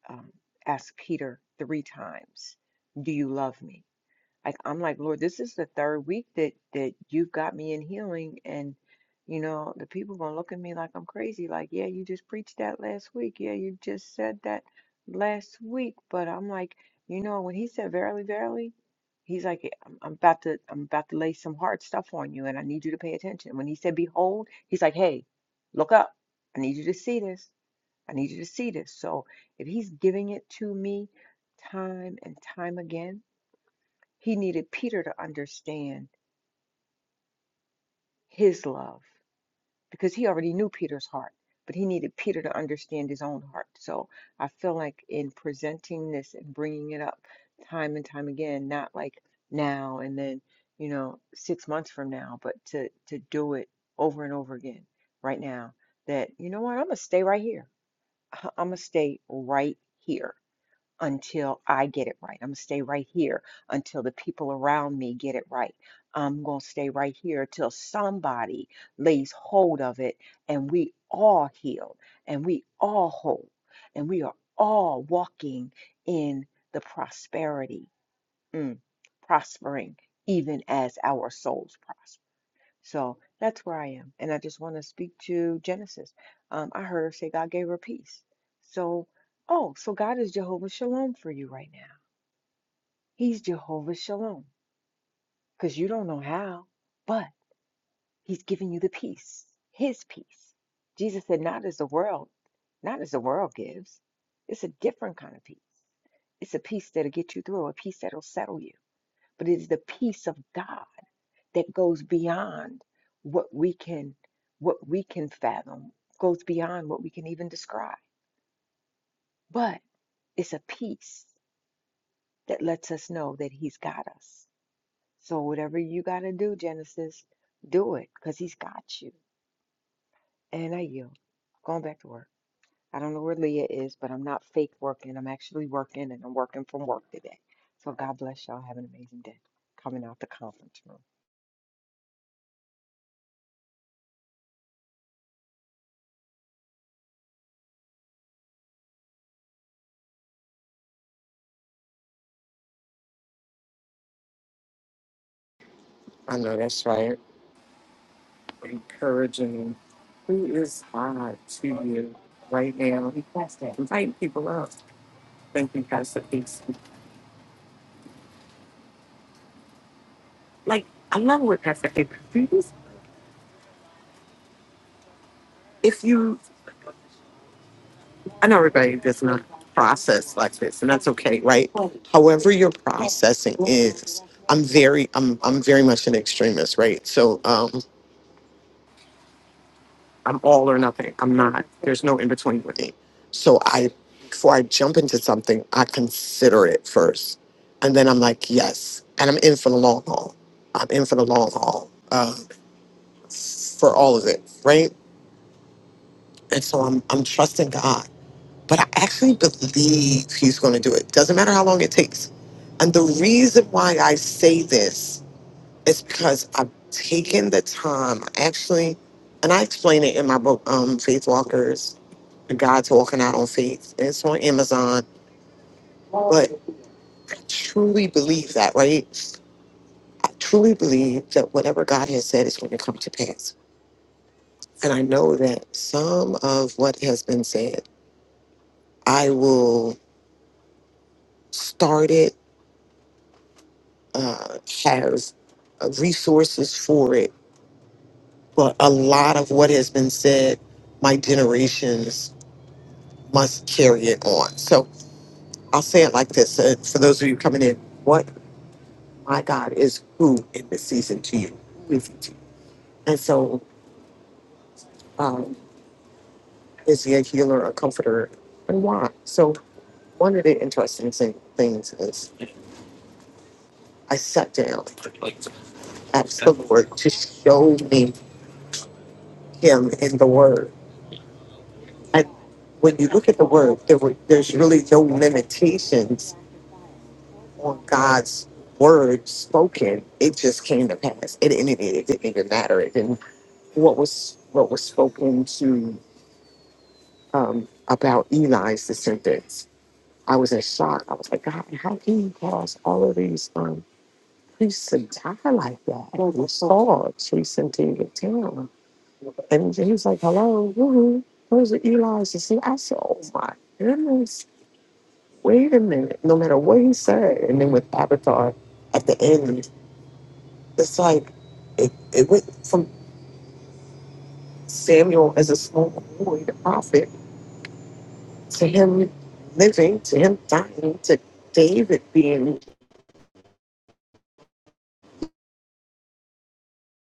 Speaker 6: um, asked Peter three times, Do you love me? Like I'm like, Lord, this is the third week that that you've got me in healing and you know, the people gonna look at me like I'm crazy, like, yeah, you just preached that last week. Yeah, you just said that last week. But I'm like, you know, when he said verily, verily, he's like, "Eh, I'm, I'm about to I'm about to lay some hard stuff on you and I need you to pay attention. When he said behold, he's like, hey, look up. I need you to see this. I need you to see this. So if he's giving it to me time and time again, he needed Peter to understand his love because he already knew Peter's heart, but he needed Peter to understand his own heart. So I feel like in presenting this and bringing it up time and time again, not like now and then, you know, six months from now, but to to do it over and over again right now. That you know what, I'm gonna stay right here. I'm gonna stay right here until I get it right. I'm gonna stay right here until the people around me get it right. I'm gonna stay right here until somebody lays hold of it and we all healed and we all whole and we are all walking in the prosperity, mm, prospering even as our souls prosper. So that's where I am. And I just want to speak to Genesis. Um, I heard her say God gave her peace. So, oh, so God is Jehovah Shalom for you right now. He's Jehovah Shalom because you don't know how, but He's giving you the peace, His peace. Jesus said, not as the world, not as the world gives. It's a different kind of peace. It's a peace that'll get you through, a peace that'll settle you. But it is the peace of God. that goes beyond what we can what we can fathom, goes beyond what we can even describe. But it's a peace that lets us know that he's got us. So whatever you got to do, Genesis, do it because he's got you. And I yield. Going back to work. I don't know where Leah is, but I'm not fake working. I'm actually working and I'm working from work today. So God bless y'all. Have an amazing day. Coming out the conference room.
Speaker 2: I know that's right. Encouraging. Who is I to you right now? Invite people up. Thank you, Pastor Casey. Like, I love what Pastor Casey does. If you, I know everybody does not process like this, and that's okay, right? However, your processing is, I'm very, I'm, I'm very much an extremist, right? So, um, I'm all or nothing. I'm not. There's no in between with me. So I, before I jump into something, I consider it first, and then I'm like, yes, and I'm in for the long haul. I'm in for the long haul uh, for all of it, right? And so I'm I'm trusting God, but I actually believe He's going to do it. Doesn't matter how long it takes. And the reason why I say this is because I've taken the time, actually, and I explain it in my book, um, Faith Walkers The God's walking out on faith. It's on Amazon. But I truly believe that, right? I truly believe that whatever God has said is going to come to pass. And I know that some of what has been said, I will start it, uh, have uh, resources for it. But a lot of what has been said, my generations must carry it on. So I'll say it like this uh, for those of you coming in. my God is who in this season to you. And so, um, is he a healer, a comforter, and why? So, one of the interesting thing, things is I sat down, asked the Lord to show me him in the Word. And when you look at the Word, there were, there's really no limitations on God's Word spoken. It just came to pass. It, it, it, it didn't even matter. It didn't, what was what was spoken to um, about Eli's descendants. I was in shock. I was like, God, how can you cause all of these um, priests to die like that? And We saw priests in David Town. And he's like, hello, woo-hoo, those are Eli's descendants. I said, oh my goodness, wait a minute. No matter what he said. And then with Avatar at the end, it's like, it, it went from Samuel as a small boy, the prophet, to him living, to him dying, to David being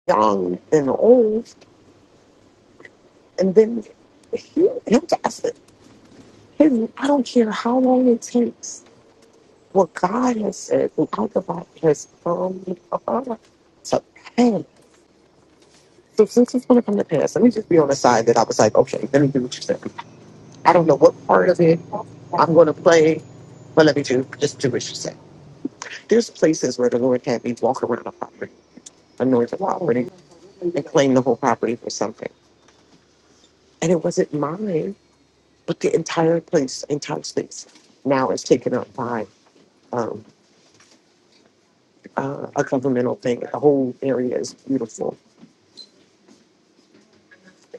Speaker 2: young and old, and then he, him, him, I don't care how long it takes. What God has said, and all the Alphabet has come about to pass. So since it's going to come to pass, let me just be on the side that I was like, okay, let me do what you said. I don't know what part of it I'm going to play, but let me do just do what you said. There's places where the Lord had me walk around a property a northern property and claim the whole property for something. And it wasn't mine, but the entire place, entire space, now is taken up by um, uh, a governmental thing. The whole area is beautiful.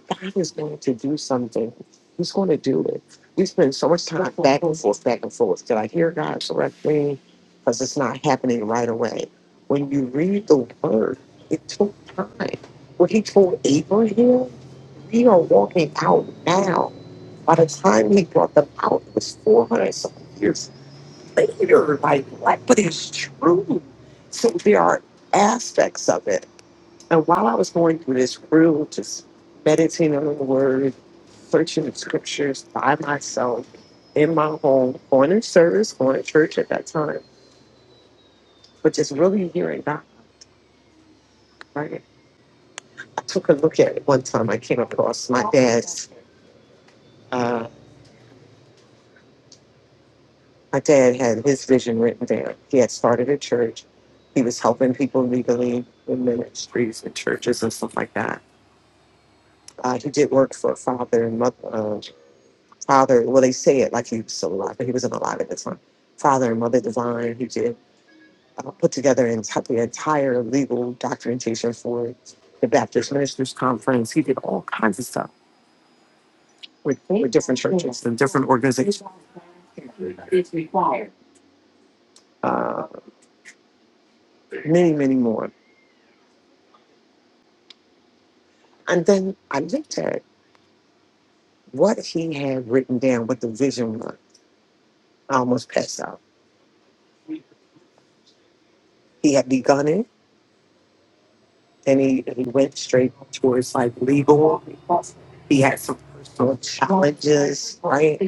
Speaker 2: God is going to do something. He's going to do it. We spend so much time back and forth, back and forth. Did I hear God correctly? Because it's not happening right away. When you read the word, it took time. What he told Abraham, we are walking out now By the time he brought them out, it was 400 and something years later. Like, what? But it's true. So there are aspects of it. And while I was going through this room, just meditating on the word, searching the scriptures by myself in my home, going to service, going to church at that time, but just really hearing God, right? I took a look at it one time. I came across my dad's. uh, my dad had his vision written down. He had started a church. He was helping people legally in ministries and churches and stuff like that. Uh, he did work for father and mother, uh, father. Well, they say it like he was still alive, but he wasn't alive at the time. Father and mother divine. He did uh, put together enti- the entire legal documentation for the Baptist Ministers Conference. He did all kinds of stuff with, with different churches and different organizations, uh, many, many more. And then I looked at what he had written down, what the vision was. I almost passed out. He had begun it, and he, he went straight towards like legal. He had some personal challenges, right?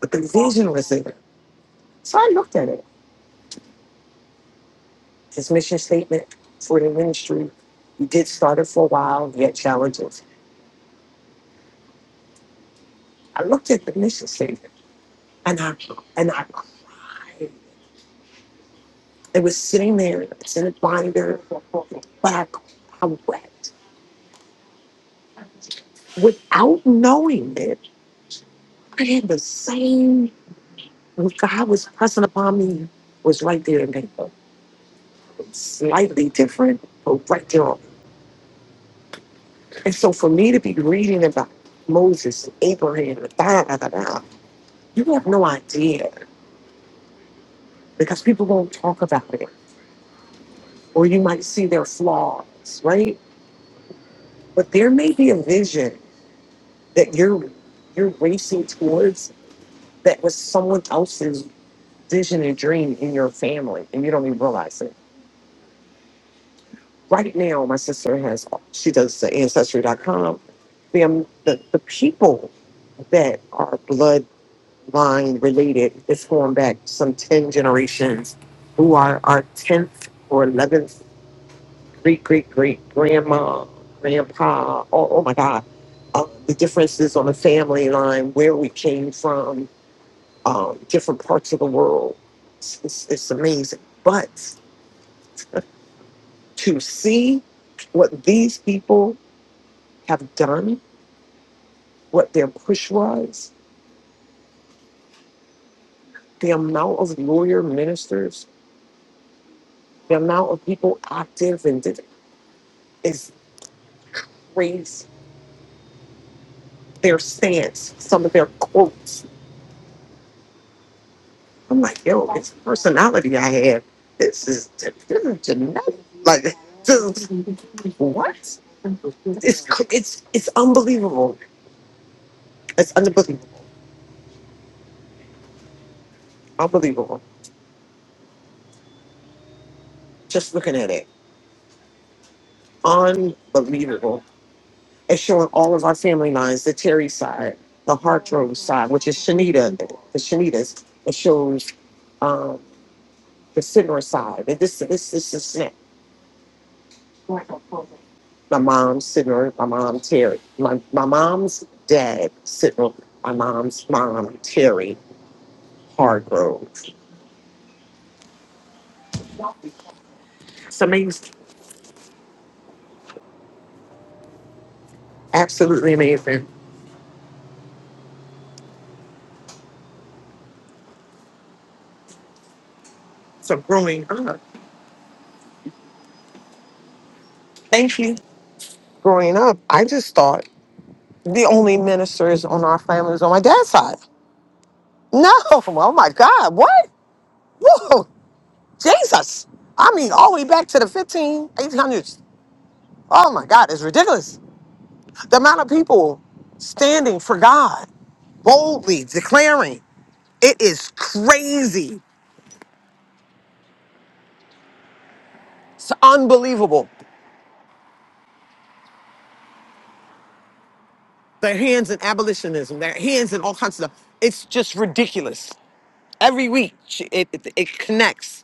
Speaker 2: But the vision was there. So I looked at it. His mission statement for the ministry. He did start it for a while. He had challenges. I looked at the mission statement, and I and I cried. It was sitting there. It's in a binder, but I I wept. without knowing it, I had the same what God was pressing upon me was right there in paper. Slightly different, but right there. And so for me to be reading about Moses and Abraham and da da da da, you have no idea because people won't talk about it. Or you might see their flaws, right? But there may be a vision that you're you're racing towards that was someone else's vision and dream in your family and you don't even realize it Right now, my sister has, she does the ancestry.com. Them, the, the the people that are bloodline related, it's going back some 10 generations, who are our 10th or 11th great, great, great grandma, grandpa. Oh, oh my God. Uh, the differences on the family line, where we came from, um, different parts of the world. It's, it's, it's amazing. But to see what these people have done what their push was, the amount of lawyer ministers, the amount of people active and did is raised their stance, some of their quotes. I'm like, yo, it's personality I have. This is this is genetic. Like this, is- what? It's cr- it's it's unbelievable. It's unbelievable. Unbelievable. Just looking at it. Unbelievable. It's showing all of our family lines, the Terry side, the Hartrose side, which is Shanita, the Shanitas. It shows um, the Sidner side. And this, this, this is it. my mom's Sidner, my mom Terry, my, my mom's dad Sidner, my mom's mom Terry Hargrove. It's amazing, absolutely amazing. So growing up, thank you. Growing up, I just thought the only ministers on our family was on my dad's side. No, oh my God, what? Whoa, Jesus. I mean, all the way back to the fifteen, eighteen hundreds. Oh my God, it's ridiculous. The amount of people standing for God, boldly declaring, it is crazy. It's unbelievable. Their hands in abolitionism, their hands in all kinds of stuff. It's just ridiculous. Every week, it, it, it connects.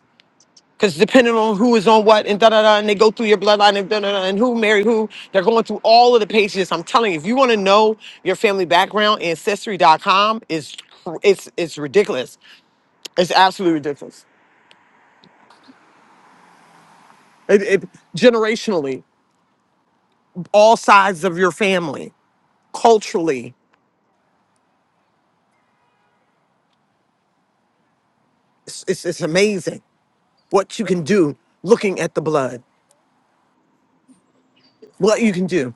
Speaker 2: Because depending on who is on what and da da da, and they go through your bloodline and da da da, and who married who, they're going through all of the pages. I'm telling you, if you want to know your family background, ancestry.com is cr- it's it's ridiculous. It's absolutely ridiculous. It, it, generationally, all sides of your family, culturally, it's, it's it's amazing what you can do looking at the blood. What you can do.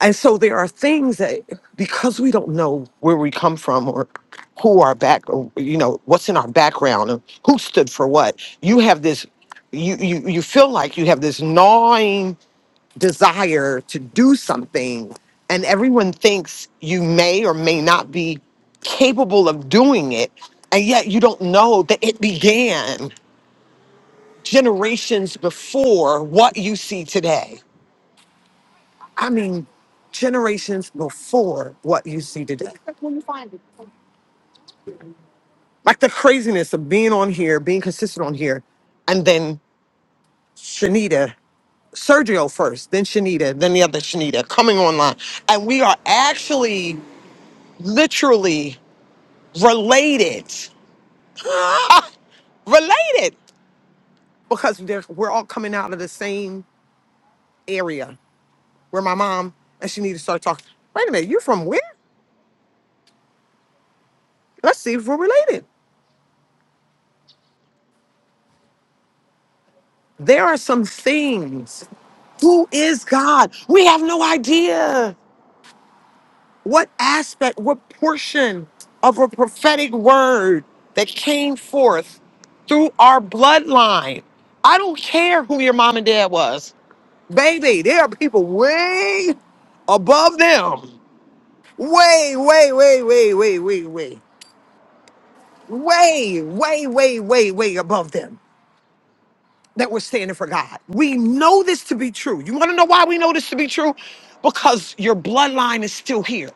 Speaker 2: And so there are things that, because we don't know where we come from or who our back, or, you know, what's in our background and who stood for what, you have this, you, you, you feel like you have this gnawing desire to do something. And everyone thinks you may or may not be capable of doing it. And yet you don't know that it began generations before what you see today I mean, generations before what you see today. Like the craziness of being on here, being consistent on here, and then Shanita, Sergio first, then Shanita, then the other Shanita coming online. And we are actually literally related, related, because they're- we're all coming out of the same area where my mom and Shanita started talking. Wait a minute, you're from where? Let's see if we're related. There are some things. Who is God? We have no idea what aspect, what portion of a prophetic word that came forth through our bloodline. I don't care who your mom and dad was. Baby, there are people way above them. Way, way, way, way, way, way, way. Way, way, way, way, way above them that we're standing for God. We know this to be true. You want to know why we know this to be true? Because your bloodline is still here.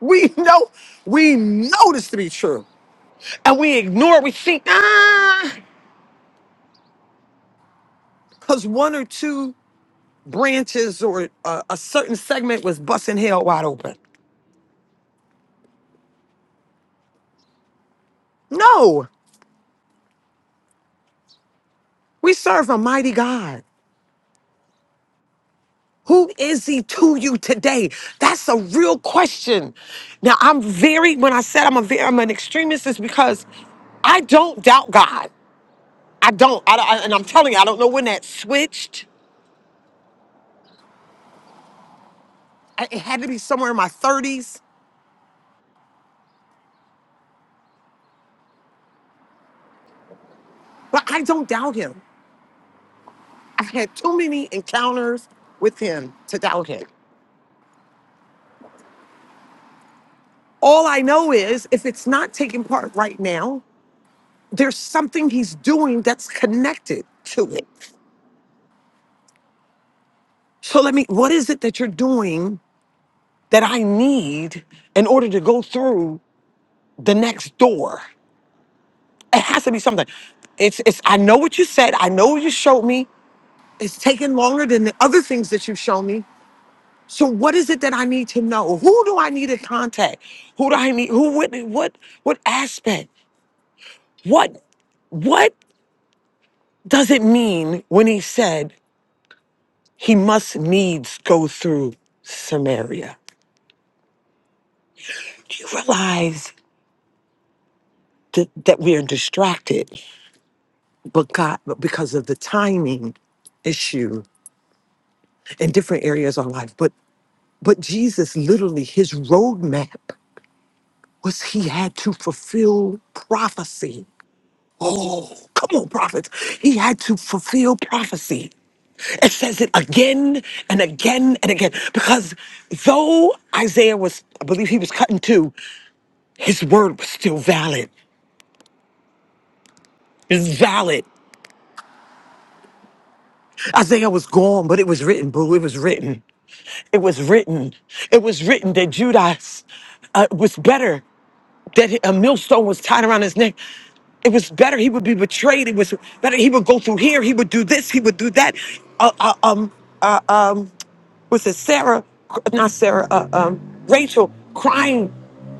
Speaker 2: We know, we know this to be true. And we ignore, we think, ah, because one or two branches or a, a certain segment was busting hell wide open. No, we serve a mighty God. Who is he to you today? That's a real question. Now, I'm very, when I said I'm a very, I'm an extremist, is because I don't doubt God. I don't. I, I- and I'm telling you, I don't know when that switched. I- It had to be somewhere in my 30s, but I don't doubt him. I had too many encounters with him to doubt him. All I know is if it's not taking part right now, there's something he's doing that's connected to it. So let me, what is it that you're doing that I need in order to go through the next door? It has to be something. It's, it's, I know what you said. I know you showed me. It's taken longer than the other things that you've shown me. So what is it that I need to know? Who do I need to contact? Who do I need? Who what what what aspect? What what does it mean when he said he must needs go through Samaria? Do you realize that, that we are distracted but God but because of the timing issue in different areas of life? But but Jesus literally his roadmap was he had to fulfill prophecy Oh, come on, prophets. He had to fulfill prophecy. It says it again and again and again. Because though Isaiah was, I believe he was cut in two, his word was still valid. It's valid. Isaiah was gone, but it was written, boo. It was written. It was written. It was written that Judas uh, was better. that a millstone was tied around his neck. It was better he would be betrayed. It was better he would go through here. He would do this. He would do that. Uh, uh, um, uh, um, was it Sarah? Not Sarah. Uh, um, Rachel crying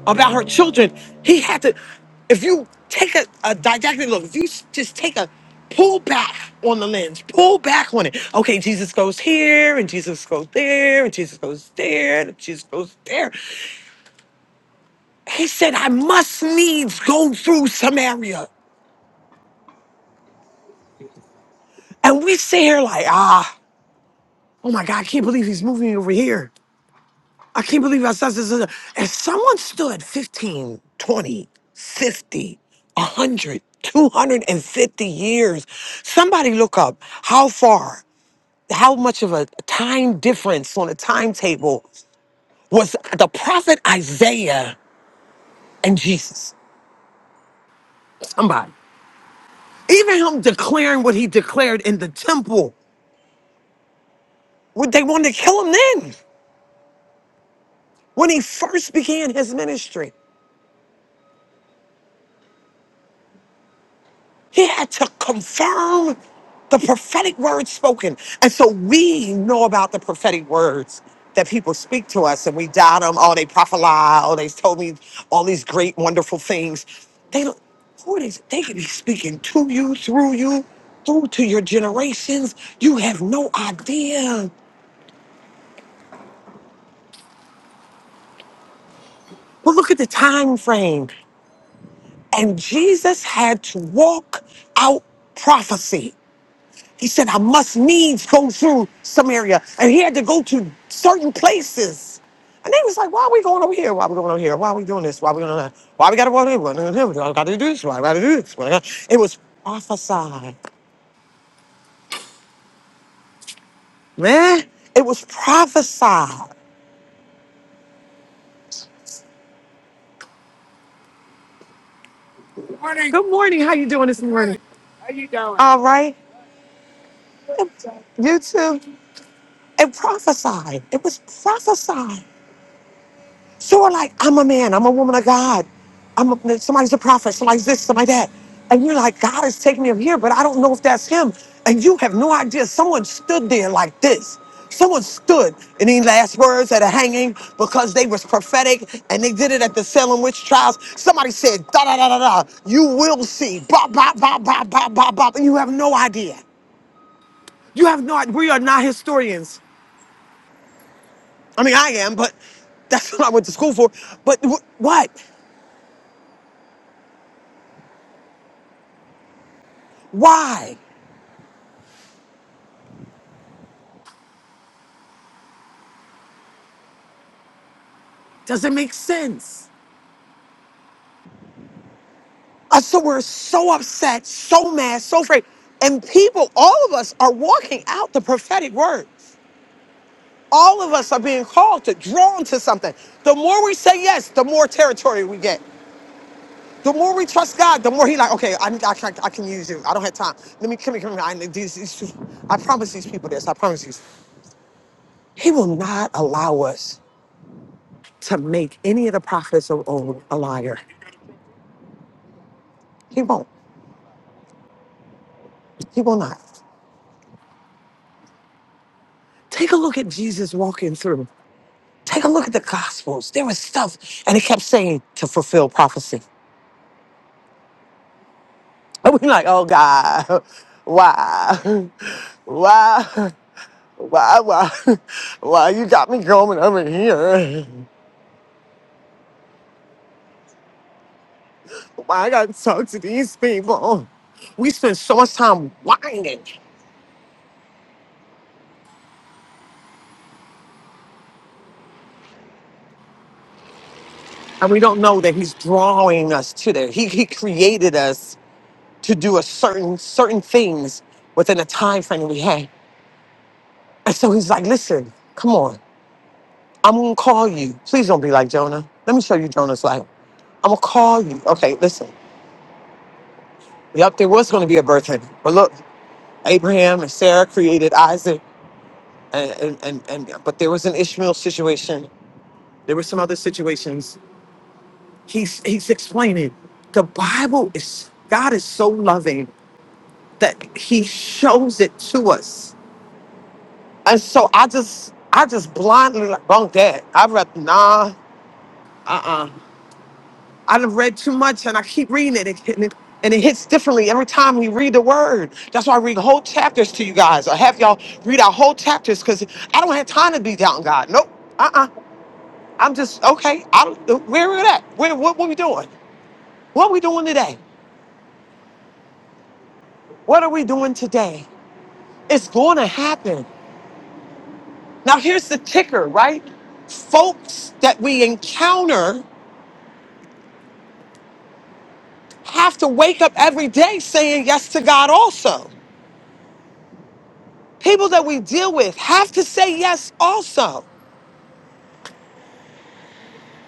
Speaker 2: about her children. He had to. If you take a, a didactic look, if you s- just take a pull back on the lens, pull back on it. Okay, Jesus goes here, and Jesus goes there, and Jesus goes there, and Jesus goes there. He said, I must needs go through Samaria. And we sit here like, ah, oh my God, I can't believe he's moving me over here. I can't believe I said this. this, this." And someone stood 15, 20, 50, one hundred, two hundred fifty years. Somebody look up how far, how much of a time difference on a timetable was the prophet Isaiah and Jesus. Somebody. Even him declaring what he declared in the temple. Would They want to kill him then when he first began his ministry. He had to confirm the prophetic words spoken. And so we know about the prophetic words that people speak to us and we doubt them. Oh, they prophesy. Oh, they told me all these great, wonderful things. They don't, who are they? They could be speaking to you, through you, through to your generations. You have no idea. But look at the time frame. And Jesus had to walk out prophecy. He said, I must needs go through Samaria. And he had to go to certain places. And they was like, why are we going over here? Why are we going over here? Why are we doing this? Why are we doing that? Why we got to go over here? Why we got to do this? Why we got to do this? Why we gotta- It was prophesied, man. It was prophesied. Good morning. How you doing this morning? All right. You too. It prophesied. It was prophesied. So we're like, I'm a man, I'm a woman of God. I'm a, somebody's a prophet, somebody's this, somebody that. And you're like, God is taking me up here, but I don't know if that's him. And you have no idea. Someone stood there like this. Someone stood in these last words at a hanging because they was prophetic and they did it at the Salem witch trials. Somebody said, da da da da da, you will see. Bop, bop, bop, bop, bop, bop, bop. And you have no idea. You have no idea. We are not historians. I mean, I am, but that's what I went to school for. But wh- what? Why? Doesn't make sense. Us, so we're so upset, so mad, so afraid. And people, all of us are walking out the prophetic word. All of us are being called to, drawn to something. The more we say yes, the more territory we get. The more we trust God, the more He like, okay, I, I, can, I can use you. I don't have time. Let me come here, come here. I, need these, these, I promise these people this. I promise these. He will not allow us to make any of the prophets of old a liar. He won't. He will not. Take a look at Jesus walking through. Take a look at the Gospels. There was stuff, and it kept saying to fulfill prophecy. And we're like, oh God, why, why, why, why, why you got me going over here? Why I gotta talk to these people? We spend so much time whining, and we don't know that He's drawing us to there. He He created us to do a certain certain things within a time frame that we had. And so he's like, listen, come on. I'm gonna call you. Please don't be like Jonah. Let me show you Jonah's life. I'm gonna call you. Okay, listen. Yep, there was gonna be a birth honey. But look, Abraham and Sarah created Isaac and and, and, and but there was an Ishmael situation. There were some other situations. He's he's explaining. The Bible is God is so loving that he shows it to us. And so I just I just blindly like bunk that. I read nah, uh-uh. I done read too much and I keep reading it and it, and it hits differently every time we read the word. That's why I read whole chapters to you guys. I have y'all read our whole chapters because I don't have time to be down God. Nope. Uh-uh. I'm just okay. I'm where are we at. Where what, what we doing? What we doing today? What are we doing today? It's gonna happen. Now here's the ticker, right? Folks that we encounter have to wake up every day saying yes to God also. People that we deal with have to say yes also,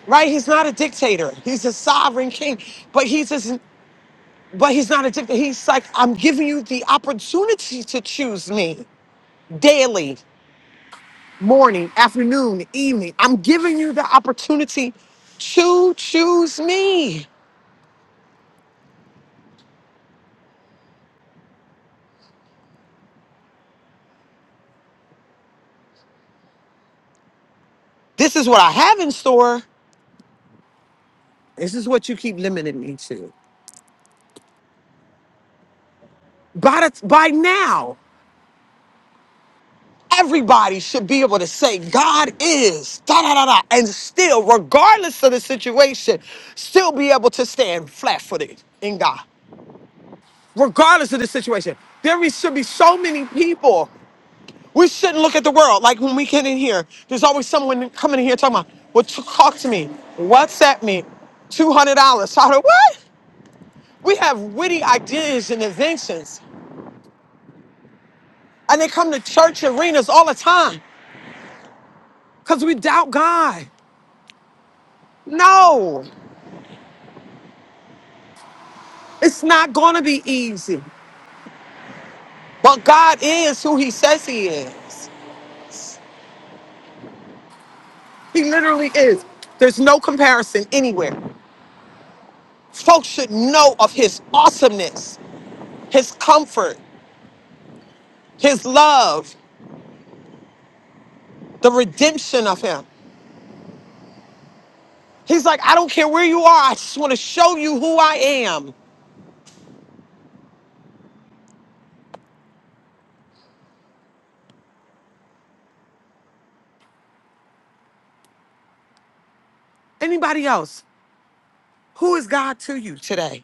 Speaker 2: right? He's not a dictator. He's a sovereign king, but he's just, but he's not a dictator. He's like, I'm giving you the opportunity to choose me daily, morning, afternoon, evening. I'm giving you the opportunity to choose me. This is what I have in store. This is what you keep limiting me to. By, the, by now. Everybody should be able to say God is da da da da, and still, regardless of the situation, still be able to stand flat footed in God, regardless of the situation. There we should be so many people. We shouldn't look at the world like when we get in here. There's always someone coming in here talking about, "Well, t- talk to me, WhatsApp me, two hundred dollars." I don't what? We have witty ideas and inventions, and they come to church arenas all the time because we doubt God. No. It's not going to be easy. But God is who He says He is. He literally is. There's no comparison anywhere. Folks should know of His awesomeness, His comfort, His love, the redemption of Him. He's like, I don't care where you are, I just want to show you who I am. Anybody else? Who is God to you today?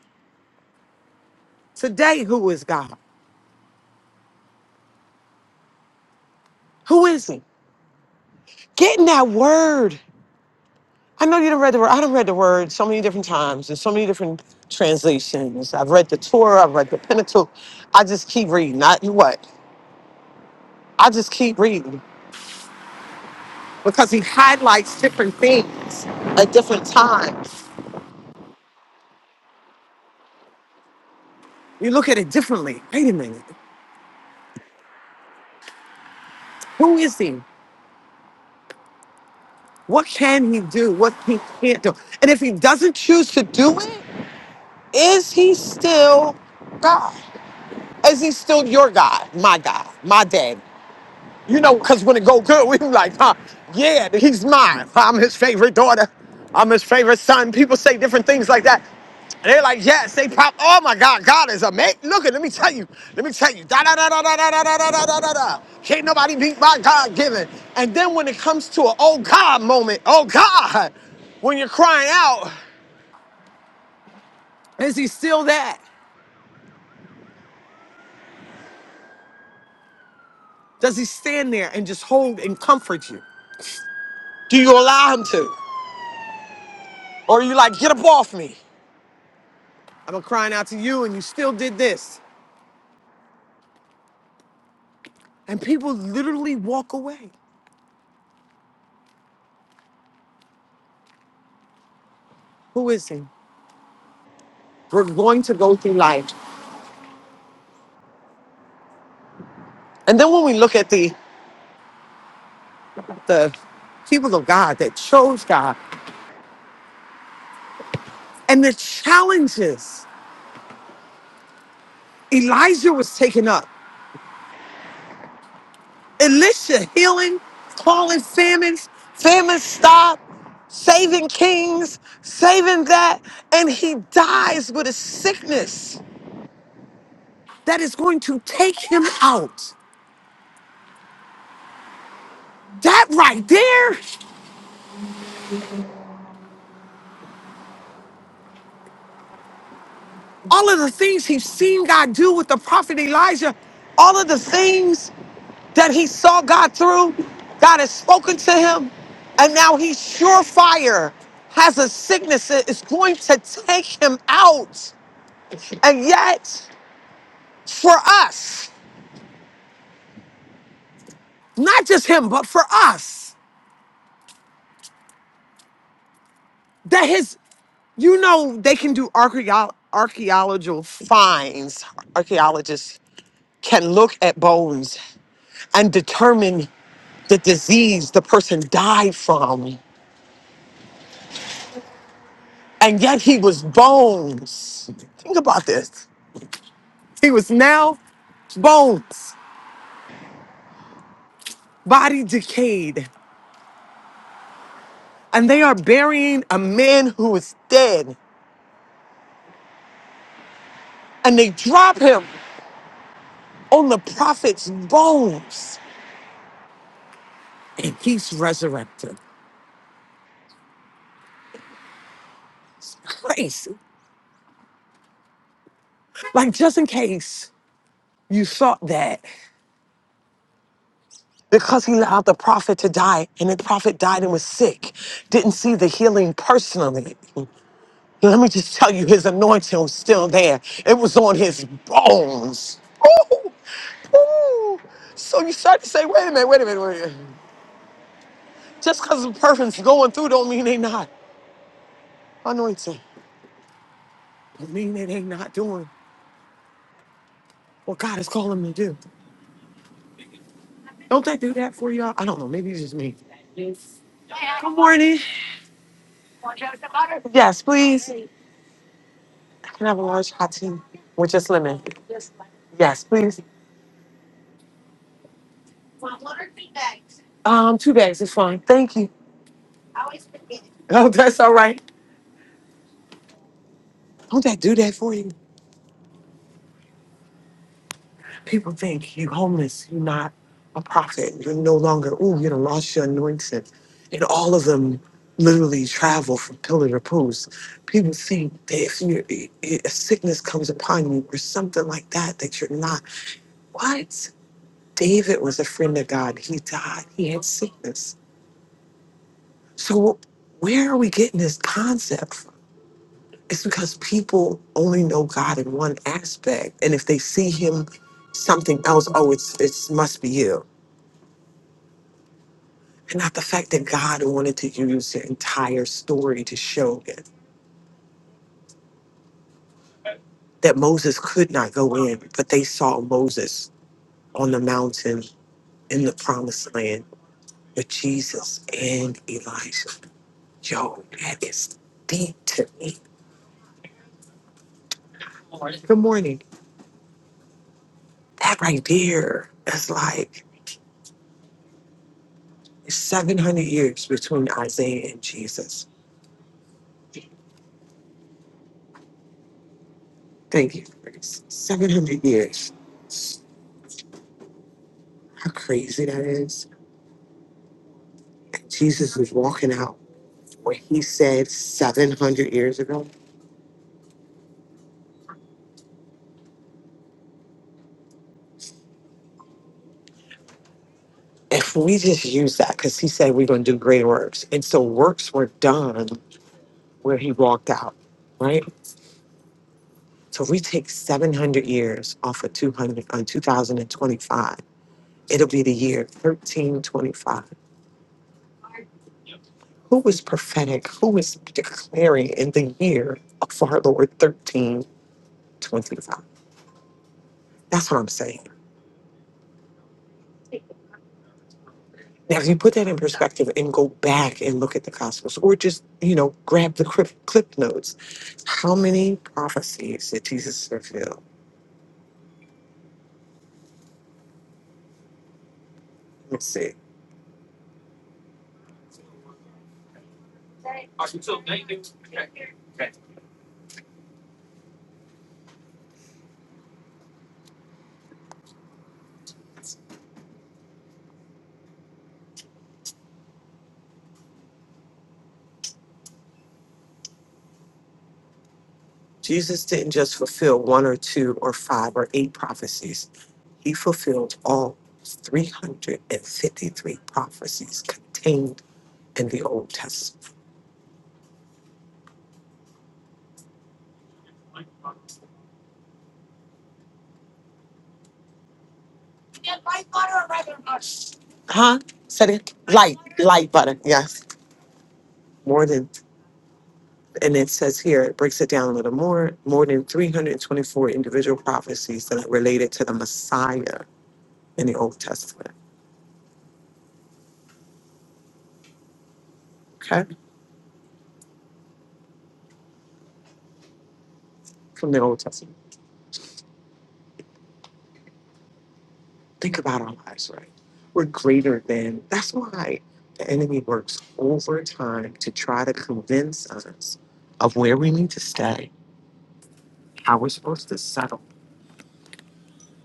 Speaker 2: Today, who is God? Who is He? Get in that word. I know you done read the word. I done read the word so many different times in so many different translations. I've read the Torah, I've read the Pentateuch. I just keep reading. Not you what? I just keep reading because he highlights different things at different times. You look at it differently. Wait a minute. Who is he? What can he do? What he can't do? And if he doesn't choose to do it, is he still God? Is he still your God? My God, my dad. You know, because when it go good, we be like, huh, yeah, he's mine. I'm his favorite daughter. I'm his favorite son. People say different things like that. And they're like, yes, they pop. Oh my God, God is amazing. Look at, let me tell you, let me tell you, da da da da da da da da da da da da. Can't nobody beat my God given. And then when it comes to an oh God moment, oh God, when you're crying out, is he still that? Does he stand there and just hold and comfort you? Do you allow him to? Or are you like, get up off me? I've been crying out to you and you still did this. And people literally walk away. Who is he? We're going to go through life. And then when we look at the the people of God that chose God and the challenges Elijah was taken up. Elisha healing, calling famines, famine stop, saving kings, saving that, and he dies with a sickness that is going to take him out. That right there all of the things he's seen God do with the prophet Elijah, all of the things that he saw God through, God has spoken to him, and now he's surefire, has a sickness that is going to take him out. And yet, for us, not just him, but for us, that his, you know, they can do archaeo- archaeological finds. Archaeologists can look at bones and determine the disease the person died from. And yet he was bones. Think about this. He was now bones, body decayed. And they are burying a man who is dead. And they drop him on the prophet's bones. And he's resurrected. Crazy. Like, just in case you thought that because he allowed the prophet to die and the prophet died and was sick, didn't see the healing personally. Let me just tell you, his anointing was still there. It was on his bones. Ooh, ooh. So you start to say, wait a minute, wait a minute, wait a minute. Just because the person's going through don't mean they not anointed. Don't mean that they not doing what God is calling them to do. Don't they do that for y'all? I don't know. Maybe it's just me. Good morning. Yes, please. I can have a large hot tea with just lemon. Yes, please. Um, two bags is fine. Thank you. Oh, that's all right. Don't that do that for you? People think you're homeless, you're not a prophet, you're no longer, ooh, you done lost your anointing. And all of them literally travel from pillar to post. People think that if you a sickness comes upon you or something like that, that you're not. What? David was a friend of God. He died. He had sickness. So where are we getting this concept from? It's because people only know God in one aspect. And if they see him something else, oh, it's it must be you And not the fact that God wanted to use the entire story to show it, that Moses could not go in, but they saw Moses on the mountain in the promised land with Jesus and Elijah. Yo, that is deep to me. Good morning. That right there is like 700 years between Isaiah and Jesus. Thank you, Grace. 700 years. How crazy that is. And Jesus is walking out what he said 700 years ago. If we just use that, because he said we're going to do great works. And so works were done where he walked out, right? So if we take 700 years off of 200, on 2025, it'll be the year 1325. Who was prophetic? Who was declaring in the year of our Lord 1325? That's what I'm saying. Now, if you put that in perspective and go back and look at the Gospels, or just you know grab the clip, clip notes, how many prophecies did Jesus fulfill? Let's see. Jesus didn't just fulfill one or two or five or eight prophecies; he fulfilled all 353 prophecies contained in the Old Testament. Huh? Said it. Light, light butter. Yes. More than. And it says here, it breaks it down a little more. More than 324 individual prophecies that are related to the Messiah in the Old Testament. Okay? From the Old Testament. Think about our lives, right? We're greater than. That's why the enemy works overtime to try to convince us of where we need to stay, how we're supposed to settle,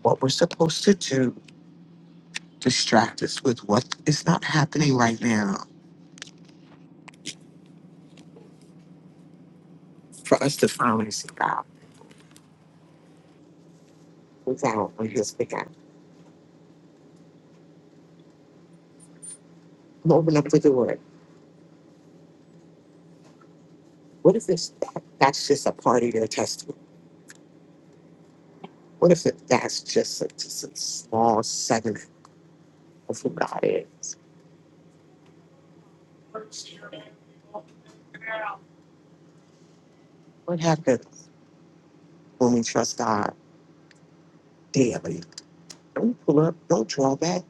Speaker 2: what we're supposed to do, distract us with what is not happening right now for us to finally see God without his big I'm open up with the word. What if it's that's just a part of your testimony? What if it, that's just a, just a small segment of who God is? What happens when we trust God daily? Don't pull up, don't draw back.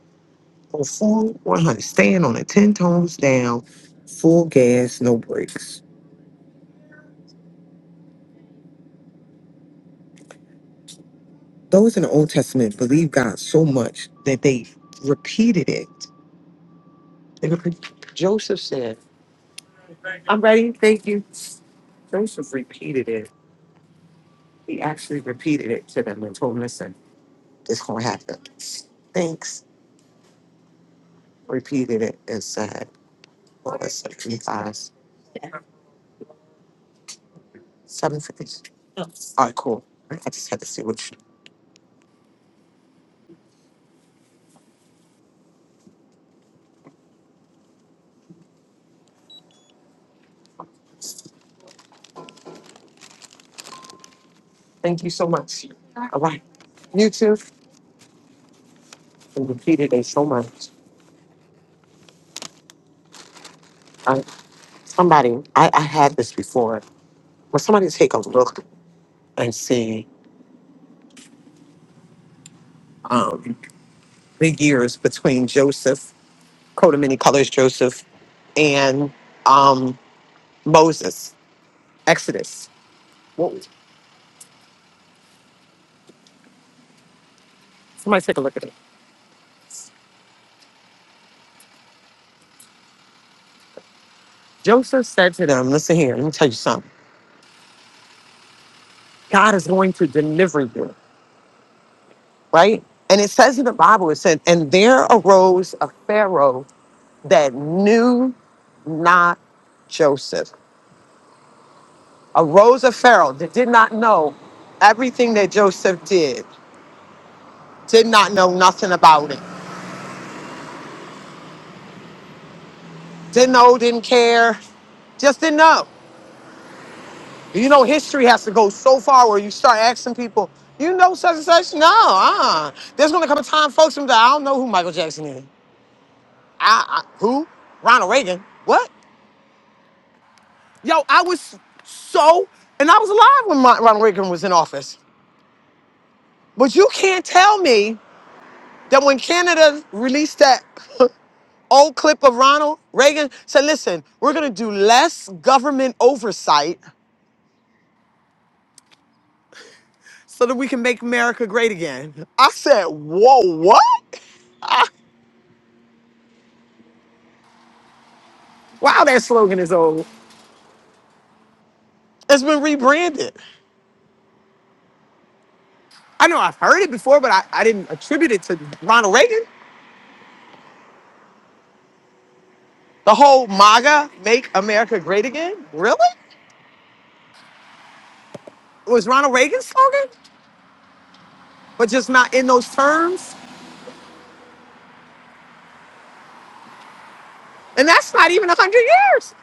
Speaker 2: Go full 100, stand on it, 10 tones down, full gas, no brakes. Those in the Old Testament believed God so much that they repeated it. They repeat- Joseph said, I'm ready, thank you. Joseph repeated it He actually repeated it to them and told them, listen, it's going to happen. Thanks. Repeated it and said, well, it's 75, 750. All right, cool. I just had to see what you. Thank you so much. All right. You too. And repeated it so much. I, somebody, I, I had this before. When somebody take a look and see um, the years between Joseph, coat of many colors, Joseph, and um, Moses, Exodus. Somebody take a look at it. Joseph said to them, Listen here, let me tell you something. God is going to deliver you, right? And it says in the Bible, it said, And there arose a Pharaoh that knew not Joseph. Arose a Pharaoh that did not know everything that Joseph did, did not know nothing about it, didn't know, didn't care, just didn't know. You know, history has to go so far where you start asking people, you know such and such? No, uh-uh. There's gonna come a time, folks, and be like, I don't know who Michael Jackson is. I, I who? Ronald Reagan. What? Yo, I was so, and I was alive when my, Ronald Reagan was in office. But you can't tell me that when Canada released that old clip of Ronald Reagan, said, listen, we're gonna do less government oversight so that we can make America great again. I said, whoa, what? Wow, that slogan is old. It's been rebranded. I know I've heard it before, but I, I didn't attribute it to Ronald Reagan, the whole MAGA, make America great again. Really? It was Ronald Reagan's slogan, but just not in those terms. And that's not even 100 years.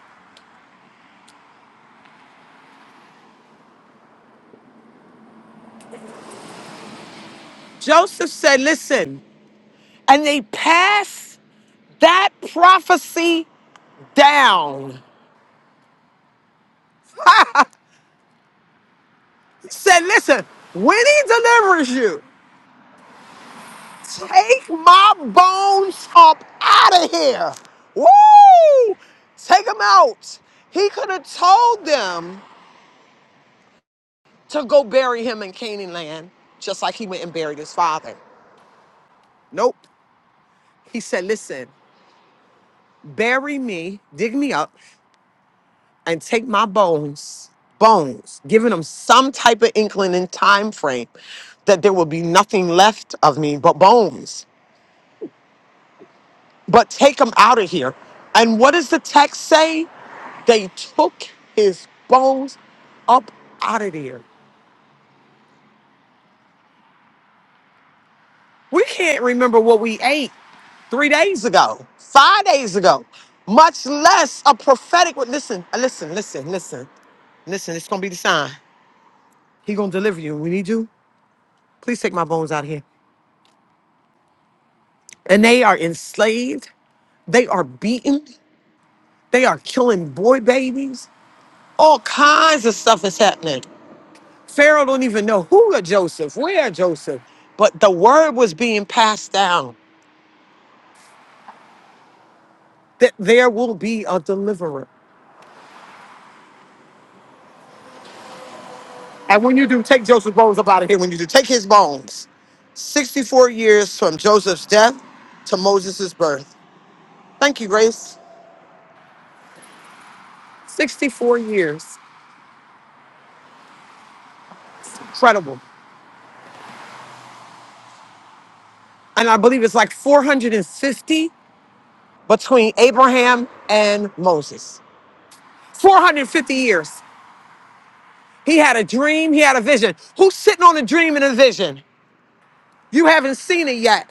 Speaker 2: Joseph said, listen, and they pass that prophecy down. He said, listen, when he delivers you. Take my bones up out of here. Woo! Take them out. He could have told them to go bury him in Canaan land, just like he went and buried his father. Nope. He said, listen, bury me, dig me up, and take my bones, bones, giving them some type of inkling and time frame that there will be nothing left of me but bones. but take him out of here. And what does the text say? They took his bones up out of there. We can't remember what we ate three days ago, five days ago, much less a prophetic word. Listen, listen, listen, listen, listen. It's gonna be the sign. He gonna deliver you. We need you. Please take my bones out of here. And they are enslaved. They are beaten. They are killing boy babies. All kinds of stuff is happening. Pharaoh don't even know who are Joseph, where Joseph, but the word was being passed down that there will be a deliverer. And when you do, take Joseph's bones up out of here. When you do, take his bones. 64 years from Joseph's death to Moses' birth. Thank you, Grace. 64 years. Incredible. And I believe it's like 450 between Abraham and Moses. 450 years. He had a dream, he had a vision. Who's sitting on a dream and a vision? You haven't seen it yet.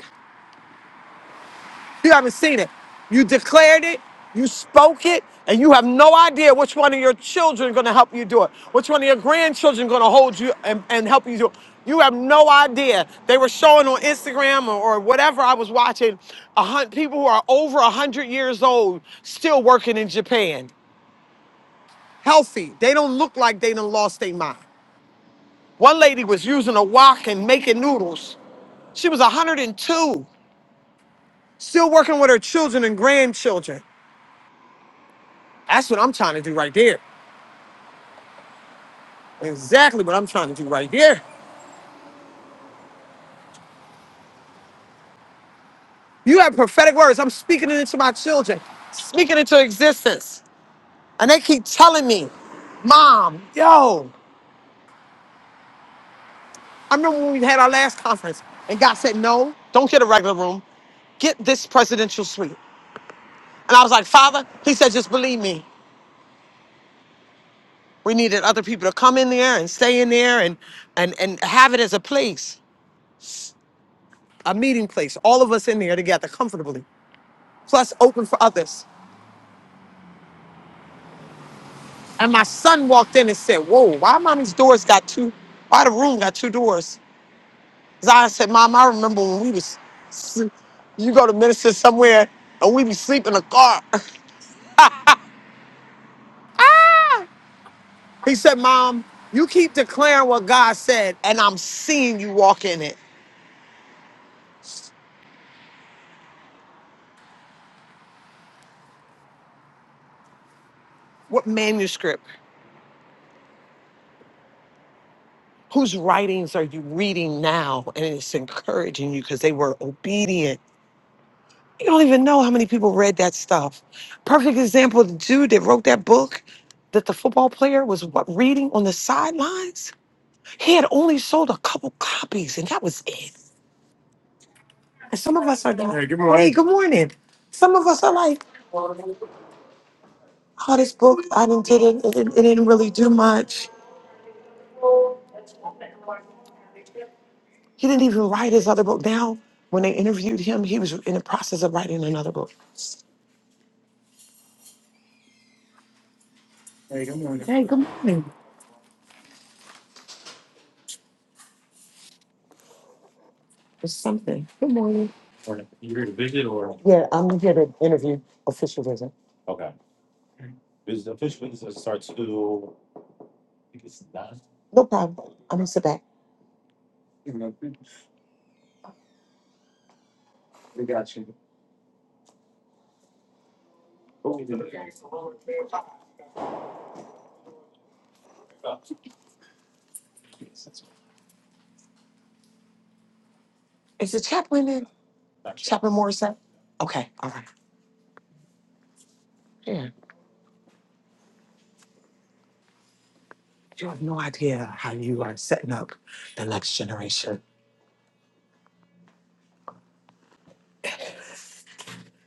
Speaker 2: You haven't seen it. You declared it, you spoke it, and you have no idea which one of your children is going to help you do it. Which one of your grandchildren going to hold you and, and help you do it. You have no idea. They were showing on Instagram or, or whatever I was watching, a hun- people who are over 100 years old still working in Japan. Healthy. They don't look like they done lost their mind. One lady was using a wok and making noodles. She was 102. Still working with her children and grandchildren. That's what I'm trying to do right there. Exactly what I'm trying to do right there. You have prophetic words. I'm speaking it into my children, speaking it into existence. And they keep telling me, Mom, yo, I remember when we had our last conference and God said, No, don't get a regular room get this presidential suite. And I was like, Father, he said, just believe me. We needed other people to come in there and stay in there and and and have it as a place, a meeting place, all of us in there together comfortably. plus open for others. And my son walked in and said, Whoa, why mommy's doors got two, why the room got two doors? Zion said, Mom, I remember when we was, s- you go to minister somewhere and we be sleep in a car. he said, Mom, you keep declaring what God said and I'm seeing you walk in it. What manuscript? Whose writings are you reading now? And it's encouraging you because they were obedient You don't even know how many people read that stuff. Perfect example the dude that wrote that book that the football player was what, reading on the sidelines. He had only sold a couple copies, and that was it. And some of us are like, hey, good morning. Hey, good morning. Some of us are like, oh, this book, I didn't did it, it, didn't- it didn't really do much. He didn't even write his other book. Now, when they interviewed him, he was in the process of writing another book. Hey, good morning. Hey, good morning. It's something. Good morning. Yeah, I'm here to interview officials. No problem. I'm gonna sit back. Is the chaplain in? Chaplain Morrison? Okay, all right. Yeah. You have no idea how you are setting up the next generation.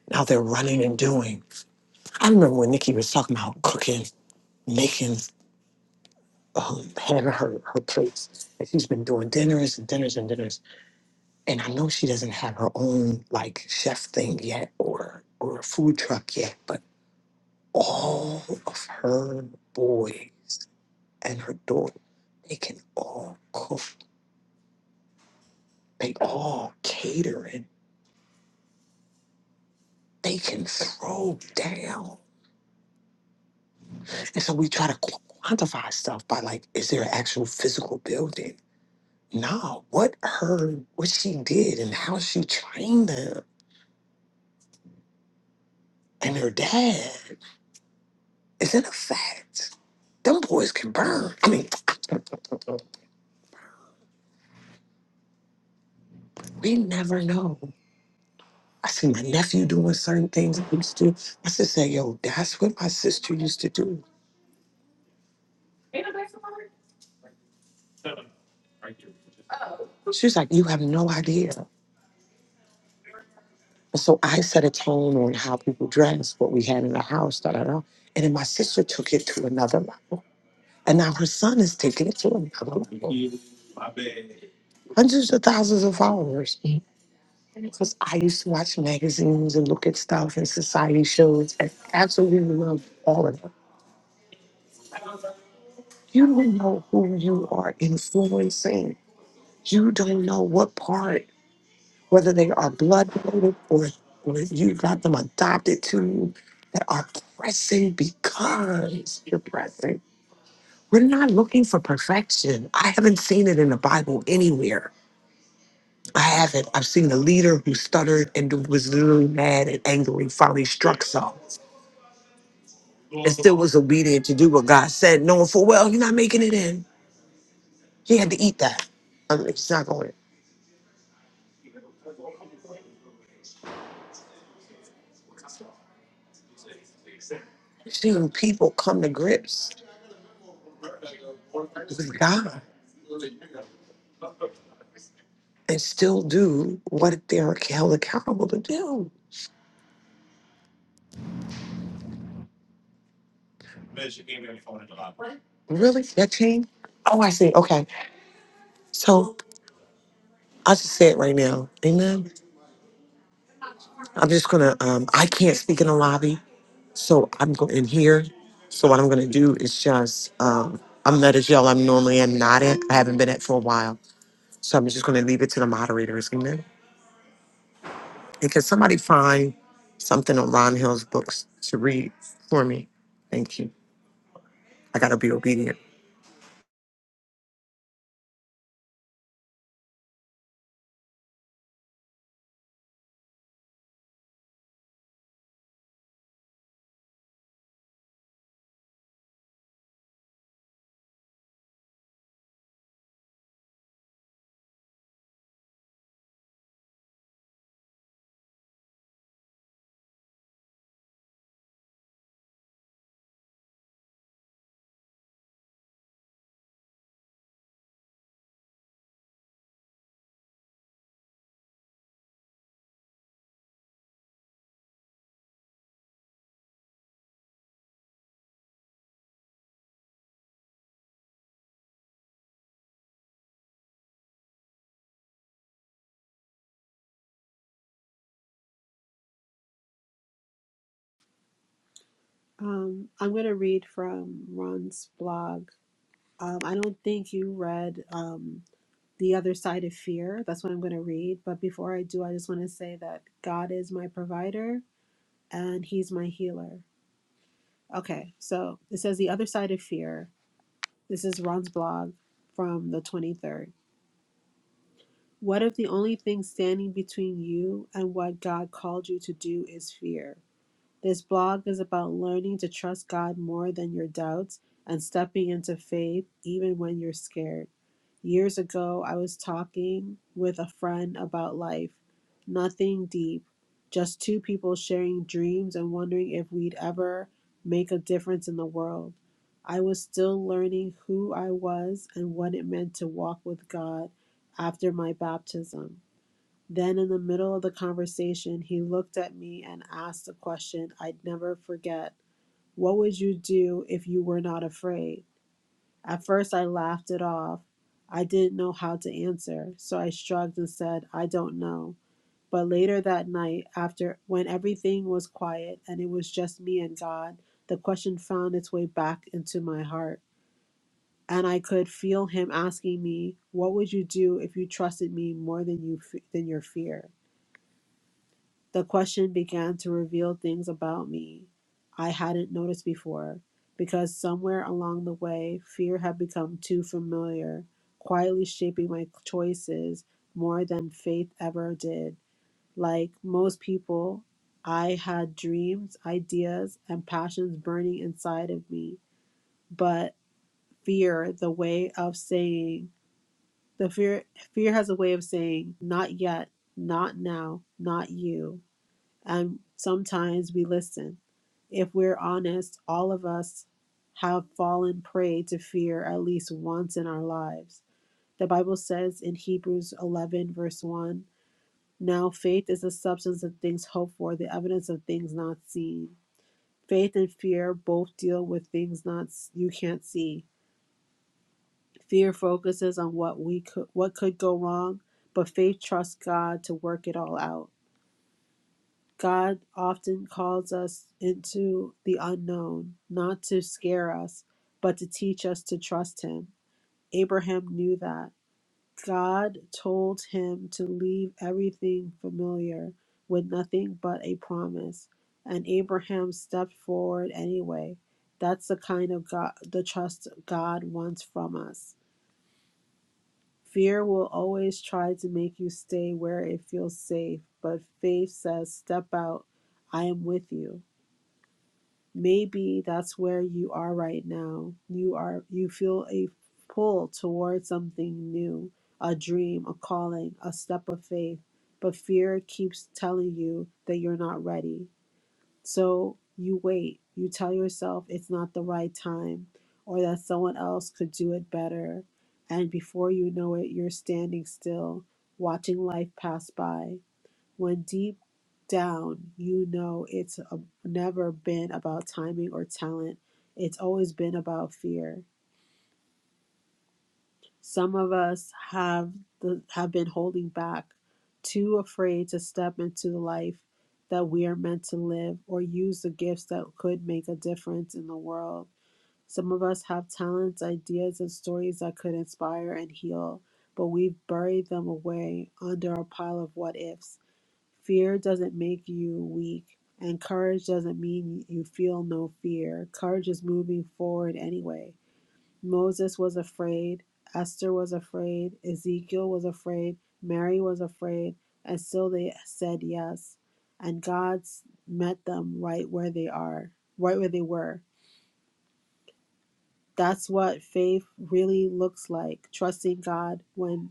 Speaker 2: Now they're running and doing. I remember when Nikki was talking about cooking, making, um, having her, her plates. And she's been doing dinners and dinners and dinners. And I know she doesn't have her own like chef thing yet or or a food truck yet, but all of her boys and her daughter, they can all cook. They all catering. They can throw down. And so we try to qu- quantify stuff by like, is there an actual physical building? No. what her, what she did and how she trained them and her dad is in effect. Them boys can burn. I mean, we never know. I see my nephew doing certain things I used to. I used to say, yo, that's what my sister used to do. She's like, you have no idea. So I set a tone on how people dress, what we had in the house, da da da. And then my sister took it to another level. And now her son is taking it to another level. Hundreds of thousands of followers. Because I used to watch magazines and look at stuff and society shows and absolutely loved all of them. You don't know who you are influencing. You don't know what part. whether they are blood related or, or you got them adopted to that are pressing because you're pressing. We're not looking for perfection. I haven't seen it in the Bible anywhere. I haven't. I've seen a leader who stuttered and was literally mad and angry, finally struck some, and still was obedient to do what God said, knowing full well you're not making it in. He had to eat that. I mean, it's not going. I've seen people come to grips with God and still do what they're held accountable to do. Really? That changed? Oh, I see. Okay. So I'll just say it right now. Amen. I'm just gonna um I can't speak in the lobby, so I'm going in here. So what I'm gonna do is just um I'm not as y'all I'm normally am not at. I haven't been at for a while. So I'm just gonna leave it to the moderators, amen. And can somebody find something on Ron Hill's books to read for me? Thank you. I gotta be obedient.
Speaker 8: Um, I'm going to read from Ron's blog. Um, I don't think you read um, The Other Side of Fear. That's what I'm going to read. But before I do, I just want to say that God is my provider and He's my healer. Okay, so it says The Other Side of Fear. This is Ron's blog from the 23rd. What if the only thing standing between you and what God called you to do is fear? This blog is about learning to trust God more than your doubts and stepping into faith even when you're scared. Years ago, I was talking with a friend about life. Nothing deep, just two people sharing dreams and wondering if we'd ever make a difference in the world. I was still learning who I was and what it meant to walk with God after my baptism. Then, in the middle of the conversation, he looked at me and asked a question I'd never forget What would you do if you were not afraid? At first, I laughed it off. I didn't know how to answer, so I shrugged and said, I don't know. But later that night, after when everything was quiet and it was just me and God, the question found its way back into my heart. And I could feel him asking me, "What would you do if you trusted me more than you than your fear?" The question began to reveal things about me I hadn't noticed before, because somewhere along the way, fear had become too familiar, quietly shaping my choices more than faith ever did. Like most people, I had dreams, ideas, and passions burning inside of me, but fear, the way of saying, the fear fear has a way of saying not yet, not now, not you. And sometimes we listen. If we're honest, all of us have fallen prey to fear at least once in our lives. The Bible says in Hebrews 11, verse 1 Now faith is the substance of things hoped for, the evidence of things not seen. Faith and fear both deal with things not you can't see. Fear focuses on what we could what could go wrong, but faith trusts God to work it all out. God often calls us into the unknown, not to scare us, but to teach us to trust Him. Abraham knew that. God told him to leave everything familiar with nothing but a promise, and Abraham stepped forward anyway. That's the kind of God, the trust God wants from us. Fear will always try to make you stay where it feels safe, but faith says, Step out, I am with you. maybe that's where you are right now you are you feel a pull towards something new a dream a calling a step of faith but fear keeps telling you that you're not ready so you wait you tell yourself it's not the right time or that someone else could do it better and before you know it you're standing still watching life pass by when deep down you know it's uh never been about timing or talent it's always been about fear some of us have the, have been holding back too afraid to step into the life that we are meant to live or use the gifts that could make a difference in the world some of us have talents ideas and stories that could inspire and heal but we've buried them away under a pile of what ifs Fear doesn't make you weak, and courage doesn't mean you feel no fear. Courage is moving forward anyway. Moses was afraid, Esther was afraid, Ezekiel was afraid, Mary was afraid, and still they said yes. And God met them right where they are, right where they were. That's what faith really looks like trusting God when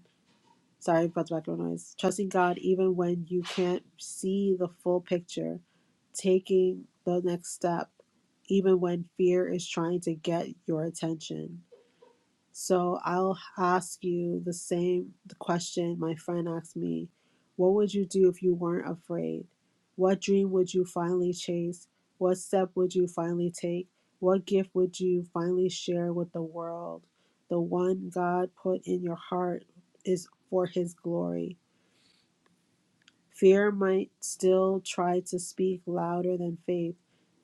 Speaker 8: sorry about the background noise. Trusting God even when you can't see the full picture, taking the next step, even when fear is trying to get your attention. So I'll ask you the same the question my friend asked me. What would you do if you weren't afraid? What dream would you finally chase? What step would you finally take? What gift would you finally share with the world? The one God put in your heart is for his glory. Fear might still try to speak louder than faith.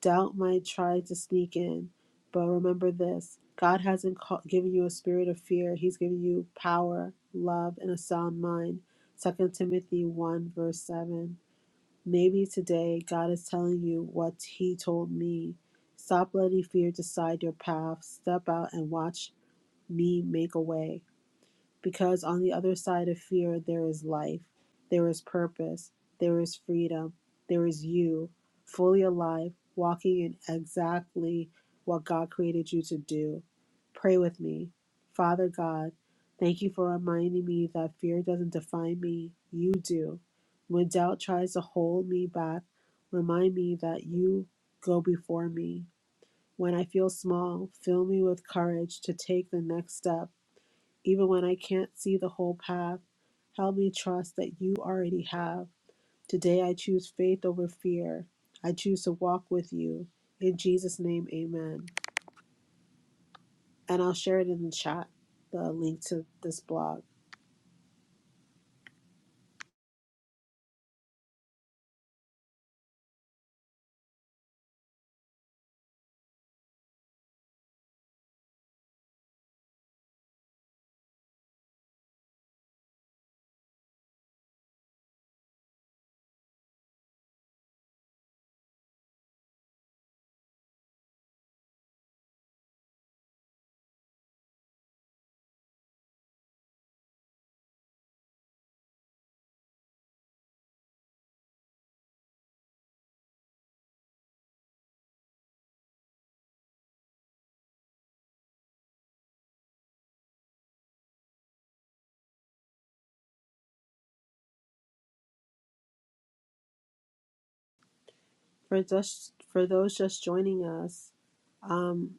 Speaker 8: Doubt might try to sneak in. But remember this God hasn't given you a spirit of fear, He's given you power, love, and a sound mind. Second Timothy 1, verse 7. Maybe today God is telling you what He told me. Stop letting fear decide your path. Step out and watch me make a way because on the other side of fear, there is life, there is purpose, there is freedom, there is you, fully alive, walking in exactly what God created you to do. Pray with me. Father God, thank you for reminding me that fear doesn't define me, you do. When doubt tries to hold me back, remind me that you go before me. When I feel small, fill me with courage to take the next step even when I can't see the whole path, help me trust that you already have. Today I choose faith over fear. I choose to walk with you. In Jesus' name, amen. And I'll share it in the chat, the link to this blog. For just for those just joining us, um,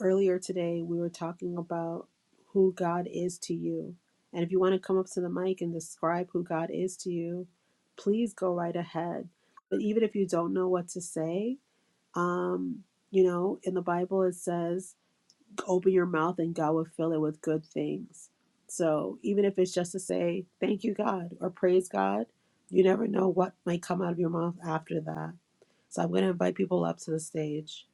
Speaker 8: earlier today we were talking about who God is to you. And if you want to come up to the mic and describe who God is to you, please go right ahead. But even if you don't know what to say, Um, you know, in the Bible it says, open your mouth and God will fill it with good things. So even if it's just to say thank you, God, or praise God, you never know what might come out of your mouth after that. So I'm going to invite people up to the stage.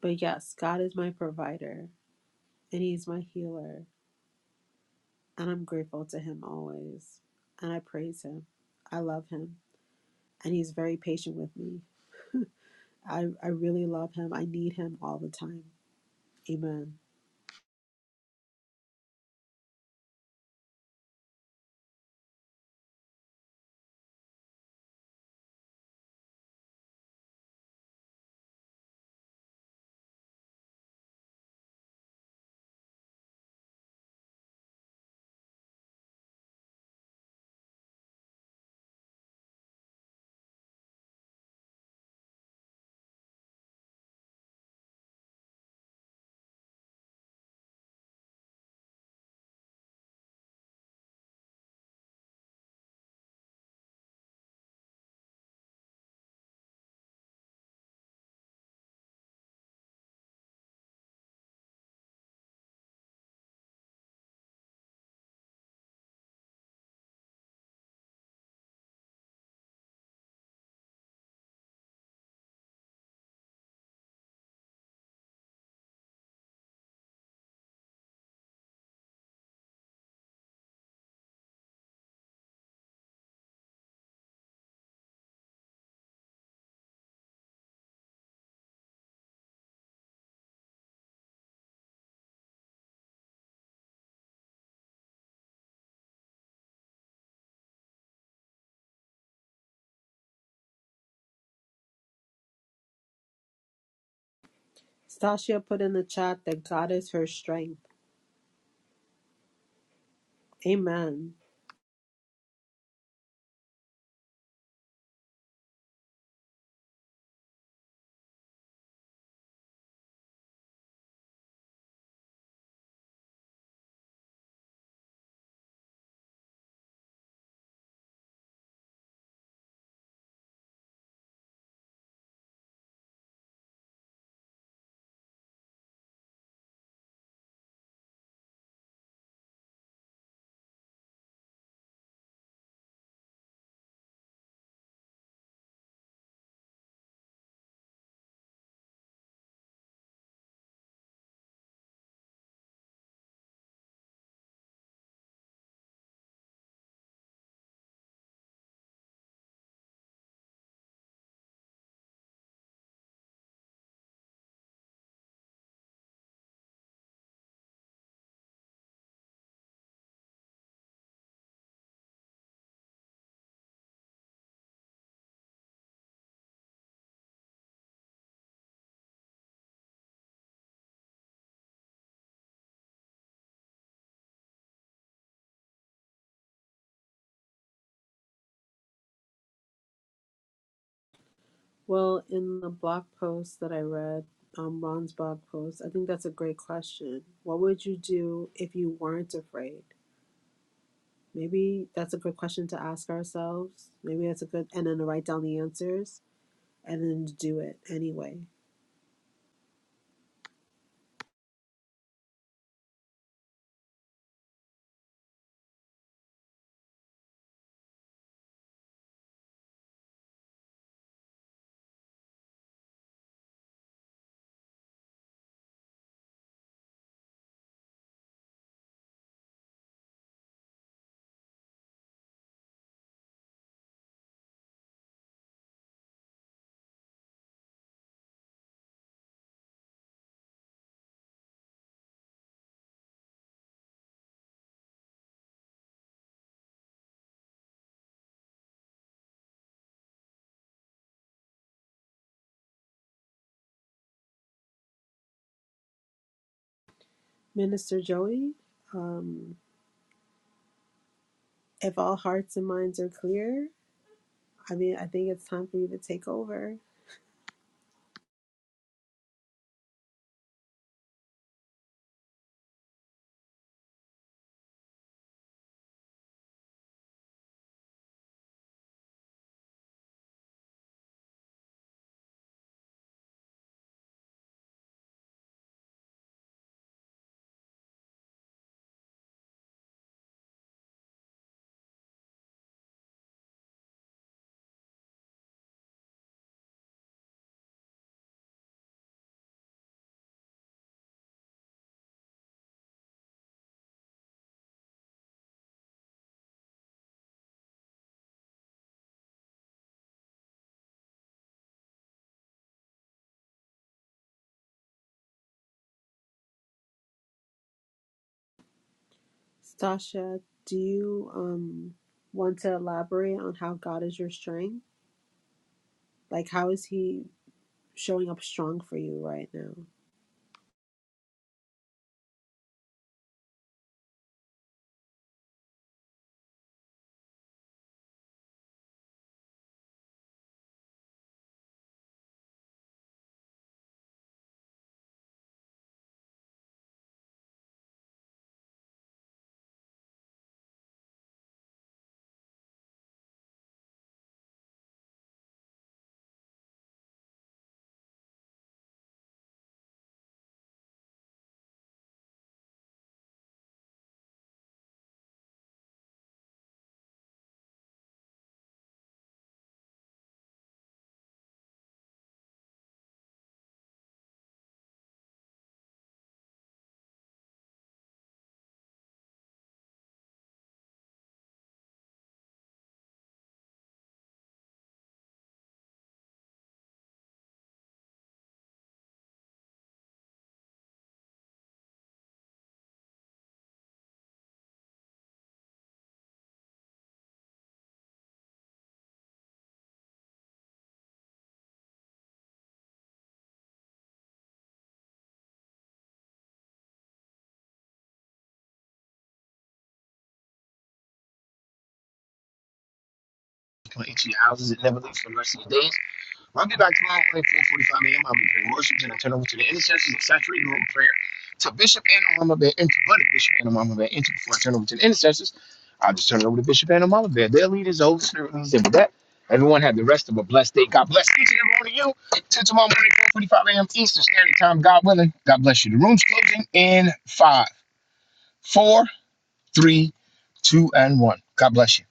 Speaker 8: But yes, God is my provider and He's my healer. And I'm grateful to Him always. And I praise Him. I love Him. And He's very patient with me. I, I really love Him. I need Him all the time. Amen. Stacia put in the chat that God is her strength. Amen. Well, in the blog post that I read, um, Ron's blog post, I think that's a great question. What would you do if you weren't afraid? Maybe that's a good question to ask ourselves. Maybe that's a good, and then to write down the answers and then to do it anyway. Minister Joey, um, if all hearts and minds are clear, I mean, I think it's time for you to take over. Stasha, do you um want to elaborate on how God is your strength? Like how is he showing up strong for you right now?
Speaker 9: Come eat your houses it never leaves for the rest of your days. Well, I'll be back tomorrow morning, 4.45 a.m. I'll be doing worship and I turn over to the intercessors and saturate the room with prayer. To Bishop and Mama Bear, and to Buddy Bishop and Mama Bear, and to before I turn over to the intercessors, I'll just turn it over to Bishop and Mama Bear. Their leaders, the Holy Spirit leads them with that. Everyone have the rest of a blessed day. God bless each and every one of you. Till tomorrow morning, 4.45 a.m. Eastern Standard Time, God willing. God bless you. The room's closing in five, four, three, two, and one. God bless you.